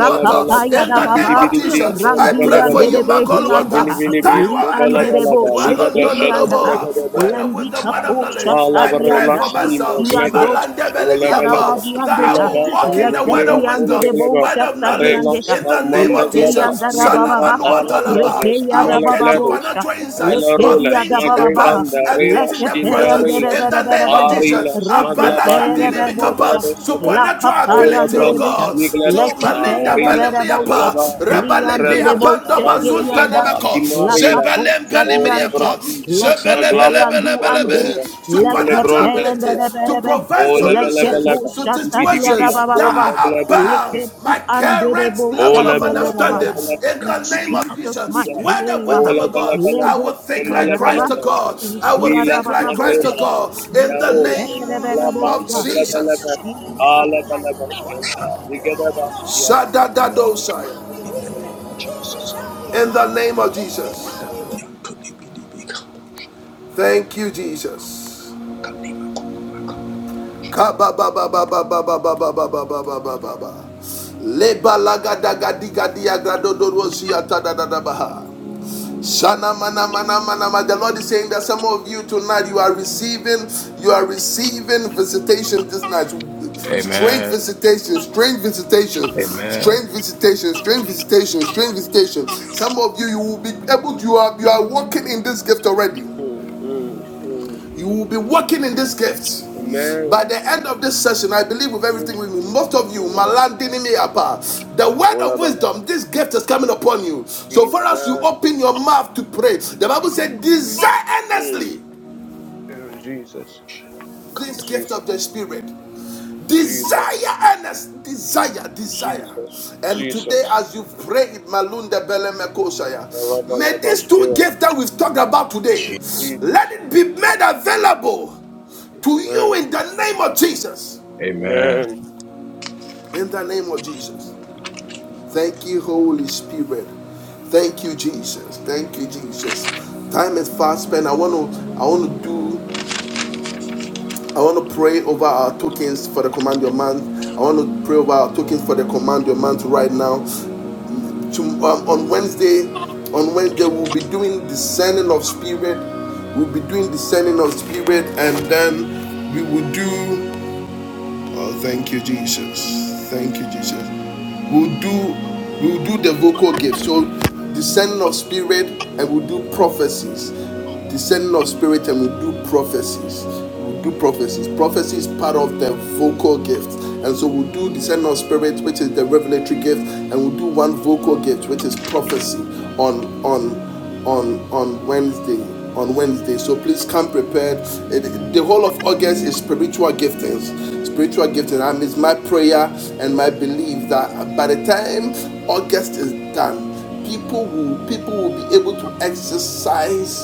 Speaker 8: bala bala bala,
Speaker 1: In
Speaker 10: yada
Speaker 1: the
Speaker 8: bidi
Speaker 10: baba
Speaker 1: name of
Speaker 8: bidi bidi,
Speaker 1: Jesus,
Speaker 8: atola
Speaker 1: I
Speaker 10: randi
Speaker 8: bala
Speaker 1: pray for
Speaker 8: bala
Speaker 10: ande
Speaker 1: you,
Speaker 10: de
Speaker 8: bala.
Speaker 10: behi
Speaker 8: Ya
Speaker 1: Magoluata.
Speaker 8: bili
Speaker 10: anda
Speaker 8: bili bis
Speaker 10: Li
Speaker 8: ko
Speaker 1: Taiwan, I
Speaker 8: bala
Speaker 1: pray.
Speaker 8: bala
Speaker 10: anderebo
Speaker 8: ba liga da shada
Speaker 10: shekedianda.
Speaker 8: bala gada
Speaker 1: Walondololoboa,
Speaker 8: ba.
Speaker 1: Word of
Speaker 10: Landi
Speaker 1: wisdom, word of
Speaker 10: kapo
Speaker 1: knowledge.
Speaker 8: Ala
Speaker 1: I pray
Speaker 8: barola
Speaker 1: for
Speaker 10: shatadianda.
Speaker 8: shimo
Speaker 1: myself.
Speaker 8: glebush,
Speaker 1: Malande
Speaker 8: ola balaba
Speaker 1: belemiapa, That I
Speaker 10: Sarabadiandeta,
Speaker 8: shkibila
Speaker 1: will
Speaker 8: bata,
Speaker 1: walk in the word
Speaker 8: ligiliba
Speaker 1: of
Speaker 10: Lekediande
Speaker 8: ton de
Speaker 1: wisdom
Speaker 10: de
Speaker 8: gleba,
Speaker 1: word
Speaker 10: Bosha
Speaker 1: of knowledge
Speaker 10: Sadiandeta,
Speaker 8: relos
Speaker 1: in the name
Speaker 8: kavman de
Speaker 1: of
Speaker 8: gleba,
Speaker 1: Jesus.
Speaker 10: Lekeyanda
Speaker 8: smigiliba
Speaker 10: Rababaha,
Speaker 1: Shalamaluwa
Speaker 8: tala
Speaker 1: talaba.
Speaker 8: blonde,
Speaker 10: Rekeya
Speaker 1: I will
Speaker 8: skimala
Speaker 1: get
Speaker 8: gledus,
Speaker 10: Rabababosha,
Speaker 1: supernatural insights of
Speaker 8: Galarulas,
Speaker 10: Lekedia
Speaker 1: things in the
Speaker 10: Dababaha,
Speaker 1: past
Speaker 8: Maglebanda,
Speaker 1: and things
Speaker 8: Relas,
Speaker 1: in the present
Speaker 10: Lekepeyande
Speaker 8: Indarelas,
Speaker 1: in the name of
Speaker 10: Rebereberebeha,
Speaker 1: Jesus.
Speaker 8: Arilas,
Speaker 1: Abalagadini
Speaker 8: Maglabadila,
Speaker 10: Rekepeyerebosha,
Speaker 1: mikapa.
Speaker 8: Magladosada,
Speaker 1: Supernatural
Speaker 8: Ola
Speaker 1: ability,
Speaker 10: Lakapayande
Speaker 1: oh
Speaker 10: Rebeha,
Speaker 8: Brandis,
Speaker 1: God, to
Speaker 8: Migladas,
Speaker 1: Malinda
Speaker 8: Arilas,
Speaker 10: Lekepeyerebosha,
Speaker 1: pelimiapa.
Speaker 8: Magleba,
Speaker 1: Rebalibri
Speaker 10: Liande de
Speaker 8: Relos,
Speaker 1: Abando
Speaker 10: Bosha
Speaker 8: Banda
Speaker 1: Bazunta
Speaker 8: Gleba,
Speaker 10: Keyanda.
Speaker 1: Nemeko,
Speaker 10: La
Speaker 8: Dimarilas,
Speaker 1: Zebalem
Speaker 10: caposa
Speaker 1: pelimi.
Speaker 8: Ola
Speaker 10: dianta,
Speaker 1: Bidiyapa,
Speaker 10: la
Speaker 8: Bradisas,
Speaker 10: que peyandu
Speaker 8: Maglabadula
Speaker 10: ande,
Speaker 8: Brondas,
Speaker 10: la
Speaker 8: Imele
Speaker 1: Supernatural
Speaker 8: Brondas
Speaker 1: ability
Speaker 8: Piata,
Speaker 1: to
Speaker 10: que
Speaker 1: provide
Speaker 8: Ola Bella
Speaker 1: solutions
Speaker 10: Lekepo
Speaker 8: Bella,
Speaker 1: to
Speaker 10: shatadia da
Speaker 8: Ibidibidia,
Speaker 1: situations
Speaker 10: ba ba ba
Speaker 1: that
Speaker 10: ba.
Speaker 8: Ola
Speaker 1: are
Speaker 8: Bella,
Speaker 1: above my
Speaker 10: Lekepu
Speaker 1: current
Speaker 10: anderebo
Speaker 1: level
Speaker 8: Ola
Speaker 1: of
Speaker 10: shadia da
Speaker 8: Bella
Speaker 1: understanding.
Speaker 10: da ba.
Speaker 8: Bella Bella,
Speaker 1: In
Speaker 10: In
Speaker 1: the name of
Speaker 10: Jesus'
Speaker 1: Jesus,
Speaker 10: mighty
Speaker 8: Ibidibidia,
Speaker 1: where the
Speaker 10: name. ah.
Speaker 1: wisdom
Speaker 8: Ola
Speaker 1: of
Speaker 8: Bella
Speaker 1: God,
Speaker 8: Bella,
Speaker 1: I
Speaker 10: Lendo
Speaker 1: will think like
Speaker 8: Imele
Speaker 1: Christ
Speaker 10: tiandaraba.
Speaker 8: Bella
Speaker 1: to
Speaker 8: Bella,
Speaker 1: God. I will
Speaker 10: Ikiada
Speaker 8: Rila
Speaker 1: think like Christ to
Speaker 10: barabosha.
Speaker 8: Smagleva,
Speaker 1: God. In the
Speaker 8: Carola
Speaker 1: name of
Speaker 8: Smaglaban,
Speaker 10: Lekeperebebosha.
Speaker 8: Bella Bella
Speaker 1: Jesus,
Speaker 8: Bella,
Speaker 10: Jesus'
Speaker 8: Ala
Speaker 10: mighty
Speaker 8: Bella Bashkenta, Ligada Bashkiapo.
Speaker 1: Shadadadosai.
Speaker 9: In the name of Jesus,
Speaker 1: In the name of Jesus, thank you, Jesus. Kabababababababababababababa. The Lord is saying that some of you tonight you are receiving, you are receiving visitation this night. Strange
Speaker 9: Amen.
Speaker 1: visitation, strange visitation,
Speaker 9: Amen.
Speaker 1: strange visitation, strange visitation, strange visitation. Some of you you will be able, you are you are walking in this gift already.
Speaker 8: Mm, mm, mm,
Speaker 1: You will
Speaker 8: mm.
Speaker 1: be working in this gift. By
Speaker 8: Amen.
Speaker 1: the end of this session, I believe with everything with
Speaker 8: Mm,
Speaker 1: me, most of you,
Speaker 8: mm.
Speaker 1: Malandini Meapa, the word
Speaker 8: Ola
Speaker 1: of
Speaker 8: Bella
Speaker 1: wisdom, this gift is coming upon you. So
Speaker 8: Jesus,
Speaker 1: far as you open your mouth to pray, the Bible said, desire
Speaker 8: Mm.
Speaker 1: earnestly
Speaker 8: Mm, Jesus,
Speaker 1: this gift of
Speaker 8: Jesus,
Speaker 1: the spirit
Speaker 8: Jesus,
Speaker 1: desire earnest desire desire
Speaker 8: Jesus,
Speaker 1: and today
Speaker 8: Jesus.
Speaker 1: as you pray malunda belemekosaya
Speaker 8: Alaba,
Speaker 1: may
Speaker 8: alaba,
Speaker 1: these two
Speaker 8: shira.
Speaker 1: gifts that we've talked about today
Speaker 9: Jesus.
Speaker 8: Jesus.
Speaker 1: let it be made available to you
Speaker 8: Amen.
Speaker 1: in the name of jesus
Speaker 9: Amen.
Speaker 8: Amen.
Speaker 1: in the name of jesus thank you holy spirit thank you jesus thank you jesus time is fast spent i want to i want to do I want to pray over our tokens for the command your month. I want to pray over our tokens for the command your month right now. To, um, on Wednesday, on Wednesday we'll be doing descending of spirit. We'll be doing descending of spirit, and then we will do. Oh, thank you, Jesus. Thank you, Jesus. We'll do we'll do the vocal gifts. So descending of spirit and we'll do prophecies. Descending of spirit and we'll do prophecies. We'll do prophecies. Prophecy is part of the vocal gift. And so we'll do descending of spirit, which is the revelatory gift, and we'll do one vocal gift, which is prophecy on on on on Wednesday. On Wednesday, so please come prepared. Eh, The the whole of August is spiritual giftings. Spiritual giftings. I mean, it's my prayer and my belief that by the time August is done, people will people will be able to exercise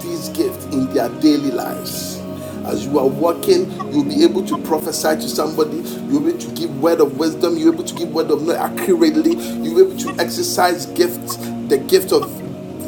Speaker 1: this gift in their daily lives. As you are walking, you'll be able to prophesy to somebody. You'll be able to give word of wisdom. You'll be able to give word of knowledge accurately. You'll be able to exercise gifts, the gift of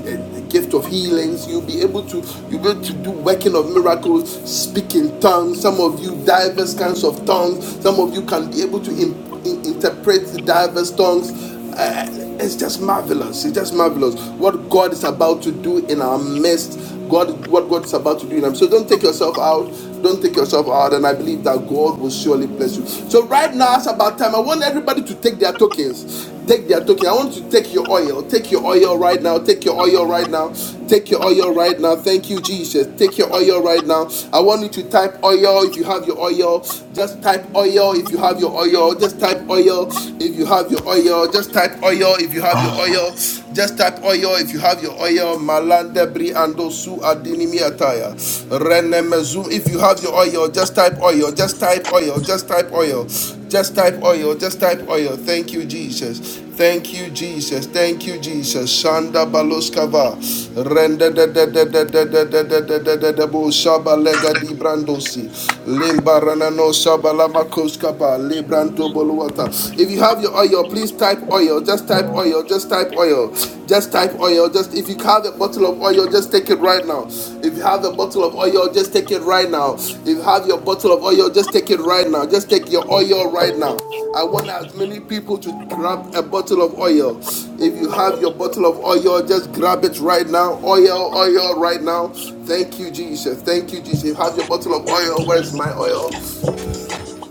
Speaker 1: eh, the gift of healings. You'll be able to you'll be able to do working of miracles, speak in tongues. Some of you diverse kinds of tongues. Some of you can be able to im- interprets diverse tongues. Uh, it's just marvelous. It's just marvelous what God is about to do in our midst. God, what God is about to do in our midst. So don't take yourself out. Don't take yourself out. And I believe that God will surely bless you. So right now it's about time. I want everybody to take their tokens. Take their token. I want you to take your oil. Take your oil right now. Take your oil right now. Take your oil right now. Thank you, Jesus. Take your oil right now. I want you to type oil if you have your oil. Just type oil if you have your oil. Just type oil if you have your oil. Just type oil if you have your
Speaker 9: Oh,
Speaker 1: oil. Just type oil if you have your oil. Malande bri ando su adinimi ataya. renemezu if you have your oil, just type oil, just type oil, just type oil, just type oil, just type oil. Thank you, Jesus. Thank you, Jesus. Thank you, Jesus. Shanda baloskava, renda da da da da da da da da da da da da bo shaba lega di brandosi, limba ranano shaba lama koskaba, libranto boluata. If you have your oil, please type oil. Just type oil. Just type type oil. Just type oil. Just if you have a bottle of oil, just take it right now. If you have a bottle of oil, just take it right now. If you have your bottle of oil, just take it right now. Just take your oil right now. I want as many people to grab a bottle of oil. If you have your bottle of oil, just grab it right now. Oil, oil right now. Thank you, Jesus. Thank you, Jesus. If you have your bottle of oil, where is my oil?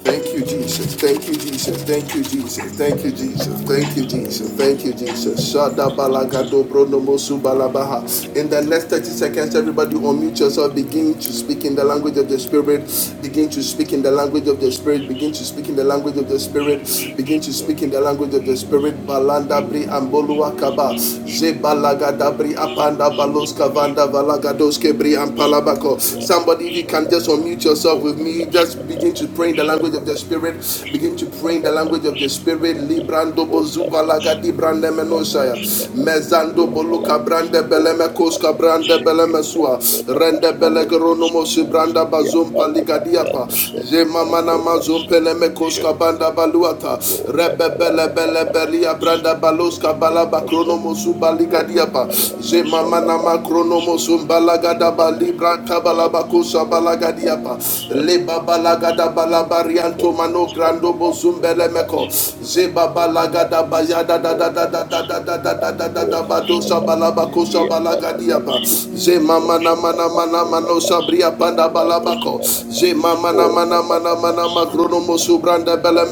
Speaker 1: Thank you, Jesus. Thank you, Jesus. Thank you, Jesus. Thank you, Jesus. Thank you, Jesus. Thank you, Jesus. Shada balagado bronomosu balabaha. In the next 30 seconds, everybody unmute yourself. Begin to speak in the language of the Spirit. Begin to speak in the language of the Spirit. Begin to speak in the language of the Spirit.
Speaker 8: Jesus.
Speaker 1: Begin to
Speaker 8: Thank
Speaker 1: speak in
Speaker 8: you,
Speaker 1: the
Speaker 8: Lord.
Speaker 1: language of the
Speaker 8: Thank
Speaker 1: Spirit. Balanda bri amboluakaba.
Speaker 8: Lord.
Speaker 1: Zebalagada bri apa. Panda
Speaker 8: Jesus.
Speaker 1: Baloska Vanda Valagadoske Brian
Speaker 8: Give me
Speaker 1: Palabako.
Speaker 8: the light. of
Speaker 1: Somebody, if you can
Speaker 8: Shabbat.
Speaker 1: just unmute yourself
Speaker 8: Oh,
Speaker 1: with me,
Speaker 8: alaba,
Speaker 1: just begin to pray
Speaker 8: shabbat.
Speaker 1: in the language of
Speaker 8: Shabbat.
Speaker 1: the Spirit.
Speaker 8: Thank
Speaker 1: Begin to pray in the language of the Spirit. Librando Bozubalaga di Brande Menosaya. Mezando Boluka Brande Belemekoska Brande Belemesua. Rende Belegronomo Branda Bazumpa Ligadiapa. Jemamana Mazum Pelemeko baloska banda baluata rebebele bele belia branda baloska balaba kronomosu baligadiapa zemamana makronomosu balagadaba libra kabalaba kosa balagadiapa leba
Speaker 8: you.
Speaker 1: balagada balaba
Speaker 8: Shut
Speaker 1: rianto mano grando
Speaker 8: up, that
Speaker 1: bozumbele meko
Speaker 8: shit, yeah,
Speaker 1: zeba
Speaker 8: go
Speaker 1: balagada bayada da da da da da da da da da da da da badosa balaba kosa balagadiapa Ze mama na mana mana mano sabria panda balabako. Ze mama na mana mana mana makrono mosu branda bela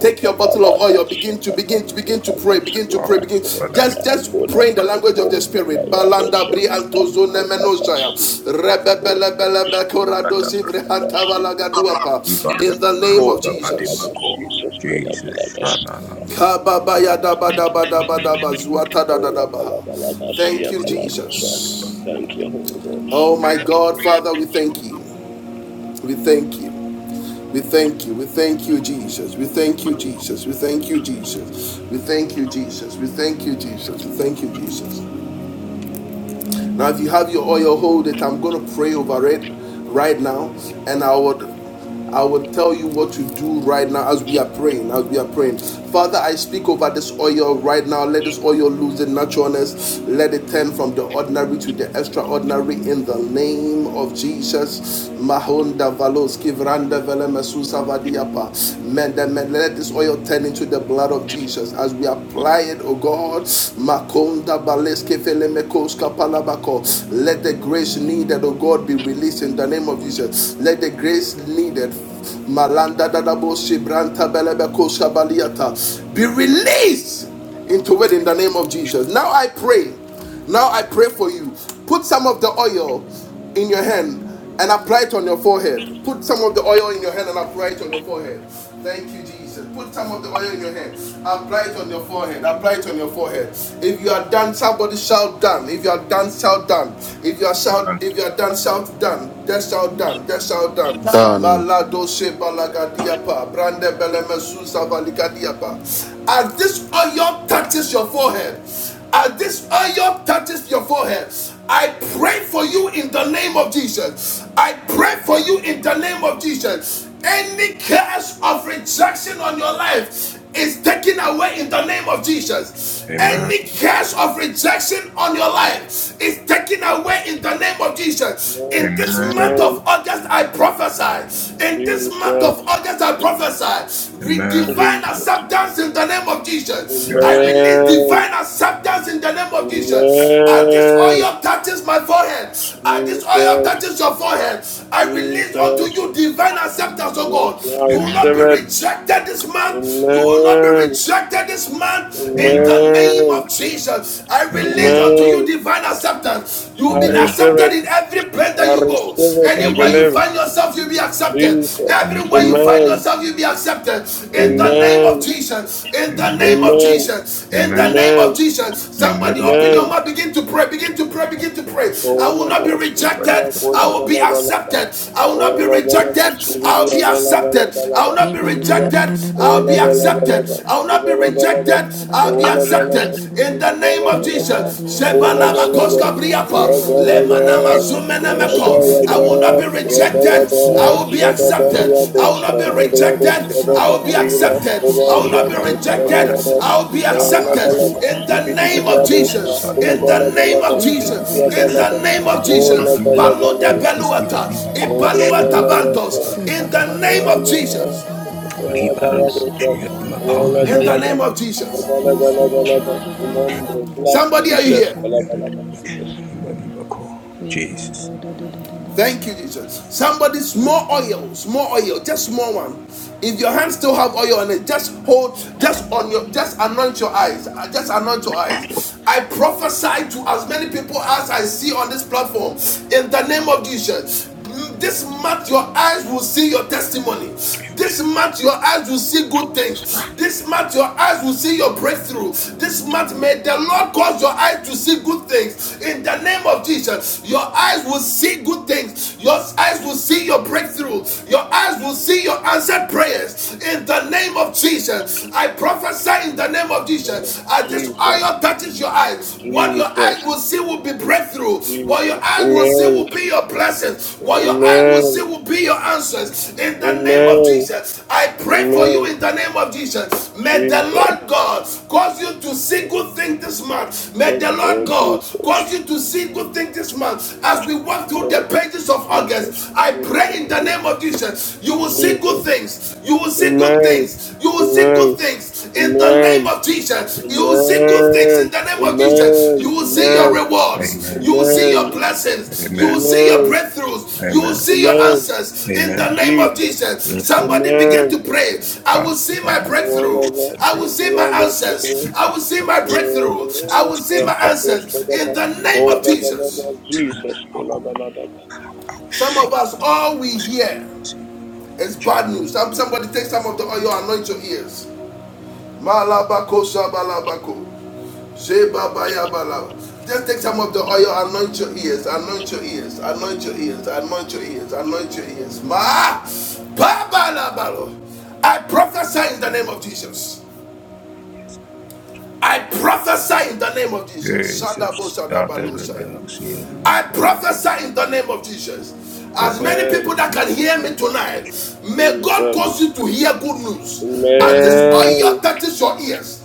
Speaker 1: Take your bottle of oil. Begin to begin to begin to pray. Begin to pray. Begin.
Speaker 9: Father, we
Speaker 1: Just just pray in the language of the spirit. Balanda bri antozo menosaya. Rebe bele
Speaker 8: that
Speaker 1: bele
Speaker 8: shit,
Speaker 1: bekorado
Speaker 9: thank you
Speaker 8: go
Speaker 1: sivre
Speaker 8: that shit.
Speaker 1: hantavala
Speaker 9: for the blood of
Speaker 1: In the name of
Speaker 8: Oh,
Speaker 9: the
Speaker 8: la la
Speaker 9: body,
Speaker 8: la
Speaker 9: my
Speaker 1: Jesus.
Speaker 9: God.
Speaker 8: Jesus, oh la la la
Speaker 9: Jesus. Father, now.
Speaker 1: Kababa ya daba daba daba daba
Speaker 9: Amen.
Speaker 1: zuata da da
Speaker 8: oh la
Speaker 1: da baha.
Speaker 8: la la la la, si,
Speaker 1: Thank
Speaker 8: la, Shia
Speaker 1: you, Jesus.
Speaker 8: Thank you, Holy Ghost.
Speaker 1: Oh my
Speaker 8: Thank
Speaker 1: God,
Speaker 8: you,
Speaker 1: Father, we thank you. We thank you. We thank you. We thank you, Jesus. We thank you, Jesus. We thank you, Jesus. We thank you, Jesus. We thank you, Jesus. We thank you, Jesus. Now, if you have your oil, hold it. I'm going to pray over it right now, and I would I will tell you what to do right now as we are praying. As we are praying, Father, I speak over this oil right now. Let this oil lose its naturalness. Let it turn from the ordinary to the extraordinary in the name of Jesus. Mahonda mesusa vadiapa. Mende men- Let this oil turn into the blood of Jesus as we apply it, Oh God. Makonda let the grace needed, oh God, be released in the name of Jesus. Let the grace needed, be released into it in the name of Jesus. Now I pray. Now I pray for you. Put some of the oil in your hand and apply it on your forehead. Put some of the oil in your hand and apply it on your forehead. Thank you, Jesus. Put some of the oil in your hand. Apply it on your forehead. Apply it on your forehead. If you are done, somebody shout done. If you are done, shout done. If you are shout, if you are done, shout done. That shout done. That shout done.
Speaker 4: Done.
Speaker 1: Malado se balagadiapa. Brande belemesu sabalikadiapa. As this oil touches your forehead, as this oil touches your forehead, I pray for you in the name of Jesus. I pray for you in the name of Jesus. Any curse of rejection on your life is taken away in the name of Jesus. Any curse of rejection on your life is taken
Speaker 8: Jesus.
Speaker 1: away in the name of Jesus. In this month of
Speaker 8: Amen. Amen.
Speaker 1: August, I prophesy. In this
Speaker 8: Jesus,
Speaker 1: month of August, I prophesy
Speaker 9: Amen.
Speaker 1: divine
Speaker 8: Jesus.
Speaker 1: acceptance in the name of Jesus.
Speaker 9: Yes.
Speaker 1: I release
Speaker 8: Amen.
Speaker 1: divine acceptance in the name of Jesus. As this
Speaker 8: Amen.
Speaker 1: oil touches my forehead, as this oil
Speaker 8: Jesus,
Speaker 1: touches your forehead, I release unto
Speaker 8: Jesus.
Speaker 1: you divine acceptance, oh
Speaker 8: Yes,
Speaker 1: God.
Speaker 8: I
Speaker 1: You will not be
Speaker 9: Amen.
Speaker 8: receive it.
Speaker 1: rejected this month. You will not be
Speaker 8: Amen.
Speaker 1: rejected this month in
Speaker 9: Amen.
Speaker 1: the name
Speaker 8: Amen.
Speaker 1: of Jesus. I release
Speaker 9: Amen.
Speaker 1: unto you
Speaker 8: Amen.
Speaker 1: divine acceptance. You will
Speaker 8: I
Speaker 1: be
Speaker 9: Amen.
Speaker 8: receive
Speaker 1: accepted
Speaker 8: it.
Speaker 1: in every place that you
Speaker 8: I
Speaker 1: you go.
Speaker 8: receive it. I
Speaker 1: Anywhere
Speaker 9: Amen.
Speaker 1: you
Speaker 8: believe.
Speaker 9: Amen.
Speaker 1: find yourself, you'll be accepted.
Speaker 8: Jesus.
Speaker 9: Amen.
Speaker 1: Everywhere you find
Speaker 8: Amen.
Speaker 1: yourself, you'll be accepted. In the name of
Speaker 8: Amen.
Speaker 1: Jesus. In the name of
Speaker 8: Amen.
Speaker 1: Jesus. In the
Speaker 9: Amen.
Speaker 1: name of
Speaker 8: Amen.
Speaker 1: Jesus.
Speaker 9: Amen. Amen.
Speaker 1: Somebody open
Speaker 8: Amen.
Speaker 1: your mouth. Begin to pray. Begin to pray. Begin to pray. I
Speaker 8: Ola
Speaker 1: will not be
Speaker 8: bala shibiya,
Speaker 1: rejected. I
Speaker 8: ola
Speaker 1: will
Speaker 8: bala
Speaker 1: be
Speaker 8: bala ba,
Speaker 1: accepted. I will not be
Speaker 8: ola bala ba
Speaker 1: rejected. I'll
Speaker 8: shibiya,
Speaker 1: be
Speaker 8: bala bala
Speaker 1: accepted.
Speaker 8: bala
Speaker 1: I
Speaker 8: ba
Speaker 1: will not be
Speaker 5: Eka Eka
Speaker 8: shibiya,
Speaker 1: rejected. I'll
Speaker 8: ola
Speaker 1: be
Speaker 8: bala
Speaker 5: Eka
Speaker 8: bala
Speaker 1: accepted.
Speaker 8: ba
Speaker 1: I will not be
Speaker 8: shibala bala ba,
Speaker 5: ba
Speaker 1: rejected.
Speaker 5: da da da da da da da
Speaker 1: I'll be
Speaker 5: da
Speaker 8: ola
Speaker 5: da da
Speaker 8: bala ba
Speaker 1: accepted. In
Speaker 5: da.
Speaker 1: the
Speaker 8: shibiya,
Speaker 1: name
Speaker 8: bala
Speaker 1: of
Speaker 8: bala
Speaker 5: Eka
Speaker 8: ba,
Speaker 5: ba
Speaker 1: Jesus,
Speaker 5: di yanda ba
Speaker 8: ola
Speaker 5: usha
Speaker 8: bala ba
Speaker 1: Shebalabakoska
Speaker 5: buri yanta
Speaker 1: Briapa,
Speaker 8: ya
Speaker 5: ba da ba
Speaker 8: bala
Speaker 5: da ba
Speaker 8: ba
Speaker 5: da ba
Speaker 1: Lemanama
Speaker 5: di yanda ba
Speaker 8: ya
Speaker 5: usha
Speaker 8: bala
Speaker 1: Zumenameko. I
Speaker 5: buri
Speaker 8: ba
Speaker 1: will
Speaker 5: yanta
Speaker 1: not be
Speaker 5: ba da ba
Speaker 8: ya
Speaker 5: da.
Speaker 8: bala
Speaker 1: rejected,
Speaker 8: ba
Speaker 1: I will
Speaker 5: Eka
Speaker 1: be
Speaker 5: ba
Speaker 8: shada
Speaker 5: da
Speaker 1: accepted.
Speaker 5: da
Speaker 8: baliya
Speaker 5: da
Speaker 8: do
Speaker 1: I
Speaker 5: da da
Speaker 1: will
Speaker 5: da
Speaker 1: not be
Speaker 5: da
Speaker 8: shamegla do
Speaker 5: da
Speaker 1: rejected,
Speaker 5: da da
Speaker 8: shada
Speaker 1: I
Speaker 5: da
Speaker 8: ba
Speaker 1: will be
Speaker 5: da da.
Speaker 8: rila
Speaker 1: accepted. I will
Speaker 5: Esha
Speaker 8: skobaliya
Speaker 1: not be
Speaker 5: ba
Speaker 8: do
Speaker 5: ka buri
Speaker 8: shada
Speaker 1: rejected,
Speaker 8: bala ba.
Speaker 5: yanta
Speaker 1: I
Speaker 5: ba
Speaker 1: will
Speaker 5: da
Speaker 1: be
Speaker 5: ba da.
Speaker 8: Ola
Speaker 1: accepted.
Speaker 9: Amen.
Speaker 8: balaba,
Speaker 5: Eka
Speaker 1: In
Speaker 5: ba
Speaker 1: the
Speaker 8: shibidi
Speaker 5: da
Speaker 1: name
Speaker 5: da
Speaker 8: bidi
Speaker 1: of
Speaker 5: da ba
Speaker 8: adosha,
Speaker 1: Jesus,
Speaker 5: usha
Speaker 8: ola
Speaker 1: in
Speaker 5: buri
Speaker 1: the
Speaker 5: ya.
Speaker 8: balaba
Speaker 1: name of
Speaker 8: laba,
Speaker 5: Eka
Speaker 8: shibidi
Speaker 1: Jesus,
Speaker 5: buri di
Speaker 1: in
Speaker 5: di di
Speaker 1: the
Speaker 8: abalaba,
Speaker 5: di di
Speaker 1: name
Speaker 5: di
Speaker 1: of
Speaker 5: di di di
Speaker 8: ola
Speaker 1: Jesus,
Speaker 5: di di.
Speaker 8: balaba
Speaker 1: Palude
Speaker 8: laba,
Speaker 5: Eka
Speaker 8: shi-
Speaker 5: bam
Speaker 1: Beluata,
Speaker 5: bam bam bam
Speaker 8: ola
Speaker 5: bam
Speaker 1: Ipaluata
Speaker 5: bam bam.
Speaker 8: balaba ta,
Speaker 1: Bantos,
Speaker 5: Hey,
Speaker 1: in
Speaker 5: bam,
Speaker 1: the
Speaker 5: bam,
Speaker 1: name
Speaker 5: bam,
Speaker 1: of
Speaker 5: bam, bam, bam,
Speaker 8: ola
Speaker 1: Jesus,
Speaker 5: bam, bam, bam.
Speaker 8: ola
Speaker 5: Hey,
Speaker 8: baya dosha,
Speaker 5: shabo, de, yan,
Speaker 8: ola
Speaker 5: ba, da,
Speaker 1: in the
Speaker 5: da, da,
Speaker 8: balaba
Speaker 1: name
Speaker 5: da,
Speaker 1: of
Speaker 5: da.
Speaker 8: laba, shi-
Speaker 1: Jesus.
Speaker 8: ola
Speaker 5: Hey, si,
Speaker 8: balaba
Speaker 5: be, de,
Speaker 8: laba,
Speaker 5: de, de,
Speaker 8: shi-
Speaker 5: de, de, de, de,
Speaker 8: mambo,
Speaker 5: de, de.
Speaker 8: la
Speaker 1: Somebody, are you
Speaker 5: Hey,
Speaker 8: Jesus,
Speaker 1: here?
Speaker 8: ola
Speaker 5: kabo, de,
Speaker 8: balaba,
Speaker 5: yan, ba,
Speaker 8: Jesus,
Speaker 5: da, da, da, da. Hey, kabo,
Speaker 9: Jesus.
Speaker 5: de, de, de, de, de, de,
Speaker 1: Thank you,
Speaker 5: de.
Speaker 1: Jesus. Somebody's more
Speaker 5: Kabo.
Speaker 1: oils, more oil, just more one. If your hands still have oil on it, just hold, just on your, just anoint your eyes, Uh, just anoint your eyes. I prophesy to as many people as I see on this platform in the name of Jesus this month your eyes will see your testimony. This month your eyes will see good things. This month your eyes will see your breakthrough. This month may the Lord cause your eyes to see good things. In the name of Jesus, your eyes will see good things. Your eyes will see your breakthrough. Your eyes will see your answered prayers. In the name of Jesus, I prophesy in the name of
Speaker 8: Amen.
Speaker 1: Jesus. I just
Speaker 8: Jesus,
Speaker 1: oil touches your eye, what your eye
Speaker 8: Jesus,
Speaker 1: will see will be breakthrough. What your
Speaker 8: Jesus,
Speaker 1: eye will see
Speaker 8: Amen,
Speaker 1: will be your blessings. What your eye will see
Speaker 8: Amen,
Speaker 1: will be your answers. In the name of
Speaker 8: Amen,
Speaker 1: Jesus, I pray for you in
Speaker 8: Amen,
Speaker 1: the name of Jesus. May the
Speaker 8: Jesus,
Speaker 1: Lord God cause you to see good things this month. May
Speaker 8: oh,
Speaker 1: the
Speaker 8: oh,
Speaker 1: Lord God
Speaker 8: Jesus.
Speaker 1: cause you to see good things this month. As we walk through
Speaker 8: Uh,
Speaker 1: the pages of
Speaker 8: Jesus,
Speaker 1: August, I pray in the name of Jesus, you will see good things. You will see good
Speaker 8: Amen.
Speaker 1: things. You will see good
Speaker 8: Amen.
Speaker 1: things in the name
Speaker 8: Amen.
Speaker 1: of Jesus. You
Speaker 8: Amen.
Speaker 1: will see good things in
Speaker 8: Amen.
Speaker 1: the name of Jesus. You will see your
Speaker 8: Amen.
Speaker 1: rewards. You
Speaker 9: Amen.
Speaker 1: will see your
Speaker 8: Amen.
Speaker 1: blessings. You will
Speaker 9: Amen.
Speaker 1: see your
Speaker 8: Amen.
Speaker 1: breakthroughs. You will
Speaker 9: Amen.
Speaker 1: see your
Speaker 8: Amen.
Speaker 1: answers in the
Speaker 9: Amen.
Speaker 1: name of
Speaker 8: Jesus.
Speaker 1: Jesus.
Speaker 9: Yes, Lord.
Speaker 1: Somebody begin to
Speaker 8: Amen.
Speaker 1: pray. I will
Speaker 9: God,
Speaker 1: see
Speaker 9: God,
Speaker 1: my
Speaker 9: God, God,
Speaker 8: All
Speaker 1: breakthrough.
Speaker 8: of us
Speaker 9: I
Speaker 1: I
Speaker 9: pray.
Speaker 1: will
Speaker 8: should
Speaker 1: see
Speaker 8: be
Speaker 1: my
Speaker 8: on the
Speaker 1: answers.
Speaker 9: See,
Speaker 8: show.
Speaker 1: I
Speaker 9: I
Speaker 1: will see
Speaker 9: will
Speaker 1: my breakthrough. I will
Speaker 8: Oh,
Speaker 1: see
Speaker 8: yeah,
Speaker 1: my
Speaker 9: see,
Speaker 8: Kapoor
Speaker 1: answers in
Speaker 8: Sadaba.
Speaker 1: the
Speaker 9: I will
Speaker 1: name
Speaker 8: All
Speaker 1: of
Speaker 8: of
Speaker 9: see,
Speaker 8: us,
Speaker 1: Jesus.
Speaker 8: Jesus.
Speaker 9: I
Speaker 8: All of us,
Speaker 9: will
Speaker 1: Some
Speaker 9: see,
Speaker 1: of
Speaker 9: I will
Speaker 1: us, all we hear
Speaker 9: see.
Speaker 1: is bad news. Somebody take some of the oil, anoint your ears. Malabako sabalabako. Zebabayabalaba. Just take some of the oil, anoint your ears, anoint your ears, anoint your ears, anoint your ears, anoint your ears. Ma babalabalo. I prophesy in the name of Jesus. I prophesy in the name of Jesus.
Speaker 9: Jesus.
Speaker 1: sadabo
Speaker 9: Jesus. God, I
Speaker 1: shadabalo
Speaker 9: love
Speaker 1: saya.
Speaker 9: and see you,
Speaker 1: I prophesy in the name of Jesus. As
Speaker 9: Cobra.
Speaker 1: many
Speaker 8: Amen.
Speaker 1: people that can hear me tonight, may God
Speaker 8: Jesus.
Speaker 1: cause you to hear good news. As this
Speaker 9: Amen.
Speaker 1: oil
Speaker 8: Amen.
Speaker 1: touches your ears,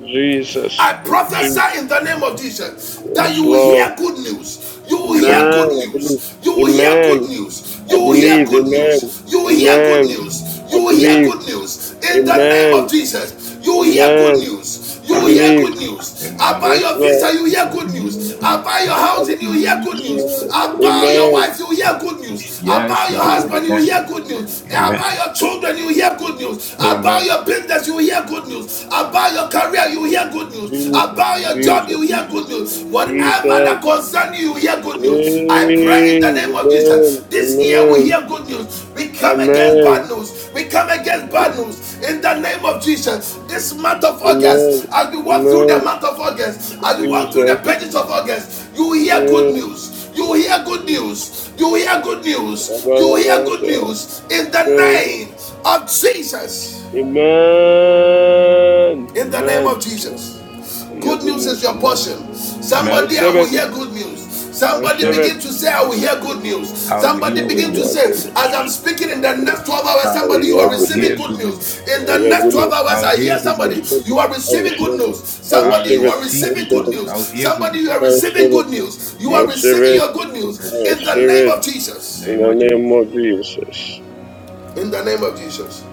Speaker 8: Jesus.
Speaker 1: I
Speaker 8: Jesus.
Speaker 1: prophesy in the name of Jesus that
Speaker 8: Yes,
Speaker 1: you will
Speaker 8: Lord.
Speaker 1: hear good news. You will
Speaker 9: Amen.
Speaker 1: hear
Speaker 8: Amen.
Speaker 1: good
Speaker 8: I believe.
Speaker 1: news. You will hear good
Speaker 8: Amen.
Speaker 1: news.
Speaker 8: I
Speaker 1: You will hear
Speaker 8: believe.
Speaker 1: good
Speaker 8: Amen.
Speaker 1: news. You will hear good
Speaker 8: Amen.
Speaker 1: news.
Speaker 8: I
Speaker 1: You will hear
Speaker 8: believe.
Speaker 1: good news. In the name of
Speaker 8: Amen.
Speaker 1: Jesus, you will hear good
Speaker 8: Amen.
Speaker 1: news. You
Speaker 8: I
Speaker 1: will hear good
Speaker 8: believe.
Speaker 1: news.
Speaker 9: Amen.
Speaker 1: About
Speaker 8: Yes,
Speaker 1: your visa,
Speaker 8: Lord.
Speaker 1: you hear good news. About your housing,
Speaker 8: Ab-
Speaker 1: you hear good
Speaker 8: Jesus.
Speaker 1: news. About your
Speaker 8: Amen.
Speaker 1: wife, you hear good news.
Speaker 9: Yes,
Speaker 1: About your
Speaker 9: Lord.
Speaker 1: husband,
Speaker 8: Mm.
Speaker 1: you
Speaker 9: Amen.
Speaker 1: hear good news.
Speaker 9: Amen.
Speaker 1: About your children, you hear good news. About
Speaker 9: Amen.
Speaker 1: your business, you hear good news. About your career, you hear good news.
Speaker 8: Jesus.
Speaker 1: About your job, you
Speaker 8: Jesus.
Speaker 1: hear good news. Whatever that
Speaker 8: Jesus.
Speaker 1: concerns you, you hear good news. I pray in the
Speaker 8: Amen.
Speaker 1: name of Jesus. This year we
Speaker 8: Amen.
Speaker 1: hear good news. We come against bad
Speaker 8: Amen.
Speaker 1: news. We come against bad news in the name of Jesus. This month of
Speaker 8: Amen.
Speaker 1: August, as we walk through the
Speaker 8: Amen.
Speaker 1: month of August, as we walk through the
Speaker 8: Jesus.
Speaker 1: pages of August, you hear good news. You hear good news. You hear good news. You hear
Speaker 8: Amen.
Speaker 1: good news in the
Speaker 8: Amen.
Speaker 1: name of Jesus
Speaker 8: Amen.
Speaker 1: in the name
Speaker 8: Amen.
Speaker 1: of Jesus.
Speaker 8: Your
Speaker 1: Good
Speaker 8: good
Speaker 1: news
Speaker 8: news.
Speaker 1: is your
Speaker 8: Amen.
Speaker 1: portion.
Speaker 8: I
Speaker 1: Somebody,
Speaker 9: Amen.
Speaker 1: I
Speaker 8: receive
Speaker 1: will
Speaker 8: it.
Speaker 1: hear good news.
Speaker 8: I
Speaker 1: Somebody
Speaker 8: receive
Speaker 9: Amen.
Speaker 8: it.
Speaker 1: begin to say, I will hear good news.
Speaker 9: I'll
Speaker 8: I
Speaker 1: Somebody
Speaker 9: hear good
Speaker 8: will
Speaker 1: begin to
Speaker 8: hear
Speaker 9: news.
Speaker 1: say,
Speaker 8: good
Speaker 1: as
Speaker 8: news.
Speaker 1: I'm speaking
Speaker 8: I
Speaker 1: in the next 12 hours,
Speaker 9: I,
Speaker 8: will
Speaker 1: somebody, you are
Speaker 8: hear
Speaker 9: I'll
Speaker 8: good
Speaker 1: receiving
Speaker 9: hear
Speaker 8: news.
Speaker 1: good
Speaker 9: good
Speaker 1: news.
Speaker 8: I
Speaker 1: In
Speaker 9: news.
Speaker 8: will
Speaker 1: the
Speaker 8: hear
Speaker 1: next
Speaker 8: good
Speaker 1: 12
Speaker 8: news.
Speaker 1: hours,
Speaker 9: I'll
Speaker 1: I
Speaker 9: hear
Speaker 1: hear
Speaker 8: I
Speaker 9: good
Speaker 1: somebody,
Speaker 8: receive
Speaker 9: news.
Speaker 1: you
Speaker 8: it.
Speaker 1: are
Speaker 8: I
Speaker 1: receiving good
Speaker 8: receive it.
Speaker 1: news.
Speaker 8: I
Speaker 9: I'll
Speaker 1: Somebody,
Speaker 8: receive
Speaker 1: you are
Speaker 8: it.
Speaker 9: receive
Speaker 1: receiving
Speaker 9: good
Speaker 1: good
Speaker 9: news.
Speaker 1: news.
Speaker 9: I'll hear good
Speaker 1: Somebody, you are
Speaker 8: I
Speaker 9: news.
Speaker 1: receiving
Speaker 8: receive it.
Speaker 1: good news. You
Speaker 8: I
Speaker 1: are
Speaker 8: receive
Speaker 1: receiving
Speaker 9: Jesus.
Speaker 8: it. I receive it.
Speaker 1: your good news
Speaker 8: I
Speaker 9: Yes.
Speaker 1: in the
Speaker 8: receive
Speaker 1: name
Speaker 8: it.
Speaker 1: of
Speaker 9: In the
Speaker 1: Jesus.
Speaker 8: In
Speaker 9: name
Speaker 8: the
Speaker 9: of
Speaker 8: name
Speaker 9: Jesus.
Speaker 8: of Jesus.
Speaker 1: In the name of Jesus.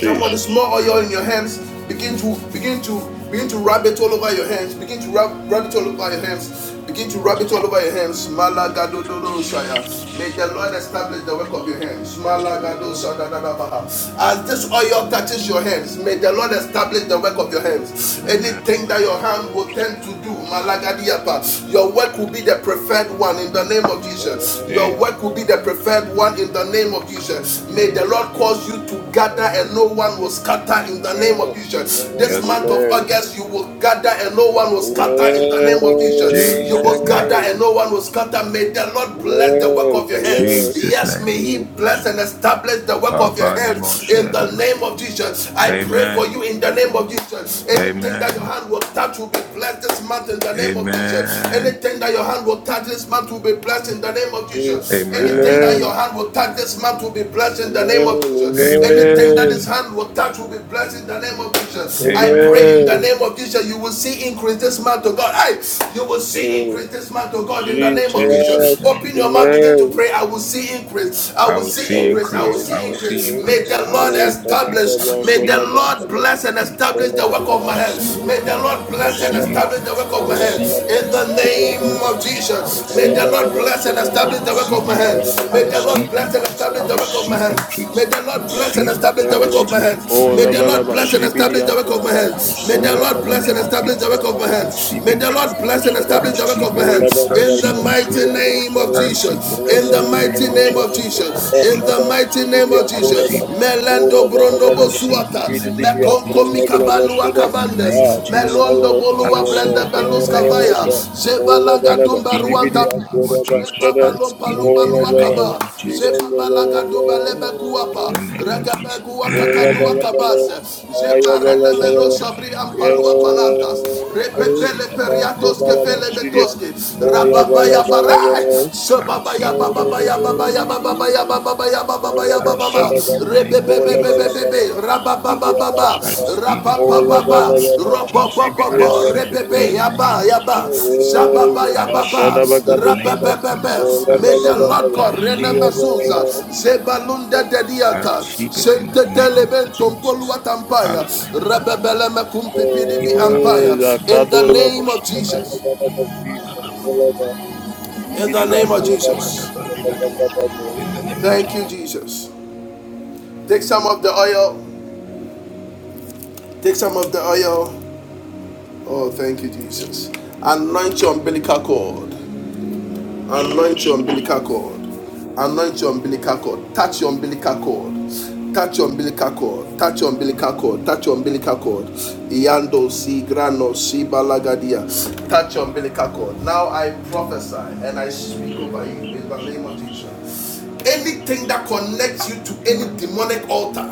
Speaker 1: Some of the small oil in your hands begin to begin to begin to rub it all over your hands. Begin to rub rub it all over your hands. Begin to rub it all over your hands. Malagadodorosaya. May the Lord establish the work of your hands.
Speaker 8: Amen.
Speaker 1: Malagadosadabaha. As this oil touches your hands, may the Lord establish the work of your hands.
Speaker 9: Amen.
Speaker 1: Anything that your hand will tend to do, Malagadiapa, your work will be the preferred one in the name of Jesus. Your work will
Speaker 9: Jesus.
Speaker 1: be
Speaker 8: Amen.
Speaker 1: the preferred fed one in the name of Jesus. May the
Speaker 9: Jesus.
Speaker 1: Lord cause you to gather and no one
Speaker 8: Amen.
Speaker 1: will scatter in the name
Speaker 8: Amen.
Speaker 1: of Jesus. This
Speaker 9: Yes,
Speaker 1: month
Speaker 9: Lord.
Speaker 1: of August, you will gather and no one will scatter
Speaker 8: Amen.
Speaker 1: in the name of Jesus. You will
Speaker 9: Jesus'
Speaker 1: gather
Speaker 9: name.
Speaker 8: Amen.
Speaker 1: and no one will scatter. May the Lord bless the work
Speaker 8: Amen.
Speaker 1: of your hands.
Speaker 8: Amen.
Speaker 9: Jesus'
Speaker 1: Yes, may
Speaker 9: name.
Speaker 1: He
Speaker 8: Jesus.
Speaker 1: bless and establish the work of your
Speaker 9: Abba Nemo
Speaker 1: hands in the
Speaker 9: Shiadama.
Speaker 1: name of Jesus. I pray for
Speaker 9: Amen.
Speaker 1: you in the name of Jesus. Anything that your
Speaker 9: Amen.
Speaker 1: hand will touch will be blessed this month in the name of Jesus. Anything
Speaker 9: Amen.
Speaker 1: Anything that your hand will touch this month will be blessed in the name of Jesus.
Speaker 8: Jesus.
Speaker 1: Anything that
Speaker 9: Amen.
Speaker 1: your
Speaker 8: Amen.
Speaker 1: hand will touch this month will be blessed in the name
Speaker 8: Amen.
Speaker 1: of Jesus. Anything that this
Speaker 8: Amen.
Speaker 9: Amen.
Speaker 1: hand will touch will be blessed in the name of Jesus. I
Speaker 9: Amen.
Speaker 1: pray in the
Speaker 8: Amen.
Speaker 1: name of Jesus, you will see increase this month, oh God. Hey, you will see
Speaker 8: Mm.
Speaker 1: increase this month, oh God, in the name of
Speaker 9: Jesus
Speaker 1: Jesus.
Speaker 8: Jesus.
Speaker 9: name.
Speaker 1: Open your mouth, begin to
Speaker 8: Amen.
Speaker 1: pray. I will see increase. I
Speaker 9: I
Speaker 1: will
Speaker 9: will
Speaker 1: see
Speaker 8: I
Speaker 9: see
Speaker 8: will
Speaker 1: increase.
Speaker 8: say
Speaker 1: I will
Speaker 9: increase.
Speaker 8: it.
Speaker 9: I
Speaker 1: see
Speaker 8: I
Speaker 9: will
Speaker 8: will
Speaker 9: see
Speaker 1: increase.
Speaker 8: say it.
Speaker 1: May
Speaker 9: increase.
Speaker 1: the
Speaker 9: I will
Speaker 1: Lord
Speaker 9: see
Speaker 8: Amen. Baba,
Speaker 9: increase. I
Speaker 1: establish.
Speaker 9: will
Speaker 8: Baba,
Speaker 1: May
Speaker 8: God,
Speaker 9: see
Speaker 1: the
Speaker 8: Abba,
Speaker 9: increase.
Speaker 1: Lord
Speaker 8: Shabba,
Speaker 1: bless and
Speaker 9: See increase.
Speaker 1: establish
Speaker 8: Shabba,
Speaker 1: the
Speaker 8: Abba,
Speaker 1: work of
Speaker 8: Abba,
Speaker 9: I
Speaker 1: my
Speaker 9: will
Speaker 1: hands.
Speaker 9: see
Speaker 8: Shibidi,
Speaker 1: May the
Speaker 8: Abba,
Speaker 9: increase.
Speaker 1: Lord
Speaker 9: I will
Speaker 8: Shabba,
Speaker 1: bless
Speaker 8: Abba,
Speaker 1: and
Speaker 9: see
Speaker 8: Abba,
Speaker 1: establish the
Speaker 9: increase.
Speaker 1: work
Speaker 9: I
Speaker 1: of my
Speaker 9: will
Speaker 8: Shabba, Abba,
Speaker 9: see
Speaker 1: hands.
Speaker 8: Abba,
Speaker 1: In
Speaker 9: increase.
Speaker 1: the
Speaker 8: Shibidi, Abba, Abba, Shabba,
Speaker 1: name
Speaker 8: Abba,
Speaker 9: See
Speaker 1: of
Speaker 8: Abba,
Speaker 9: increase. I will
Speaker 1: Jesus. May the
Speaker 9: see.
Speaker 1: Lord bless and
Speaker 8: Shabba, Abba,
Speaker 9: I
Speaker 1: establish
Speaker 9: will
Speaker 8: Abba,
Speaker 1: the work
Speaker 9: see
Speaker 1: of my
Speaker 9: increase.
Speaker 1: hands.
Speaker 8: Shabba,
Speaker 9: I
Speaker 1: May
Speaker 9: will
Speaker 1: the Lord
Speaker 8: Abba,
Speaker 9: see
Speaker 1: bless and
Speaker 9: increase.
Speaker 8: Abba,
Speaker 1: establish
Speaker 9: I
Speaker 1: the
Speaker 9: will
Speaker 1: work of my
Speaker 9: see
Speaker 1: hands. May
Speaker 9: increase.
Speaker 1: the
Speaker 9: I
Speaker 1: Lord
Speaker 9: will
Speaker 1: bless and
Speaker 9: see it.
Speaker 1: establish
Speaker 9: I
Speaker 1: the
Speaker 9: will
Speaker 1: work
Speaker 8: Laba,
Speaker 1: of
Speaker 9: see
Speaker 1: my
Speaker 9: it in
Speaker 1: hands.
Speaker 8: oh
Speaker 9: the
Speaker 1: May the
Speaker 8: Laba
Speaker 9: name
Speaker 1: Lord
Speaker 9: of
Speaker 8: Laba,
Speaker 1: bless and
Speaker 9: Jesus.
Speaker 8: Zibidi
Speaker 1: establish the
Speaker 8: Yako
Speaker 1: work of my
Speaker 8: Laba,
Speaker 9: I
Speaker 1: hands. May
Speaker 8: oh
Speaker 1: the
Speaker 9: receive
Speaker 8: la
Speaker 9: it
Speaker 1: Lord
Speaker 9: in the
Speaker 8: Laba,
Speaker 1: bless and
Speaker 9: name of
Speaker 1: establish the
Speaker 8: Zibidi
Speaker 9: Jesus.
Speaker 1: work
Speaker 8: Yaba
Speaker 1: of my
Speaker 9: I
Speaker 8: Laba,
Speaker 1: hands.
Speaker 9: receive
Speaker 1: May the
Speaker 8: Zibidi
Speaker 1: Lord
Speaker 9: increase.
Speaker 8: Yaba
Speaker 1: bless and
Speaker 9: I
Speaker 8: Shadaba,
Speaker 1: establish the work
Speaker 9: receive
Speaker 1: of my
Speaker 8: oh
Speaker 9: increase.
Speaker 8: Laba
Speaker 1: hands.
Speaker 9: I
Speaker 8: Laba
Speaker 1: In the
Speaker 9: receive
Speaker 8: Laba,
Speaker 9: increase.
Speaker 1: mighty
Speaker 8: Shiva Laba
Speaker 1: name of
Speaker 9: I
Speaker 8: Shara,
Speaker 1: Jesus.
Speaker 9: receive
Speaker 8: oh
Speaker 1: In
Speaker 9: increase
Speaker 1: the
Speaker 9: in
Speaker 8: Laba
Speaker 9: the
Speaker 1: mighty
Speaker 9: name of
Speaker 1: name of
Speaker 9: Jesus. I
Speaker 1: Jesus.
Speaker 8: Laba
Speaker 1: In
Speaker 9: receive it.
Speaker 1: the
Speaker 8: Laba,
Speaker 1: mighty
Speaker 8: Zibidi
Speaker 1: name of
Speaker 9: I
Speaker 8: Yako
Speaker 1: Jesus.
Speaker 8: Laba,
Speaker 9: receive it.
Speaker 1: May
Speaker 8: oh
Speaker 1: Melendo
Speaker 8: Laba Laba
Speaker 1: brondo
Speaker 9: I
Speaker 8: Laba,
Speaker 9: receive it
Speaker 1: bosuata,
Speaker 9: in
Speaker 8: Zibidi
Speaker 9: the
Speaker 8: Bidi
Speaker 9: name of
Speaker 1: mekonko
Speaker 8: Yako
Speaker 9: Jesus.
Speaker 8: Laba Laba
Speaker 1: mikabalu
Speaker 8: Shada,
Speaker 9: In the
Speaker 1: akabandes.
Speaker 9: name
Speaker 8: ah,
Speaker 9: of Jesus.
Speaker 8: Bimala
Speaker 1: melondo
Speaker 9: I
Speaker 8: Shada,
Speaker 1: bolua
Speaker 9: receive
Speaker 1: brenda
Speaker 9: it in the
Speaker 1: belus
Speaker 9: name of
Speaker 1: kavaya,
Speaker 9: Jesus.
Speaker 8: oh la
Speaker 9: I
Speaker 1: jevalanga
Speaker 8: Laba,
Speaker 1: dumba
Speaker 9: receive it in
Speaker 8: Zibidi
Speaker 9: the
Speaker 1: ruanta.
Speaker 8: Yako
Speaker 9: name of
Speaker 8: Laba
Speaker 9: Jesus.
Speaker 1: Repa
Speaker 8: Shada,
Speaker 9: I
Speaker 1: balon
Speaker 9: receive
Speaker 1: palu
Speaker 8: oh
Speaker 9: it in
Speaker 1: balu
Speaker 9: the
Speaker 8: Laba
Speaker 9: name
Speaker 1: akaba.
Speaker 8: Laba,
Speaker 9: of
Speaker 8: Zibidi
Speaker 1: Jeba
Speaker 9: Jesus.
Speaker 8: Yako
Speaker 1: balaga duba lebe kuapa.
Speaker 9: In the
Speaker 8: Laba
Speaker 9: name of
Speaker 1: Regebe
Speaker 9: Jesus.
Speaker 1: gua
Speaker 8: Shada
Speaker 1: kakanu
Speaker 8: bakado
Speaker 1: akabase. Je
Speaker 9: I
Speaker 1: rene
Speaker 9: receive
Speaker 1: meno
Speaker 9: it in
Speaker 1: shabri
Speaker 9: the name of
Speaker 1: ampalu
Speaker 9: Jesus.
Speaker 1: apalatas.
Speaker 9: I receive
Speaker 1: Repepele
Speaker 9: it in the
Speaker 1: periatos
Speaker 9: name of Jesus.
Speaker 1: kefele metoski.
Speaker 9: In the name of
Speaker 1: Rababaya
Speaker 9: Jesus.
Speaker 1: barai.
Speaker 8: shada,
Speaker 9: I
Speaker 1: Shebabaya
Speaker 9: receive it in the
Speaker 1: Baba ya
Speaker 9: name of
Speaker 1: baba ya
Speaker 9: Jesus.
Speaker 1: baba baba ya baba baba ya baba baba ya
Speaker 9: I
Speaker 1: baba baba
Speaker 9: receive it in the
Speaker 1: rebe
Speaker 9: name of
Speaker 1: be be be be
Speaker 9: Jesus.
Speaker 1: be be raba baba baba
Speaker 9: I receive
Speaker 1: rapa
Speaker 9: it in the
Speaker 1: baba baba
Speaker 9: name of
Speaker 1: robo
Speaker 9: Jesus.
Speaker 1: baba
Speaker 9: I
Speaker 1: baba
Speaker 9: receive
Speaker 1: rebe
Speaker 9: it in the
Speaker 1: be ya ba
Speaker 9: name
Speaker 1: ya
Speaker 9: of
Speaker 1: ba
Speaker 9: Jesus.
Speaker 1: zaba ba
Speaker 9: I
Speaker 1: ya baba
Speaker 9: receive it in the
Speaker 1: raba
Speaker 9: name
Speaker 1: be
Speaker 9: of
Speaker 1: be be
Speaker 9: Jesus.
Speaker 8: ola
Speaker 9: I
Speaker 1: may
Speaker 8: bala
Speaker 1: the
Speaker 9: receive it
Speaker 1: Lord
Speaker 8: bala,
Speaker 9: in
Speaker 1: God
Speaker 9: the
Speaker 1: rena
Speaker 8: shia
Speaker 9: name of
Speaker 1: masuza
Speaker 9: Jesus.
Speaker 8: bala.
Speaker 1: zebalunda
Speaker 9: I
Speaker 1: dediata
Speaker 9: receive it in the
Speaker 1: sente
Speaker 9: name of
Speaker 1: telementum
Speaker 9: Jesus.
Speaker 1: polua tampaya rebe
Speaker 9: Alakadabala,
Speaker 1: bele me kumpipidi bi
Speaker 9: iborabala,
Speaker 1: ampaya
Speaker 8: Ega
Speaker 1: in
Speaker 9: yende,
Speaker 1: the
Speaker 8: kadola
Speaker 1: name of
Speaker 8: boshkabala
Speaker 9: marubu,
Speaker 1: Jesus
Speaker 8: gada da
Speaker 9: yoni,
Speaker 8: Jesus
Speaker 9: magalabro,
Speaker 8: kola da
Speaker 1: in the
Speaker 8: zibidi
Speaker 1: name of
Speaker 9: shalabala,
Speaker 8: akoda da
Speaker 1: Jesus
Speaker 9: wandabala,
Speaker 8: kola da
Speaker 9: gada,
Speaker 8: da da da
Speaker 9: In the
Speaker 8: da.
Speaker 9: name of
Speaker 1: thank
Speaker 9: Jesus.
Speaker 1: you Jesus Take some of the oil. Take some of the oil. Oh, thank you, Jesus. Anoint your umbilical cord. Anoint your umbilical cord. Anoint your umbilical cord. Touch your umbilical cord. Touch your umbilical cord. Touch your umbilical cord. Touch your umbilical cord. Iando si grano si balagadia. Touch your umbilical cord. Now I prophesy and I speak over you in the name of Jesus. anything that connects you to any demonic altar,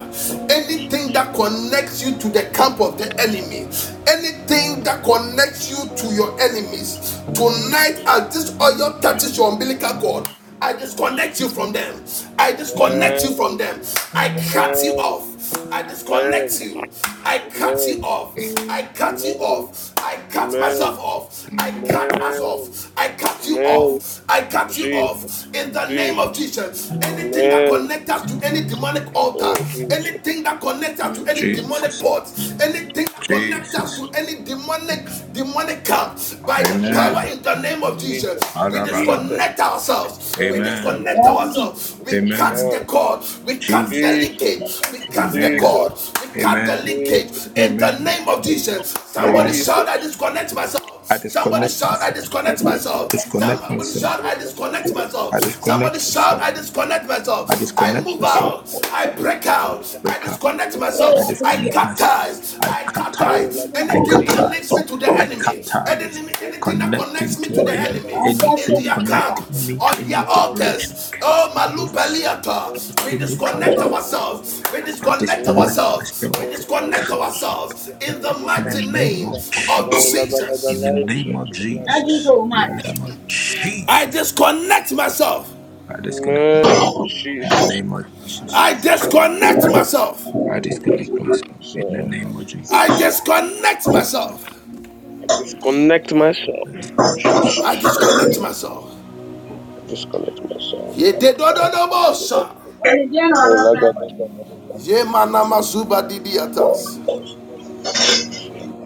Speaker 1: anything
Speaker 8: Jesus,
Speaker 1: that connects you to the camp of the enemy, anything that connects you to your
Speaker 8: Jesus,
Speaker 1: enemies,
Speaker 8: Jesus.
Speaker 1: tonight as this oil touches your umbilical cord, I disconnect you from them. I disconnect you from
Speaker 8: Amen,
Speaker 1: them. I cut you off. I
Speaker 8: amen,
Speaker 1: disconnect you. I cut you
Speaker 8: amen,
Speaker 1: off. I cut you
Speaker 8: amen,
Speaker 1: off. I
Speaker 8: amen,
Speaker 1: cut
Speaker 8: amen,
Speaker 1: myself off. I cut
Speaker 8: amen,
Speaker 1: us off. I cut you
Speaker 8: amen.
Speaker 1: off. I cut you
Speaker 8: Jesus,
Speaker 1: off. In the name of
Speaker 8: Jesus,
Speaker 1: Jesus, anything that
Speaker 8: amen.
Speaker 1: connects us to any demonic altar,
Speaker 8: Oh Jesus,
Speaker 1: anything that connects us to any demonic
Speaker 9: Jesus.
Speaker 1: pot, anything that connects us
Speaker 9: Jesus.
Speaker 1: to any demonic demonic camp by the power
Speaker 9: Amen.
Speaker 1: in.
Speaker 8: Jesus,
Speaker 1: Father, in the name of Jesus,
Speaker 8: Jesus,
Speaker 1: we
Speaker 9: Alabadaba.
Speaker 8: Jesus.
Speaker 1: disconnect ourselves.
Speaker 8: Oh
Speaker 1: We
Speaker 8: la la
Speaker 9: Amen.
Speaker 1: disconnect
Speaker 8: la.
Speaker 11: Warning.
Speaker 1: ourselves. We
Speaker 8: Yes,
Speaker 1: cut
Speaker 9: Amen.
Speaker 8: Lord.
Speaker 1: the cord. We cut
Speaker 9: Jesus.
Speaker 1: the
Speaker 11: The
Speaker 1: linkage. We
Speaker 11: first
Speaker 1: cut
Speaker 11: thing
Speaker 1: the
Speaker 9: Amen.
Speaker 1: cord. We cut the
Speaker 9: Amen.
Speaker 1: linkage. In the
Speaker 9: Amen.
Speaker 1: name of Jesus, somebody
Speaker 9: Amen.
Speaker 1: shout, I disconnect myself.
Speaker 9: I
Speaker 1: Somebody
Speaker 9: disconnect
Speaker 1: shout, I
Speaker 9: myself.
Speaker 1: disconnect myself.
Speaker 9: Disconnect
Speaker 1: Somebody
Speaker 9: myself.
Speaker 1: shout, I disconnect
Speaker 9: I
Speaker 1: myself. Somebody
Speaker 9: disconnect
Speaker 1: shout,
Speaker 9: myself.
Speaker 1: I disconnect myself.
Speaker 9: I
Speaker 1: I
Speaker 9: disconnect
Speaker 1: move
Speaker 9: myself.
Speaker 1: out. I break out. I
Speaker 9: Break up.
Speaker 1: disconnect
Speaker 11: Hey,
Speaker 9: I
Speaker 1: myself. I
Speaker 9: disconnect
Speaker 11: Abridjan,
Speaker 1: cut
Speaker 9: myself.
Speaker 1: ties.
Speaker 9: I
Speaker 1: I
Speaker 9: cut
Speaker 1: cut
Speaker 9: ties.
Speaker 1: ties.
Speaker 9: I
Speaker 1: Anything
Speaker 9: cut
Speaker 1: that links
Speaker 9: ties.
Speaker 1: me to the
Speaker 9: I cut
Speaker 1: enemy.
Speaker 9: ties.
Speaker 1: Enemy, anything that connects
Speaker 9: Connecting
Speaker 1: me
Speaker 9: to
Speaker 1: to
Speaker 9: my
Speaker 1: the
Speaker 9: enemy.
Speaker 1: enemy. In
Speaker 9: anything
Speaker 11: Transaction
Speaker 1: their camp,
Speaker 11: Minister,
Speaker 9: connecting me
Speaker 1: on
Speaker 9: to any
Speaker 1: their
Speaker 9: generation
Speaker 1: altars.
Speaker 9: case,
Speaker 1: Oh,
Speaker 9: any space,
Speaker 1: Malubaliata. We
Speaker 9: any
Speaker 1: disconnect
Speaker 9: trans.
Speaker 1: ourselves. We
Speaker 9: I
Speaker 1: disconnect
Speaker 8: Olaba,
Speaker 9: disconnect
Speaker 1: ourselves. We
Speaker 9: myself.
Speaker 1: disconnect
Speaker 8: olabalaba,
Speaker 9: Come
Speaker 1: ourselves.
Speaker 8: şiya,
Speaker 1: In the
Speaker 9: in the
Speaker 1: mighty
Speaker 9: name
Speaker 1: name
Speaker 9: of
Speaker 8: olabaşkalaba,
Speaker 1: of
Speaker 9: Jesus.
Speaker 1: Jesus.
Speaker 9: In the
Speaker 8: olabalabala,
Speaker 9: name of
Speaker 11: that is
Speaker 8: şeskalabalaba,
Speaker 11: a
Speaker 9: Jesus. In
Speaker 11: woman.
Speaker 9: the
Speaker 8: siyaba.
Speaker 9: name of
Speaker 1: I
Speaker 9: Jesus.
Speaker 1: disconnect myself.
Speaker 9: I disconnect. myself.
Speaker 8: Amen.
Speaker 9: In the
Speaker 8: Jesus.
Speaker 9: name of Jesus.
Speaker 1: I
Speaker 8: Disconnect.
Speaker 1: disconnect myself.
Speaker 9: I disconnect myself.
Speaker 8: So
Speaker 9: In the name of
Speaker 1: I
Speaker 9: Jesus.
Speaker 1: disconnect myself.
Speaker 8: I disconnect myself.
Speaker 9: I disconnect myself.
Speaker 1: I
Speaker 8: Jesus.
Speaker 1: disconnect myself.
Speaker 8: I disconnect myself.
Speaker 1: Ye Ye do do do bosha.
Speaker 8: Olagadabala,
Speaker 1: Ye manama Yededododobosa. Yemanamasubabibiatas.
Speaker 8: dibidibidabala, siyaba.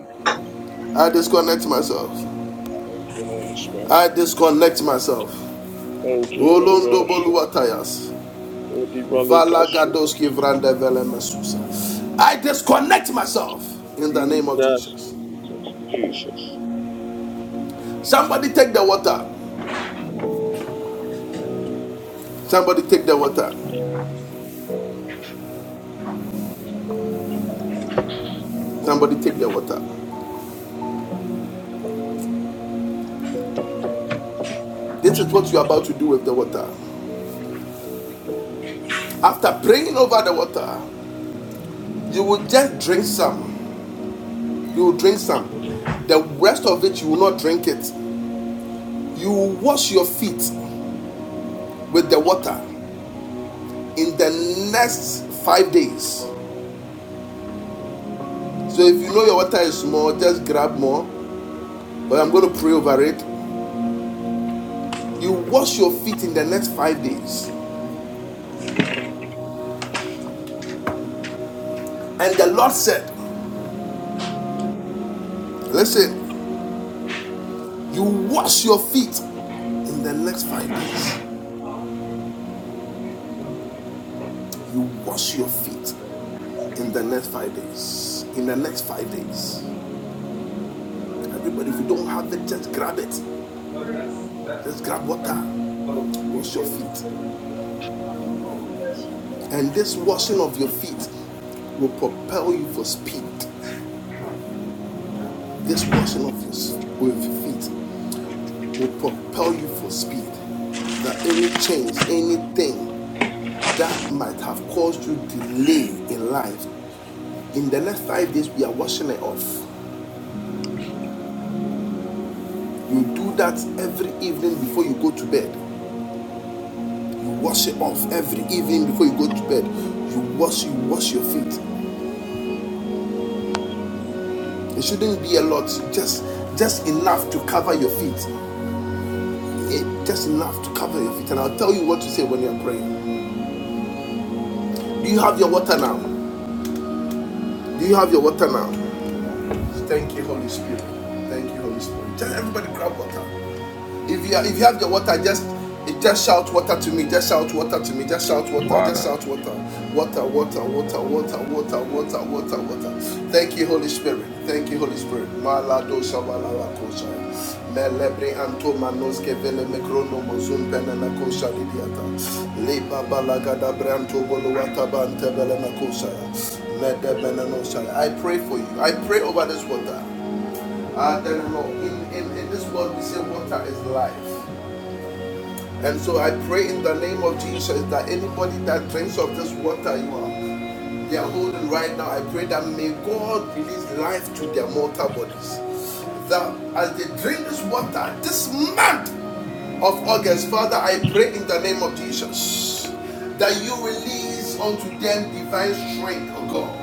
Speaker 1: I disconnect myself.
Speaker 8: Thank you, Holy Spirit.
Speaker 1: I disconnect myself.
Speaker 8: Thank you, Holy Ghost.
Speaker 1: Olondoboluwatayas.
Speaker 8: Odibalikasu.
Speaker 1: Valagadoski vrandevelemesusa. I disconnect myself in the name of
Speaker 8: Jesus.
Speaker 1: Jesus.
Speaker 8: Jesus. Jesus.
Speaker 1: Somebody take the water. Somebody take the water. Somebody take the water. This is what you're
Speaker 8: Jesus.
Speaker 1: about to do with the water. After praying over the water, you will just drink some. You will drink some. The rest of it, you will not drink it. You will wash your feet with the water in the next five days. So if you know your water is small, just grab more. But I'm going to pray over it. You wash your feet in the next five days. And the Lord said, Listen, you wash your feet in the next five days. You wash your feet. in the next five days. In the next five days. Everybody, if you don't have it, just grab it. Just grab water. Wash your feet. And this washing of your feet will propel you for speed. This washing of your feet will propel you for speed. That any change, anything that might have caused you delay in life, in the next five days, we are washing it off. You do that every evening before you go to bed. Wash it off every evening before you go to bed. You wash, you wash your feet. It shouldn't be a lot, just just enough to cover your feet. Eh, Just enough to cover your feet. And I'll tell you what to say when you're praying. Do you have your water now? Do you have your water now? Thank you, Holy Spirit. Thank you, Holy Spirit. Tell everybody grab water. If you if you have your water, just just shout water to me. Just shout water to me. Just shout water. Just
Speaker 9: Water.
Speaker 1: shout water. Water, water, water, water, water, water, water, water. Thank you, Holy Spirit. Thank you, Holy Spirit. Malado shabalala kosha. Melebre anto manos kevele mekrono mozum penana kosha didiata. Leba balagada branto boluata bante bele nakosha. Mede benanosha. I pray for you. I pray over this water. Ah, then Lord, in, in, in this world we say water is life. And so I pray in the name of Jesus that anybody that drinks of this water you are they are holding right now, I pray that may God release life to their mortal bodies. That as they drink this water this month, of August, Father, I pray in the name of Jesus that you release unto them divine strength, O God.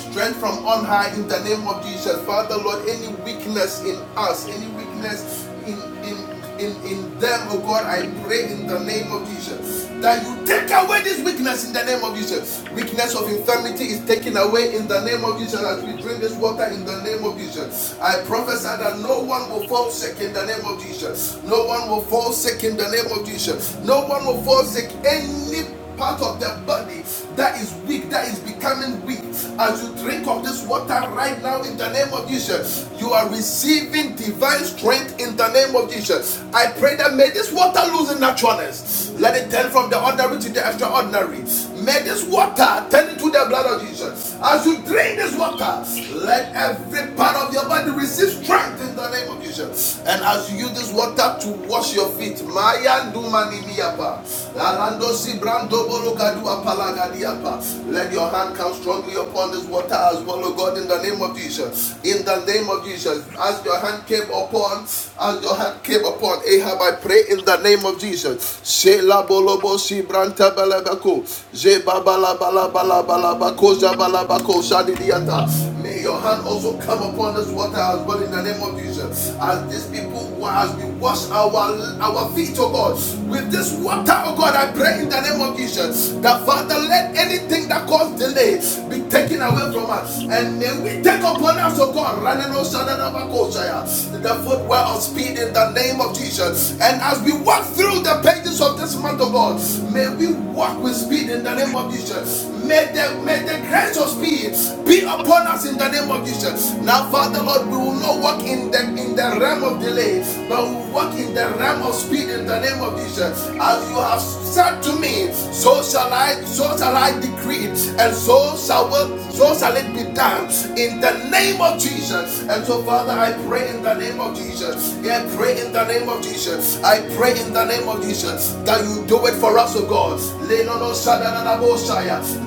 Speaker 1: Strength from on high in the name of Jesus. Father, Lord, any weakness in us, any weakness in in in, in them, O God, I pray in the name of Jesus that you take away this weakness in the name of Jesus. Weakness of infirmity is taken away in the name of Jesus as we drink this water in the name of Jesus. I prophesy that no one will fall sick in the name of Jesus. No one will fall sick in the name of Jesus. No one will fall sick any part of the body that is weak, that is becoming weak. As you drink of this water right now in the name of Jesus, you are receiving divine strength in the name of Jesus. I pray that may this water lose in naturalness. Let it turn from the ordinary to the extraordinary. May this water turn into the blood of Jesus. As you drink this water, let every part of your body receive strength in the name of Jesus. And as you use this water to wash your feet, Maya Dumani Miapa, Alando Sibrando Bologadu Apalagadiapa. Let your hand come strongly upon this water as well, O God, in the name of Jesus. In the name of Jesus, as your hand came upon, as your hand came upon Ahab, I pray in the name of Jesus. Shela Bolobo Sibranta Balabako, Jebabala Balabala Balabako, Jabalabako, Shadidiata. May your hand also come upon this water as well in the name of Jesus. As these people, as we wash our, our feet, oh God, with this water, oh God, I pray in the name of Jesus that Father, let anything that causes delay be taken away from us. And may we take upon us, oh God, running the footwear of speed in the name of Jesus. And as we walk through the pages of this this month of God, may we walk with speed in the name of Jesus. May the, may the grace of speed be upon us in the name of Jesus. Now, Father Lord, we will not walk in the in the realm of delay, but we will walk in the realm of speed in the name of Jesus. As you have said to me, so shall I, so shall I decree it, and so shall so shall it be done in the name of Jesus. Jesus. And so, Father, I pray in the name of Jesus. Yeah, I pray in the name of Jesus. I pray in the name of Jesus that you do it for us, O God.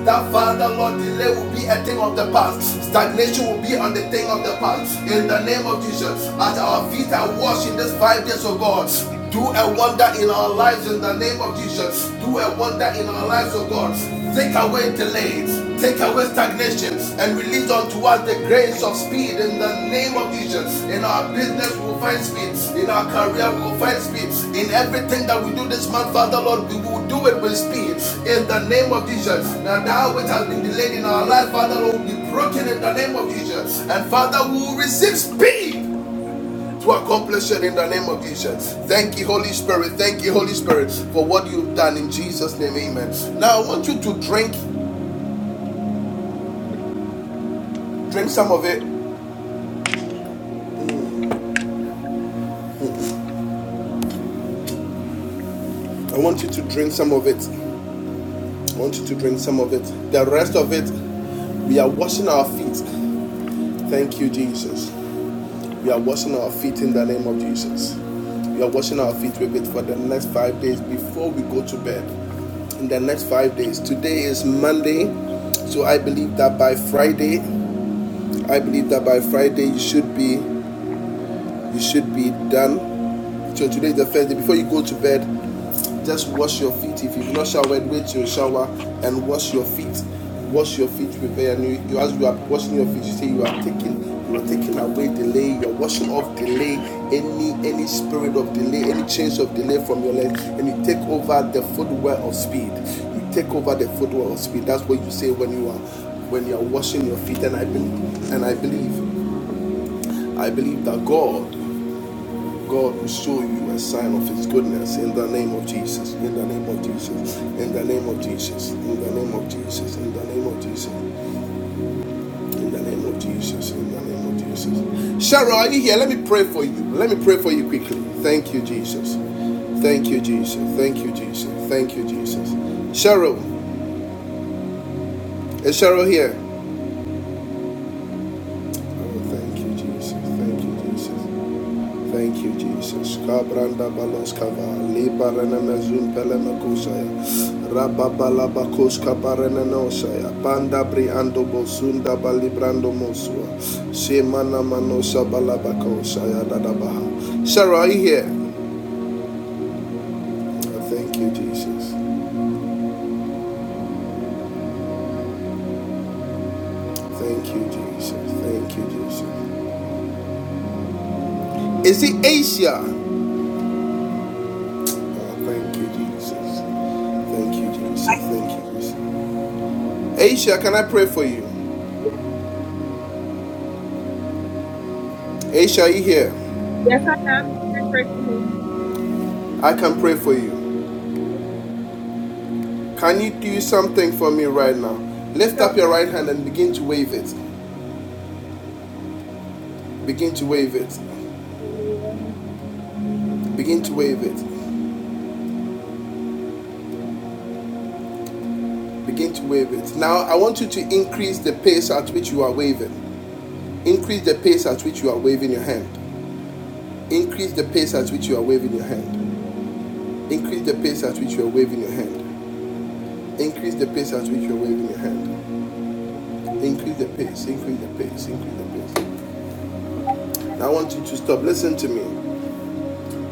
Speaker 1: That, Father, Lord, delay will be a thing of the past. Stagnation will be on the thing of the past. In the name of Jesus, as our feet are washed in this five days, O God, do a wonder in our lives in the name of Jesus. Do a wonder in our lives, O God. Take away delays. Take away stagnation and release unto us the grace of speed in the name of Jesus. In our business, we will find speed. In our career, we will find speed. In everything that we do this month, Father Lord, we will do it with speed. In the name of Jesus. Now, that which has been delayed in our life, Father Lord, will be broken in the name of Jesus. And Father, we will receive speed to accomplish it in the name of Jesus. Thank you, Holy Spirit. Thank you, Holy Spirit, for what you've done in Jesus' name. Amen. Now I want you to drink, drink some of it I want you to drink some of it. I want you to drink some of it. The rest of it, we are washing our feet. Thank you, Jesus. We are washing our feet in the name of Jesus. We are washing our feet with it for the next five days before we go to bed. In the next five days. Today is Monday, so I believe that by Friday, I believe that by Friday you should be you should be done. So today is the first day. Before you go to bed, just wash your feet. If you've not showered, wait till you shower and wash your feet. Wash your feet, prepare. And you, you, as you are washing your feet, you say you are taking, you are taking away delay. You are washing off delay, any any spirit of delay, any change of delay from your life, and you take over the footwear of speed. You take over the footwear of speed. That's what you say when you are when you are washing your feet. And I believe, and I believe, I believe that God God will show you a sign of His goodness in the name of Jesus. In the name of Jesus. In the name of Jesus. In the name of Jesus. In the name of Jesus. In the name of Jesus. In the name of Jesus. Cheryl, are you here? Let me pray for you. Let me pray for you quickly. Thank you, Jesus. Thank you, Jesus. Thank you, Jesus. Thank you, Jesus. Cheryl, is Cheryl here? Oh, thank you, Jesus. Thank you, Jesus. Thank you, Jesus. Kabranda balos kava, libarana mezun peleme kusaya, rababala bakos kabarana nosaya, banda briando bozunda balibrando mosua, semana manosa balabakosaya dadabaha. Sarah, are you here? Thank you, Jesus. Thank you, Jesus. Thank you, Jesus. Is it Asia? Oh, thank you, Jesus. Thank you, Jesus. Thank you, Jesus. Asia, can I pray for you?
Speaker 12: Yes,
Speaker 1: Asia, are you here?
Speaker 12: yes, I am. You can pray for me.
Speaker 1: I can pray for you.
Speaker 12: You can.
Speaker 1: Can you do something for me right now? Lift
Speaker 12: Sure.
Speaker 1: up your right hand and begin to wave it. Begin to wave it.
Speaker 12: Hallelujah.
Speaker 1: Begin to wave it. Begin to wave it. Now, I want you to increase the pace at which you are waving. Increase the pace at which you are waving your hand. Increase the pace at which you are waving your hand. Increase the pace at which you are waving your hand. Increase the pace at which you are waving your hand. Increase the pace. Increase the pace. Increase the pace. Now, I want you to stop. Listen to me.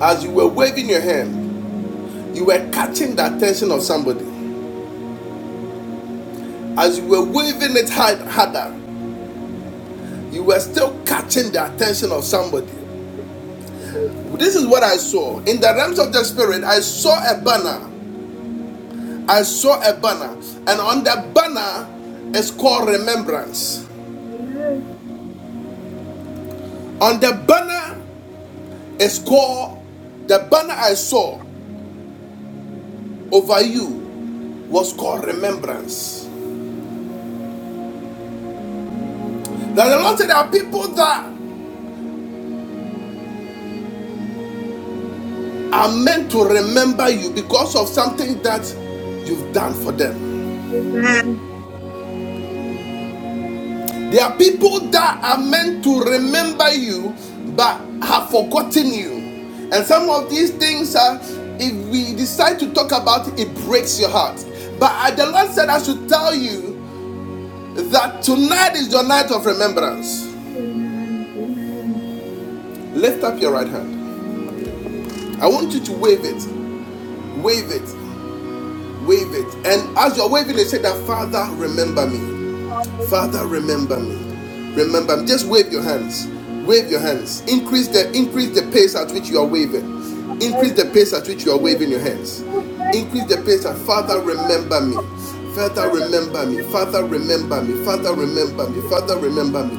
Speaker 1: As you were waving your hand, You were catching the attention of somebody. As you were waving it harder, you were still catching the attention of somebody. This is what I saw. In the realms of the spirit, I saw a banner. I saw a banner. And on the banner is called remembrance.
Speaker 12: Amen.
Speaker 1: On the banner is called, the banner I saw over you was called remembrance. There are a lot of people that are meant to remember you because of something that you've done for them.
Speaker 12: Amen.
Speaker 1: There are people that are meant to remember you but have forgotten you. And some of these things are, if we decide to talk about it, it breaks your heart. But uh, the Lord said, I should tell you that tonight is your night of remembrance.
Speaker 12: Amen. Amen.
Speaker 1: Lift up your right hand. I want you to wave it, wave it, wave it. And as you're waving it, say that, Father, remember me.
Speaker 12: Hallelujah.
Speaker 1: Father, remember me.
Speaker 12: Amen.
Speaker 1: Remember me. Just wave your hands. Wave your
Speaker 12: Oh,
Speaker 1: hands. Increase the increase the pace at which you are waving.
Speaker 12: thank
Speaker 1: Increase the pace at which you are
Speaker 12: you.
Speaker 1: waving your hands.
Speaker 12: thank
Speaker 1: Increase the pace
Speaker 12: you,
Speaker 1: at
Speaker 12: thank
Speaker 1: Father,
Speaker 12: you,
Speaker 1: remember me. Father,
Speaker 12: Father,
Speaker 1: remember me.
Speaker 12: thank
Speaker 1: Father, remember me. Father, remember me. Father, remember me.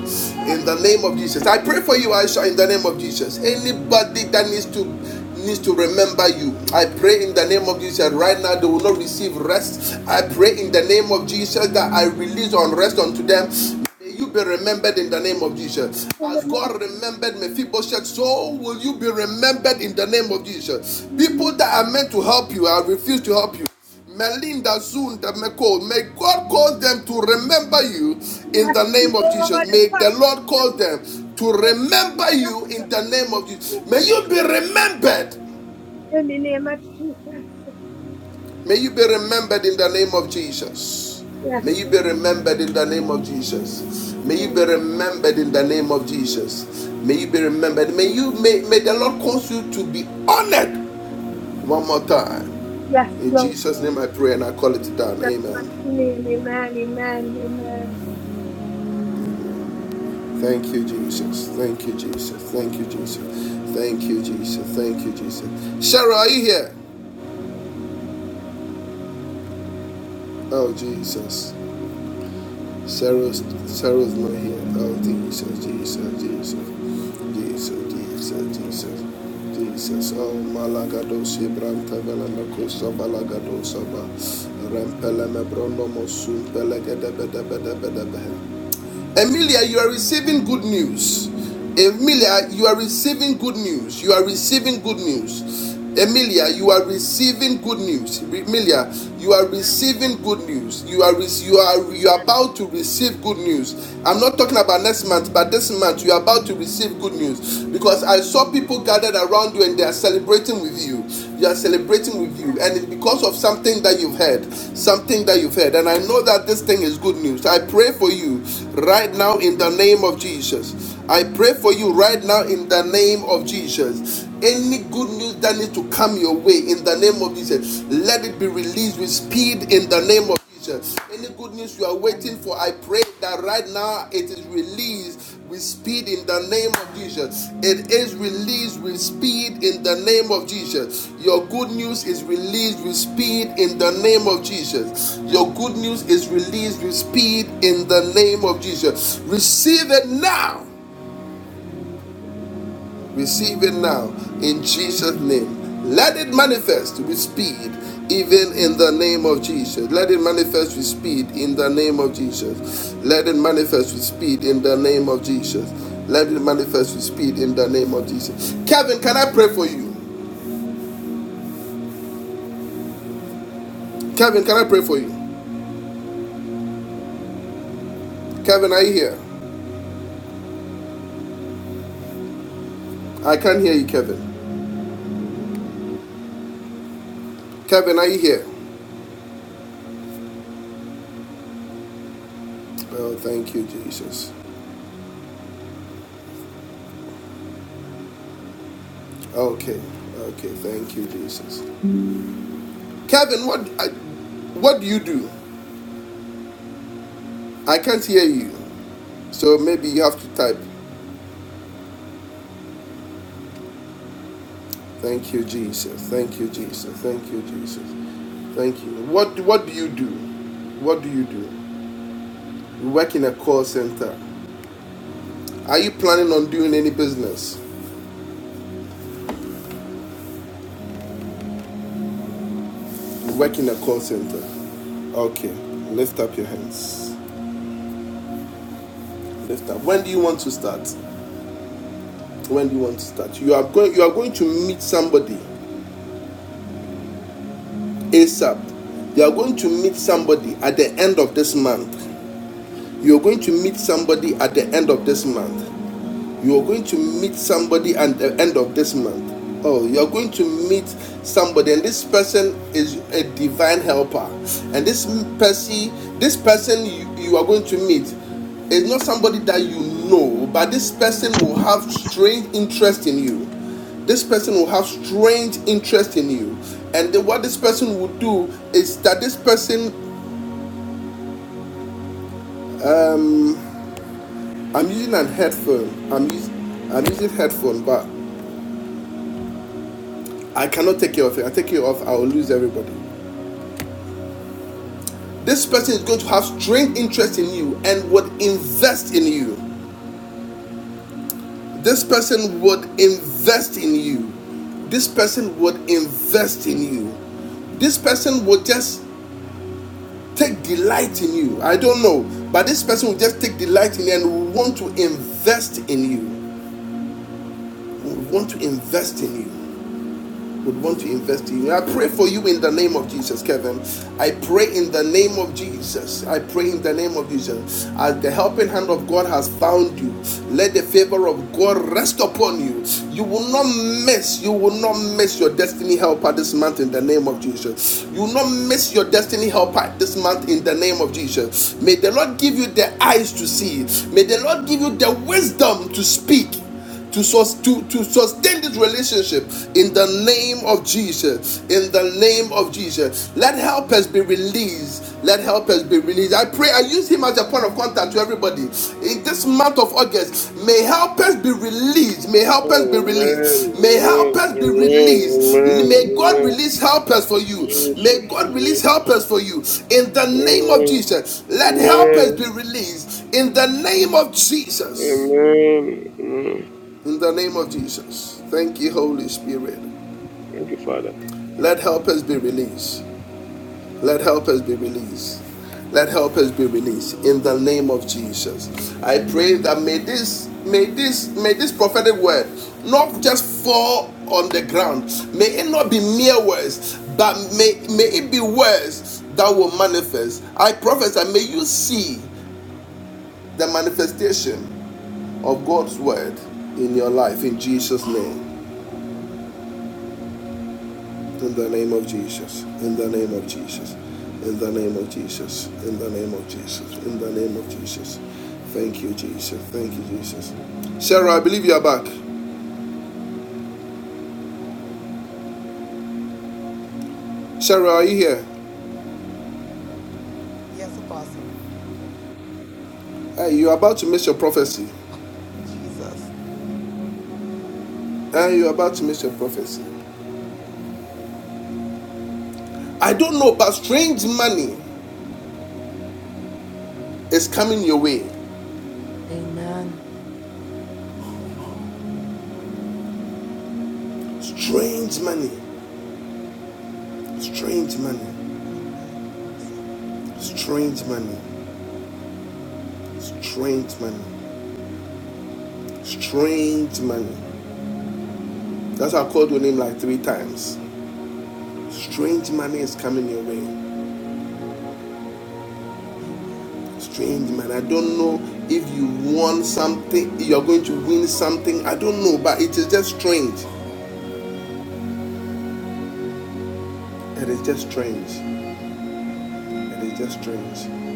Speaker 1: In the name of Jesus. I pray for you, Aisha, in the name of Jesus. Anybody that needs to needs to remember you. I pray in the name of Jesus right now they will not receive rest. I pray in the name of Jesus that I release unrest unto them. you be remembered in the name of Jesus.
Speaker 12: you in
Speaker 1: As God remembered Mephibosheth, so will you be remembered in the name of Jesus. People that are meant to help you, I refuse to help you. Melinda Zunda McCall. May God cause them to remember you in the name of Jesus. May the Lord cause them to remember you in the name of Jesus. May you be remembered.
Speaker 12: the mighty name of Jesus. Yes, Lord. Father, In the mighty name of Jesus. In the name of Jesus.
Speaker 1: May you be remembered in the name of Jesus.
Speaker 12: Yes,
Speaker 1: May you be remembered in the name of Jesus. May you
Speaker 12: Lord.
Speaker 1: be remembered in the name of Jesus. May you be remembered. May you may, may the Lord cause you to be honored one more time.
Speaker 12: yes,
Speaker 1: In
Speaker 12: Lord.
Speaker 1: Jesus' name I pray and I call it down.
Speaker 12: That's my
Speaker 1: Amen.
Speaker 12: name. Amen. Amen. Amen.
Speaker 1: Thank you, Jesus. Thank you, Jesus. Thank you, Jesus. Thank you, Jesus. Thank you, Jesus. Sarah, are you here? Oh, Jesus. Sarah's, Sarah's not here. Oh, Jesus, Jesus, Jesus. Jesus, Jesus, Jesus. Jesus. Oh, Malagadosi, Branta, Velamacosa, Balagadosa, Rampeleme, Bronomo, Sumpele, Gedebedebedebedebe. Emilia, you are receiving good news. Emilia, you are receiving good news. You are receiving good news. Emilia, you are receiving good news. Emilia, you are
Speaker 13: Amen.
Speaker 1: receiving good news. You are you are you are
Speaker 13: Amen.
Speaker 1: about to receive good news. I'm not talking about next month, but
Speaker 13: Amen.
Speaker 1: this month you are about to receive good news because I saw people
Speaker 13: Hallelujah.
Speaker 1: gathered around you and they are celebrating with you you are celebrating with
Speaker 13: Amen.
Speaker 1: you and it's because of something that you've heard something that you've heard and i know that this thing is good news i pray for you right now
Speaker 13: Amen.
Speaker 1: in the name of jesus i pray for you
Speaker 13: Amen.
Speaker 1: right now in the name of jesus any good news that needs to come your way in the name of jesus let it be released with speed in the name of Jesus. Any good news you are waiting
Speaker 13: Amen.
Speaker 1: for, I pray that right now it is released with speed in the name of
Speaker 13: Amen.
Speaker 1: Jesus. It is released with
Speaker 13: Amen.
Speaker 1: speed in the name of Jesus. Your
Speaker 13: Thank
Speaker 1: good
Speaker 13: you,
Speaker 1: news is
Speaker 13: Jesus.
Speaker 1: released with speed in the name of Jesus. Your good news is
Speaker 13: Amen.
Speaker 1: released with speed in the name of Jesus. Receive it now.
Speaker 13: I receive it.
Speaker 1: Receive it now in Jesus' name.
Speaker 13: Amen.
Speaker 1: Let it manifest with speed, even in the name of Jesus. Let it manifest with speed in the name of Jesus.
Speaker 13: Amen.
Speaker 1: Let it manifest
Speaker 13: Amen. Amen.
Speaker 1: with speed in the name of Jesus. Let it manifest with speed in the name of Jesus. Kevin, can I pray
Speaker 13: Amen.
Speaker 1: for you?
Speaker 14: Yes, sir.
Speaker 1: Kevin, can I pray for you?
Speaker 14: Yes.
Speaker 1: Kevin, are you here?
Speaker 14: Yes, I can.
Speaker 1: I can't hear you, Kevin.
Speaker 14: Yes.
Speaker 1: Kevin, are you here?
Speaker 14: Yes. Can you hear me?
Speaker 1: Oh, thank you, Jesus. Okay, okay, thank you, Jesus. Kevin, what I, what do you do? I can't hear you. So maybe you have to type, thank you, Jesus. Thank you, Jesus. Thank you, Jesus. Thank you. What what do you do? What do you do? You work in a call center. Are you planning on doing any business? You work in a call center. Okay. Lift up your hands. Lift up. When do you want to start? When do you want to start? You are going you are going to meet somebody ASAP. You are going to meet somebody at the end of this month. You're going to meet somebody at the end of this month. You're going to meet somebody at the end of this month. Oh, you're going to meet somebody, and this person is a divine helper. And this person, this person you, you are going to meet is not somebody that you know, but this person will have strange interest in you this person will have strange interest in you and then what this person will do is that this person um. I'm using an headphone. I'm using I'm using headphone, but I cannot take it off. If I take it off, I will lose everybody. This person is going to have strange interest in you and would invest in you. This person would invest in you. This person would invest in you. This person would just take delight in you. I don't know, but this person will just take delight in you and want to invest in you. want to invest in you. would want to invest in you. I pray for you in the name of Jesus, Kevin. I pray in the name of Jesus. I pray in the name of Jesus. As the helping hand of God has found you, let the favor of God rest upon you. You will not miss, you will not miss your destiny helper this month in the name of Jesus. You will not miss your destiny helper this month in the name of Jesus. May the Lord give you the eyes to see. May the Lord give you the wisdom to speak to, sus- to, to sustain this relationship in the name of Jesus. In the name of Jesus. Let helpers be released. Let helpers be released. I pray I use him as a point of contact to everybody. In this month of August, may helpers be released. May helpers be released.
Speaker 8: Amen, amen,
Speaker 1: May helpers be
Speaker 8: amen,
Speaker 1: released.
Speaker 8: amen,
Speaker 1: May God
Speaker 8: amen.
Speaker 1: release helpers for you. May
Speaker 8: Jesus,
Speaker 1: God release
Speaker 8: Jesus,
Speaker 1: helpers for you. In the name of
Speaker 8: amen,
Speaker 1: Jesus, let helpers
Speaker 8: amen,
Speaker 1: be released. In the name of Jesus.
Speaker 14: Yes.
Speaker 8: amen,
Speaker 14: Yes.
Speaker 8: amen.
Speaker 14: All right.
Speaker 1: In the name of Jesus. Thank you, Holy Spirit.
Speaker 8: Thank you, Father.
Speaker 1: Let helpers be released. Let helpers be released. Let helpers be released in the name of Jesus. I pray that may this may this may this prophetic word not just fall on the ground. May it not be mere words, but may, may it be words that will manifest. I prophesy, may you see the manifestation of God's word in your life in Jesus' name. In the name of Jesus. In the name of Jesus. In the name of Jesus. In the name of Jesus. In the name of Jesus. Thank you, Jesus. Thank you, Jesus. Sarah, I believe you are back. Sarah, are you here?
Speaker 3: Yes, Apostle.
Speaker 1: Hey, you're about to miss your prophecy.
Speaker 3: Jesus.
Speaker 1: Hey, you're about to miss your prophecy. I don't know, but strange money is coming your way.
Speaker 3: Amen.
Speaker 1: Strange money. Strange money.
Speaker 3: Amen. Amen. I receive
Speaker 1: Strange money. Strange money. Strange money.
Speaker 3: it. Amen.
Speaker 1: That's how I called your name like three times. strange money is coming your way
Speaker 3: Amen. I receive
Speaker 1: strange money i
Speaker 3: it.
Speaker 1: don't know if you want something you're going to win something i don't know but it is just strange it is just strange
Speaker 3: Amen.
Speaker 1: it is just strange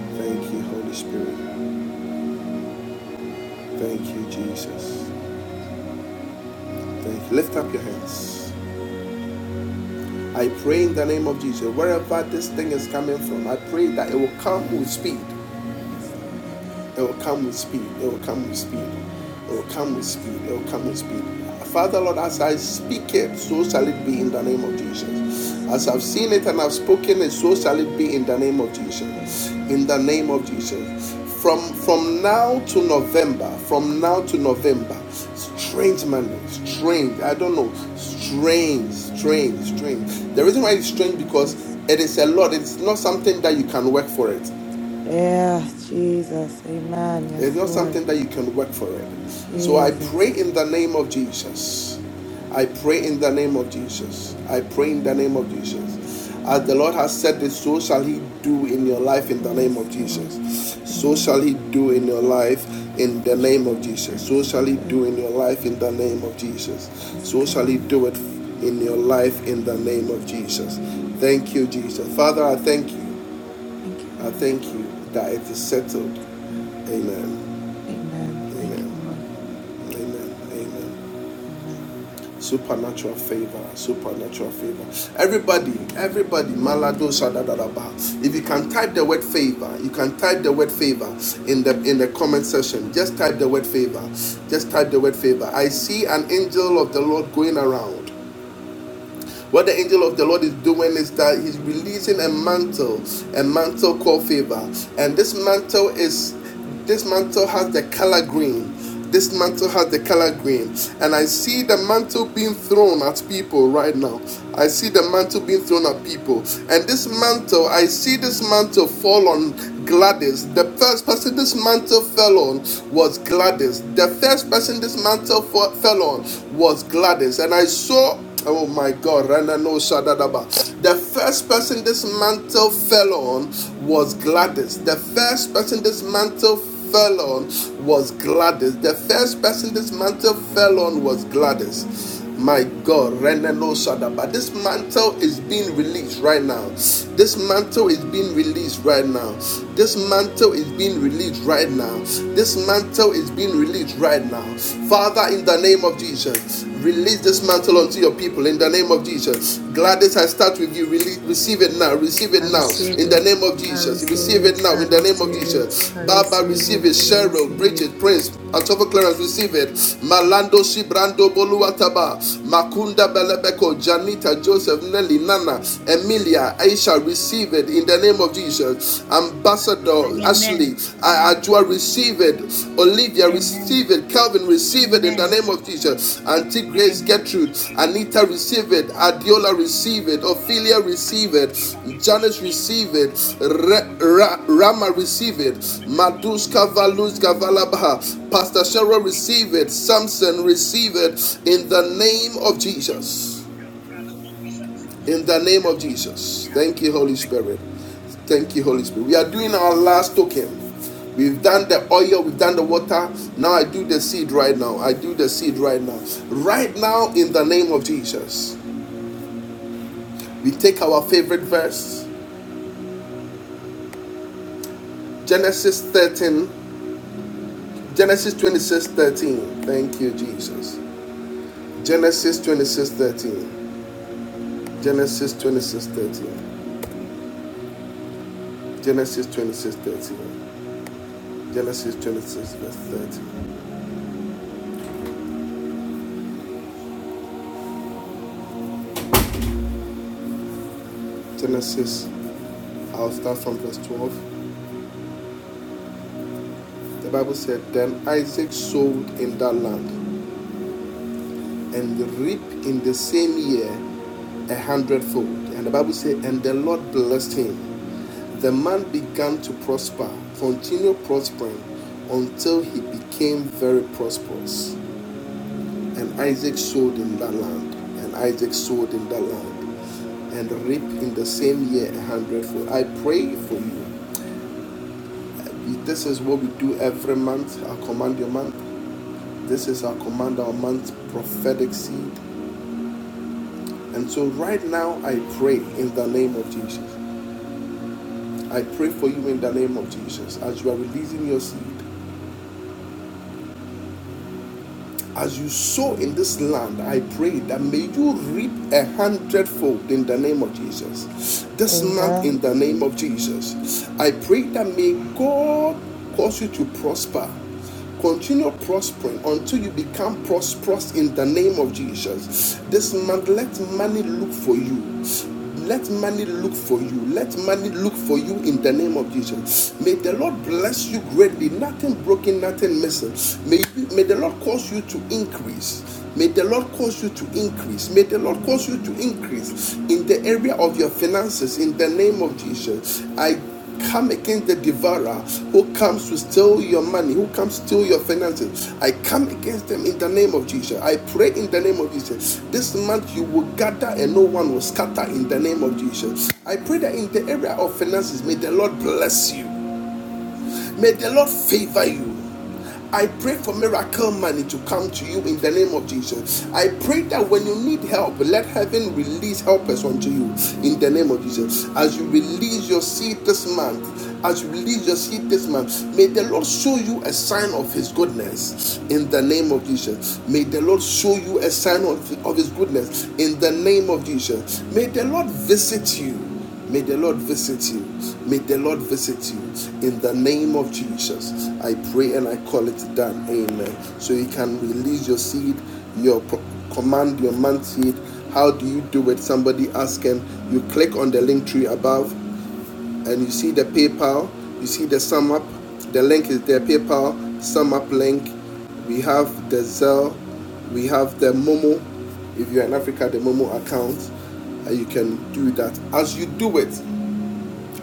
Speaker 1: thank you holy spirit thank you jesus
Speaker 3: Thank you, Lord.
Speaker 1: thank you lift up your hands i pray in the name of jesus wherever this thing is coming from i pray that it will come with speed
Speaker 3: Yes, Lord. Amen.
Speaker 1: It will come with speed. It will come with speed.
Speaker 3: Amen.
Speaker 1: It will come
Speaker 3: I
Speaker 1: with speed. It
Speaker 3: receive
Speaker 1: will
Speaker 3: it.
Speaker 1: come with speed. Father, Lord, as I speak it, so shall it be in the name of Jesus.
Speaker 3: Yes,
Speaker 1: As I've
Speaker 3: Lord.
Speaker 1: seen it and I've spoken it, so shall it be in the name of Jesus.
Speaker 3: Yes, Lord.
Speaker 1: In the name of Jesus. From from now to November, from now to November, strange money, strange. I don't know, strange,
Speaker 3: Amen.
Speaker 1: strange, strange. The reason why it's
Speaker 3: Thank you,
Speaker 1: strange because
Speaker 3: Jesus.
Speaker 1: it is a lot. It's not something that you can work for it.
Speaker 3: Yes, Jesus. Amen.
Speaker 1: It's
Speaker 3: Yes,
Speaker 1: not
Speaker 3: Lord.
Speaker 1: something that you can work for it. So I pray
Speaker 3: Jesus.
Speaker 1: in the name of Jesus. I pray in the name of Jesus. I pray in the name of Jesus. As the
Speaker 3: Lord.
Speaker 1: Lord has said this, so shall He do in your life in the name of
Speaker 3: Yes, Lord.
Speaker 1: Jesus. So shall
Speaker 3: Amen.
Speaker 1: He do in your life in
Speaker 3: Yes,
Speaker 1: the name
Speaker 3: Jesus.
Speaker 1: of Jesus.
Speaker 3: I
Speaker 1: So shall
Speaker 3: receive
Speaker 1: He
Speaker 3: it.
Speaker 1: do in your life in the name of Jesus.
Speaker 3: Yes,
Speaker 1: So shall He
Speaker 3: God.
Speaker 1: do it in your life in the name of Jesus. Thank you, Jesus. Father, I thank you.
Speaker 3: Thank you,
Speaker 1: I
Speaker 3: Lord.
Speaker 1: thank you that it is settled. Amen.
Speaker 3: Amen. Thank
Speaker 1: Amen.
Speaker 3: you, Lord.
Speaker 1: Amen. Amen.
Speaker 3: Amen.
Speaker 1: Supernatural favor, supernatural favor. Everybody, everybody, Malado Shadadadaba. If you can type the word favor, you can type the word favor in the in the comment section. Just type the word favor. Just type the word favor. I see an angel of the Lord going around. What the angel of the Lord is doing is that he's releasing a mantle, a mantle called favor. And this mantle is this mantle has the color green. This mantle has the color green. And I see the mantle being thrown at people right now. I see the mantle being thrown at people. And this mantle, I see this mantle fall on Gladys. The first person this mantle fell on was Gladys. The first person this mantle fell on was Gladys. And I saw Oh my God, Rana no Shadadaba. The first person this mantle fell on was Gladys.
Speaker 15: I
Speaker 1: The first person this mantle fell on was Gladys. The first person this mantle fell on was Gladys. My God, Rana no Shadaba. This mantle is being released right now. This mantle is being released right now. This mantle is being released right now. This mantle is being released right now. Father, in the name of Jesus, release this mantle unto your people in the name of Jesus. Gladys, I start with you. Release, receive it now. Receive it now
Speaker 15: receive
Speaker 1: in the
Speaker 15: it.
Speaker 1: name of
Speaker 15: I
Speaker 1: Jesus.
Speaker 15: receive
Speaker 1: Receive it
Speaker 15: it. I receive it.
Speaker 1: now
Speaker 15: I
Speaker 1: in the name of Jesus. Baba,
Speaker 15: receive
Speaker 1: receive
Speaker 15: it.
Speaker 1: it.
Speaker 15: I
Speaker 1: Cheryl,
Speaker 15: receive it.
Speaker 1: Bridget, Prince, Antofo Clarence, receive it. Malando, Shibrando, Boluataba, Makunda, Belebeko, Janita, Joseph, Nelly, Nana, Emilia, Aisha, receive it in the name of Jesus of Jesus. Ambassador Ashley,
Speaker 11: Amen.
Speaker 1: I, Ajua, receive it. Olivia,
Speaker 11: Amen.
Speaker 1: receive it. Calvin, receive it in the
Speaker 11: Amen.
Speaker 1: name of Jesus. Auntie Grace
Speaker 11: Amen.
Speaker 1: Gertrude, Anita, receive it. Adiola, receive it. Ophelia, receive it. Janice, receive it. Ra- Ra- Rama, receive it. Maduska, Valus, Gavalabaha. Pastor Cheryl, receive it. Samson, receive it in the name of Jesus. In the name of Jesus. Thank you, Holy Spirit. Thank you, Holy Spirit. We are doing our last token. We've done the oil, we've done the water. Now I do the seed right now. I do the seed right now. Right now, in the name of Jesus, we take our favorite verse Genesis 13, Genesis twenty six thirteen. Thank you, Jesus. Genesis 26 13. Genesis 26 13. Genesis 26 13. Genesis 26 verse 13. Genesis I'll start from verse 12. The Bible said, Then Isaac sowed in that land and reaped in the same year a hundredfold. And the Bible said, And the Lord blessed him. The man began to prosper, continued prospering until he became very prosperous. And Isaac sowed in that land, and Isaac sowed in that land, and reaped in the same year a hundredfold. I pray for you. This is what we do every month, our command your month. This is our command our month prophetic seed. And so right now I pray in the name of Jesus. I pray for you in the name of Jesus as you are releasing your seed. As you sow in this land, I pray that may you reap a hundredfold in the name of Jesus. This month,
Speaker 3: Amen.
Speaker 1: in the name of Jesus, I pray that may God cause you to prosper continue prospering until you become prosperous in the name of Jesus. This month, let money look for you. Let money look for you. Let money look for you in the name of Jesus. May the Lord bless you greatly. Nothing broken, nothing missing. May, may the Lord cause you to increase. May the Lord cause you to increase. May the Lord cause you to increase in the area of your finances in the name of Jesus. I Come against the devourer who comes to steal your money, who comes to steal your finances. I come against them in the name of Jesus. I pray in the name of Jesus. This month you will gather and no one will scatter in the name of Jesus. I pray that in the area of finances, may the Lord bless you. May the Lord favor you. I pray for miracle money to come to you in the name of Jesus. I pray that when you need help, let heaven release helpers unto you in the name of Jesus. As you release your seed this month, as you release your seed this month, may the Lord show you a sign of His goodness in the name of Jesus. May the Lord show you a sign of, of His goodness in the name of Jesus. May the Lord visit you May the Lord visit you. May the Lord visit you. In the name of Jesus, I pray and I call it done. Amen. So you can release your seed, your command, your man seed. How do you do it? Somebody ask him. You click on the link tree above and you see the PayPal, you see the sum up. The link is there PayPal, sum up link. We have the Zelle, we have the Momo. If you're in Africa, the Momo account, you can do that. As you do it,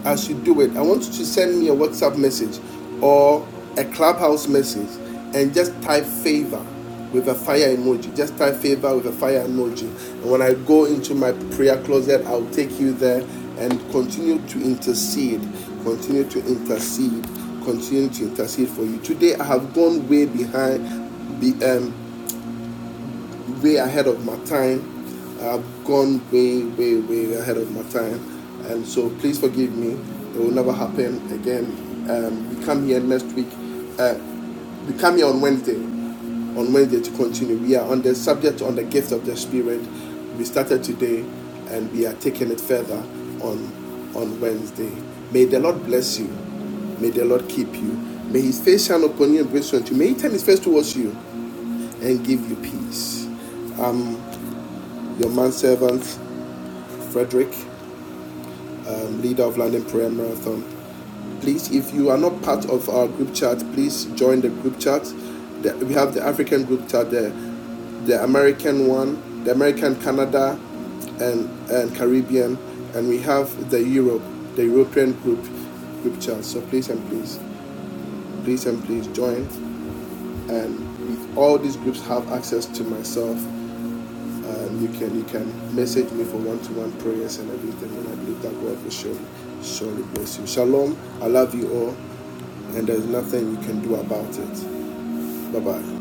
Speaker 1: as you do it, I want you to send me a WhatsApp message or a clubhouse message and just type favor with a fire emoji. Just type favor with a fire emoji. And when I go into my prayer closet, I'll take you there and continue to intercede. Continue to intercede. Continue to intercede for you. Today, I have gone way behind. be, um, way ahead of my time. I've gone way, way, way ahead of my time. And so please forgive me. It will never happen again. Um, we come here next week. Uh, we come here on Wednesday. On Wednesday to continue. We are on the subject on the gifts of the Spirit. We started today and we are taking it further on on Wednesday. May the Lord bless you. May the Lord keep you. May his face shine upon you and grace unto you. May he turn his face towards you and give you peace your manservant Frederick, um, leader of London Prayer Marathon. Please, if you are not part of our group chat, please join the group chat. The- we have the African group chat there, the American one, the American Canada, and, and Caribbean, and we have the Europe, the European group group chat. So please and please, please and please join. And all these groups have access to myself Um, you can you can message me for one-to-one prayers and everything, and I believe that God will surely surely bless you. Shalom. I love you all, and there's nothing you can do about it. Bye bye.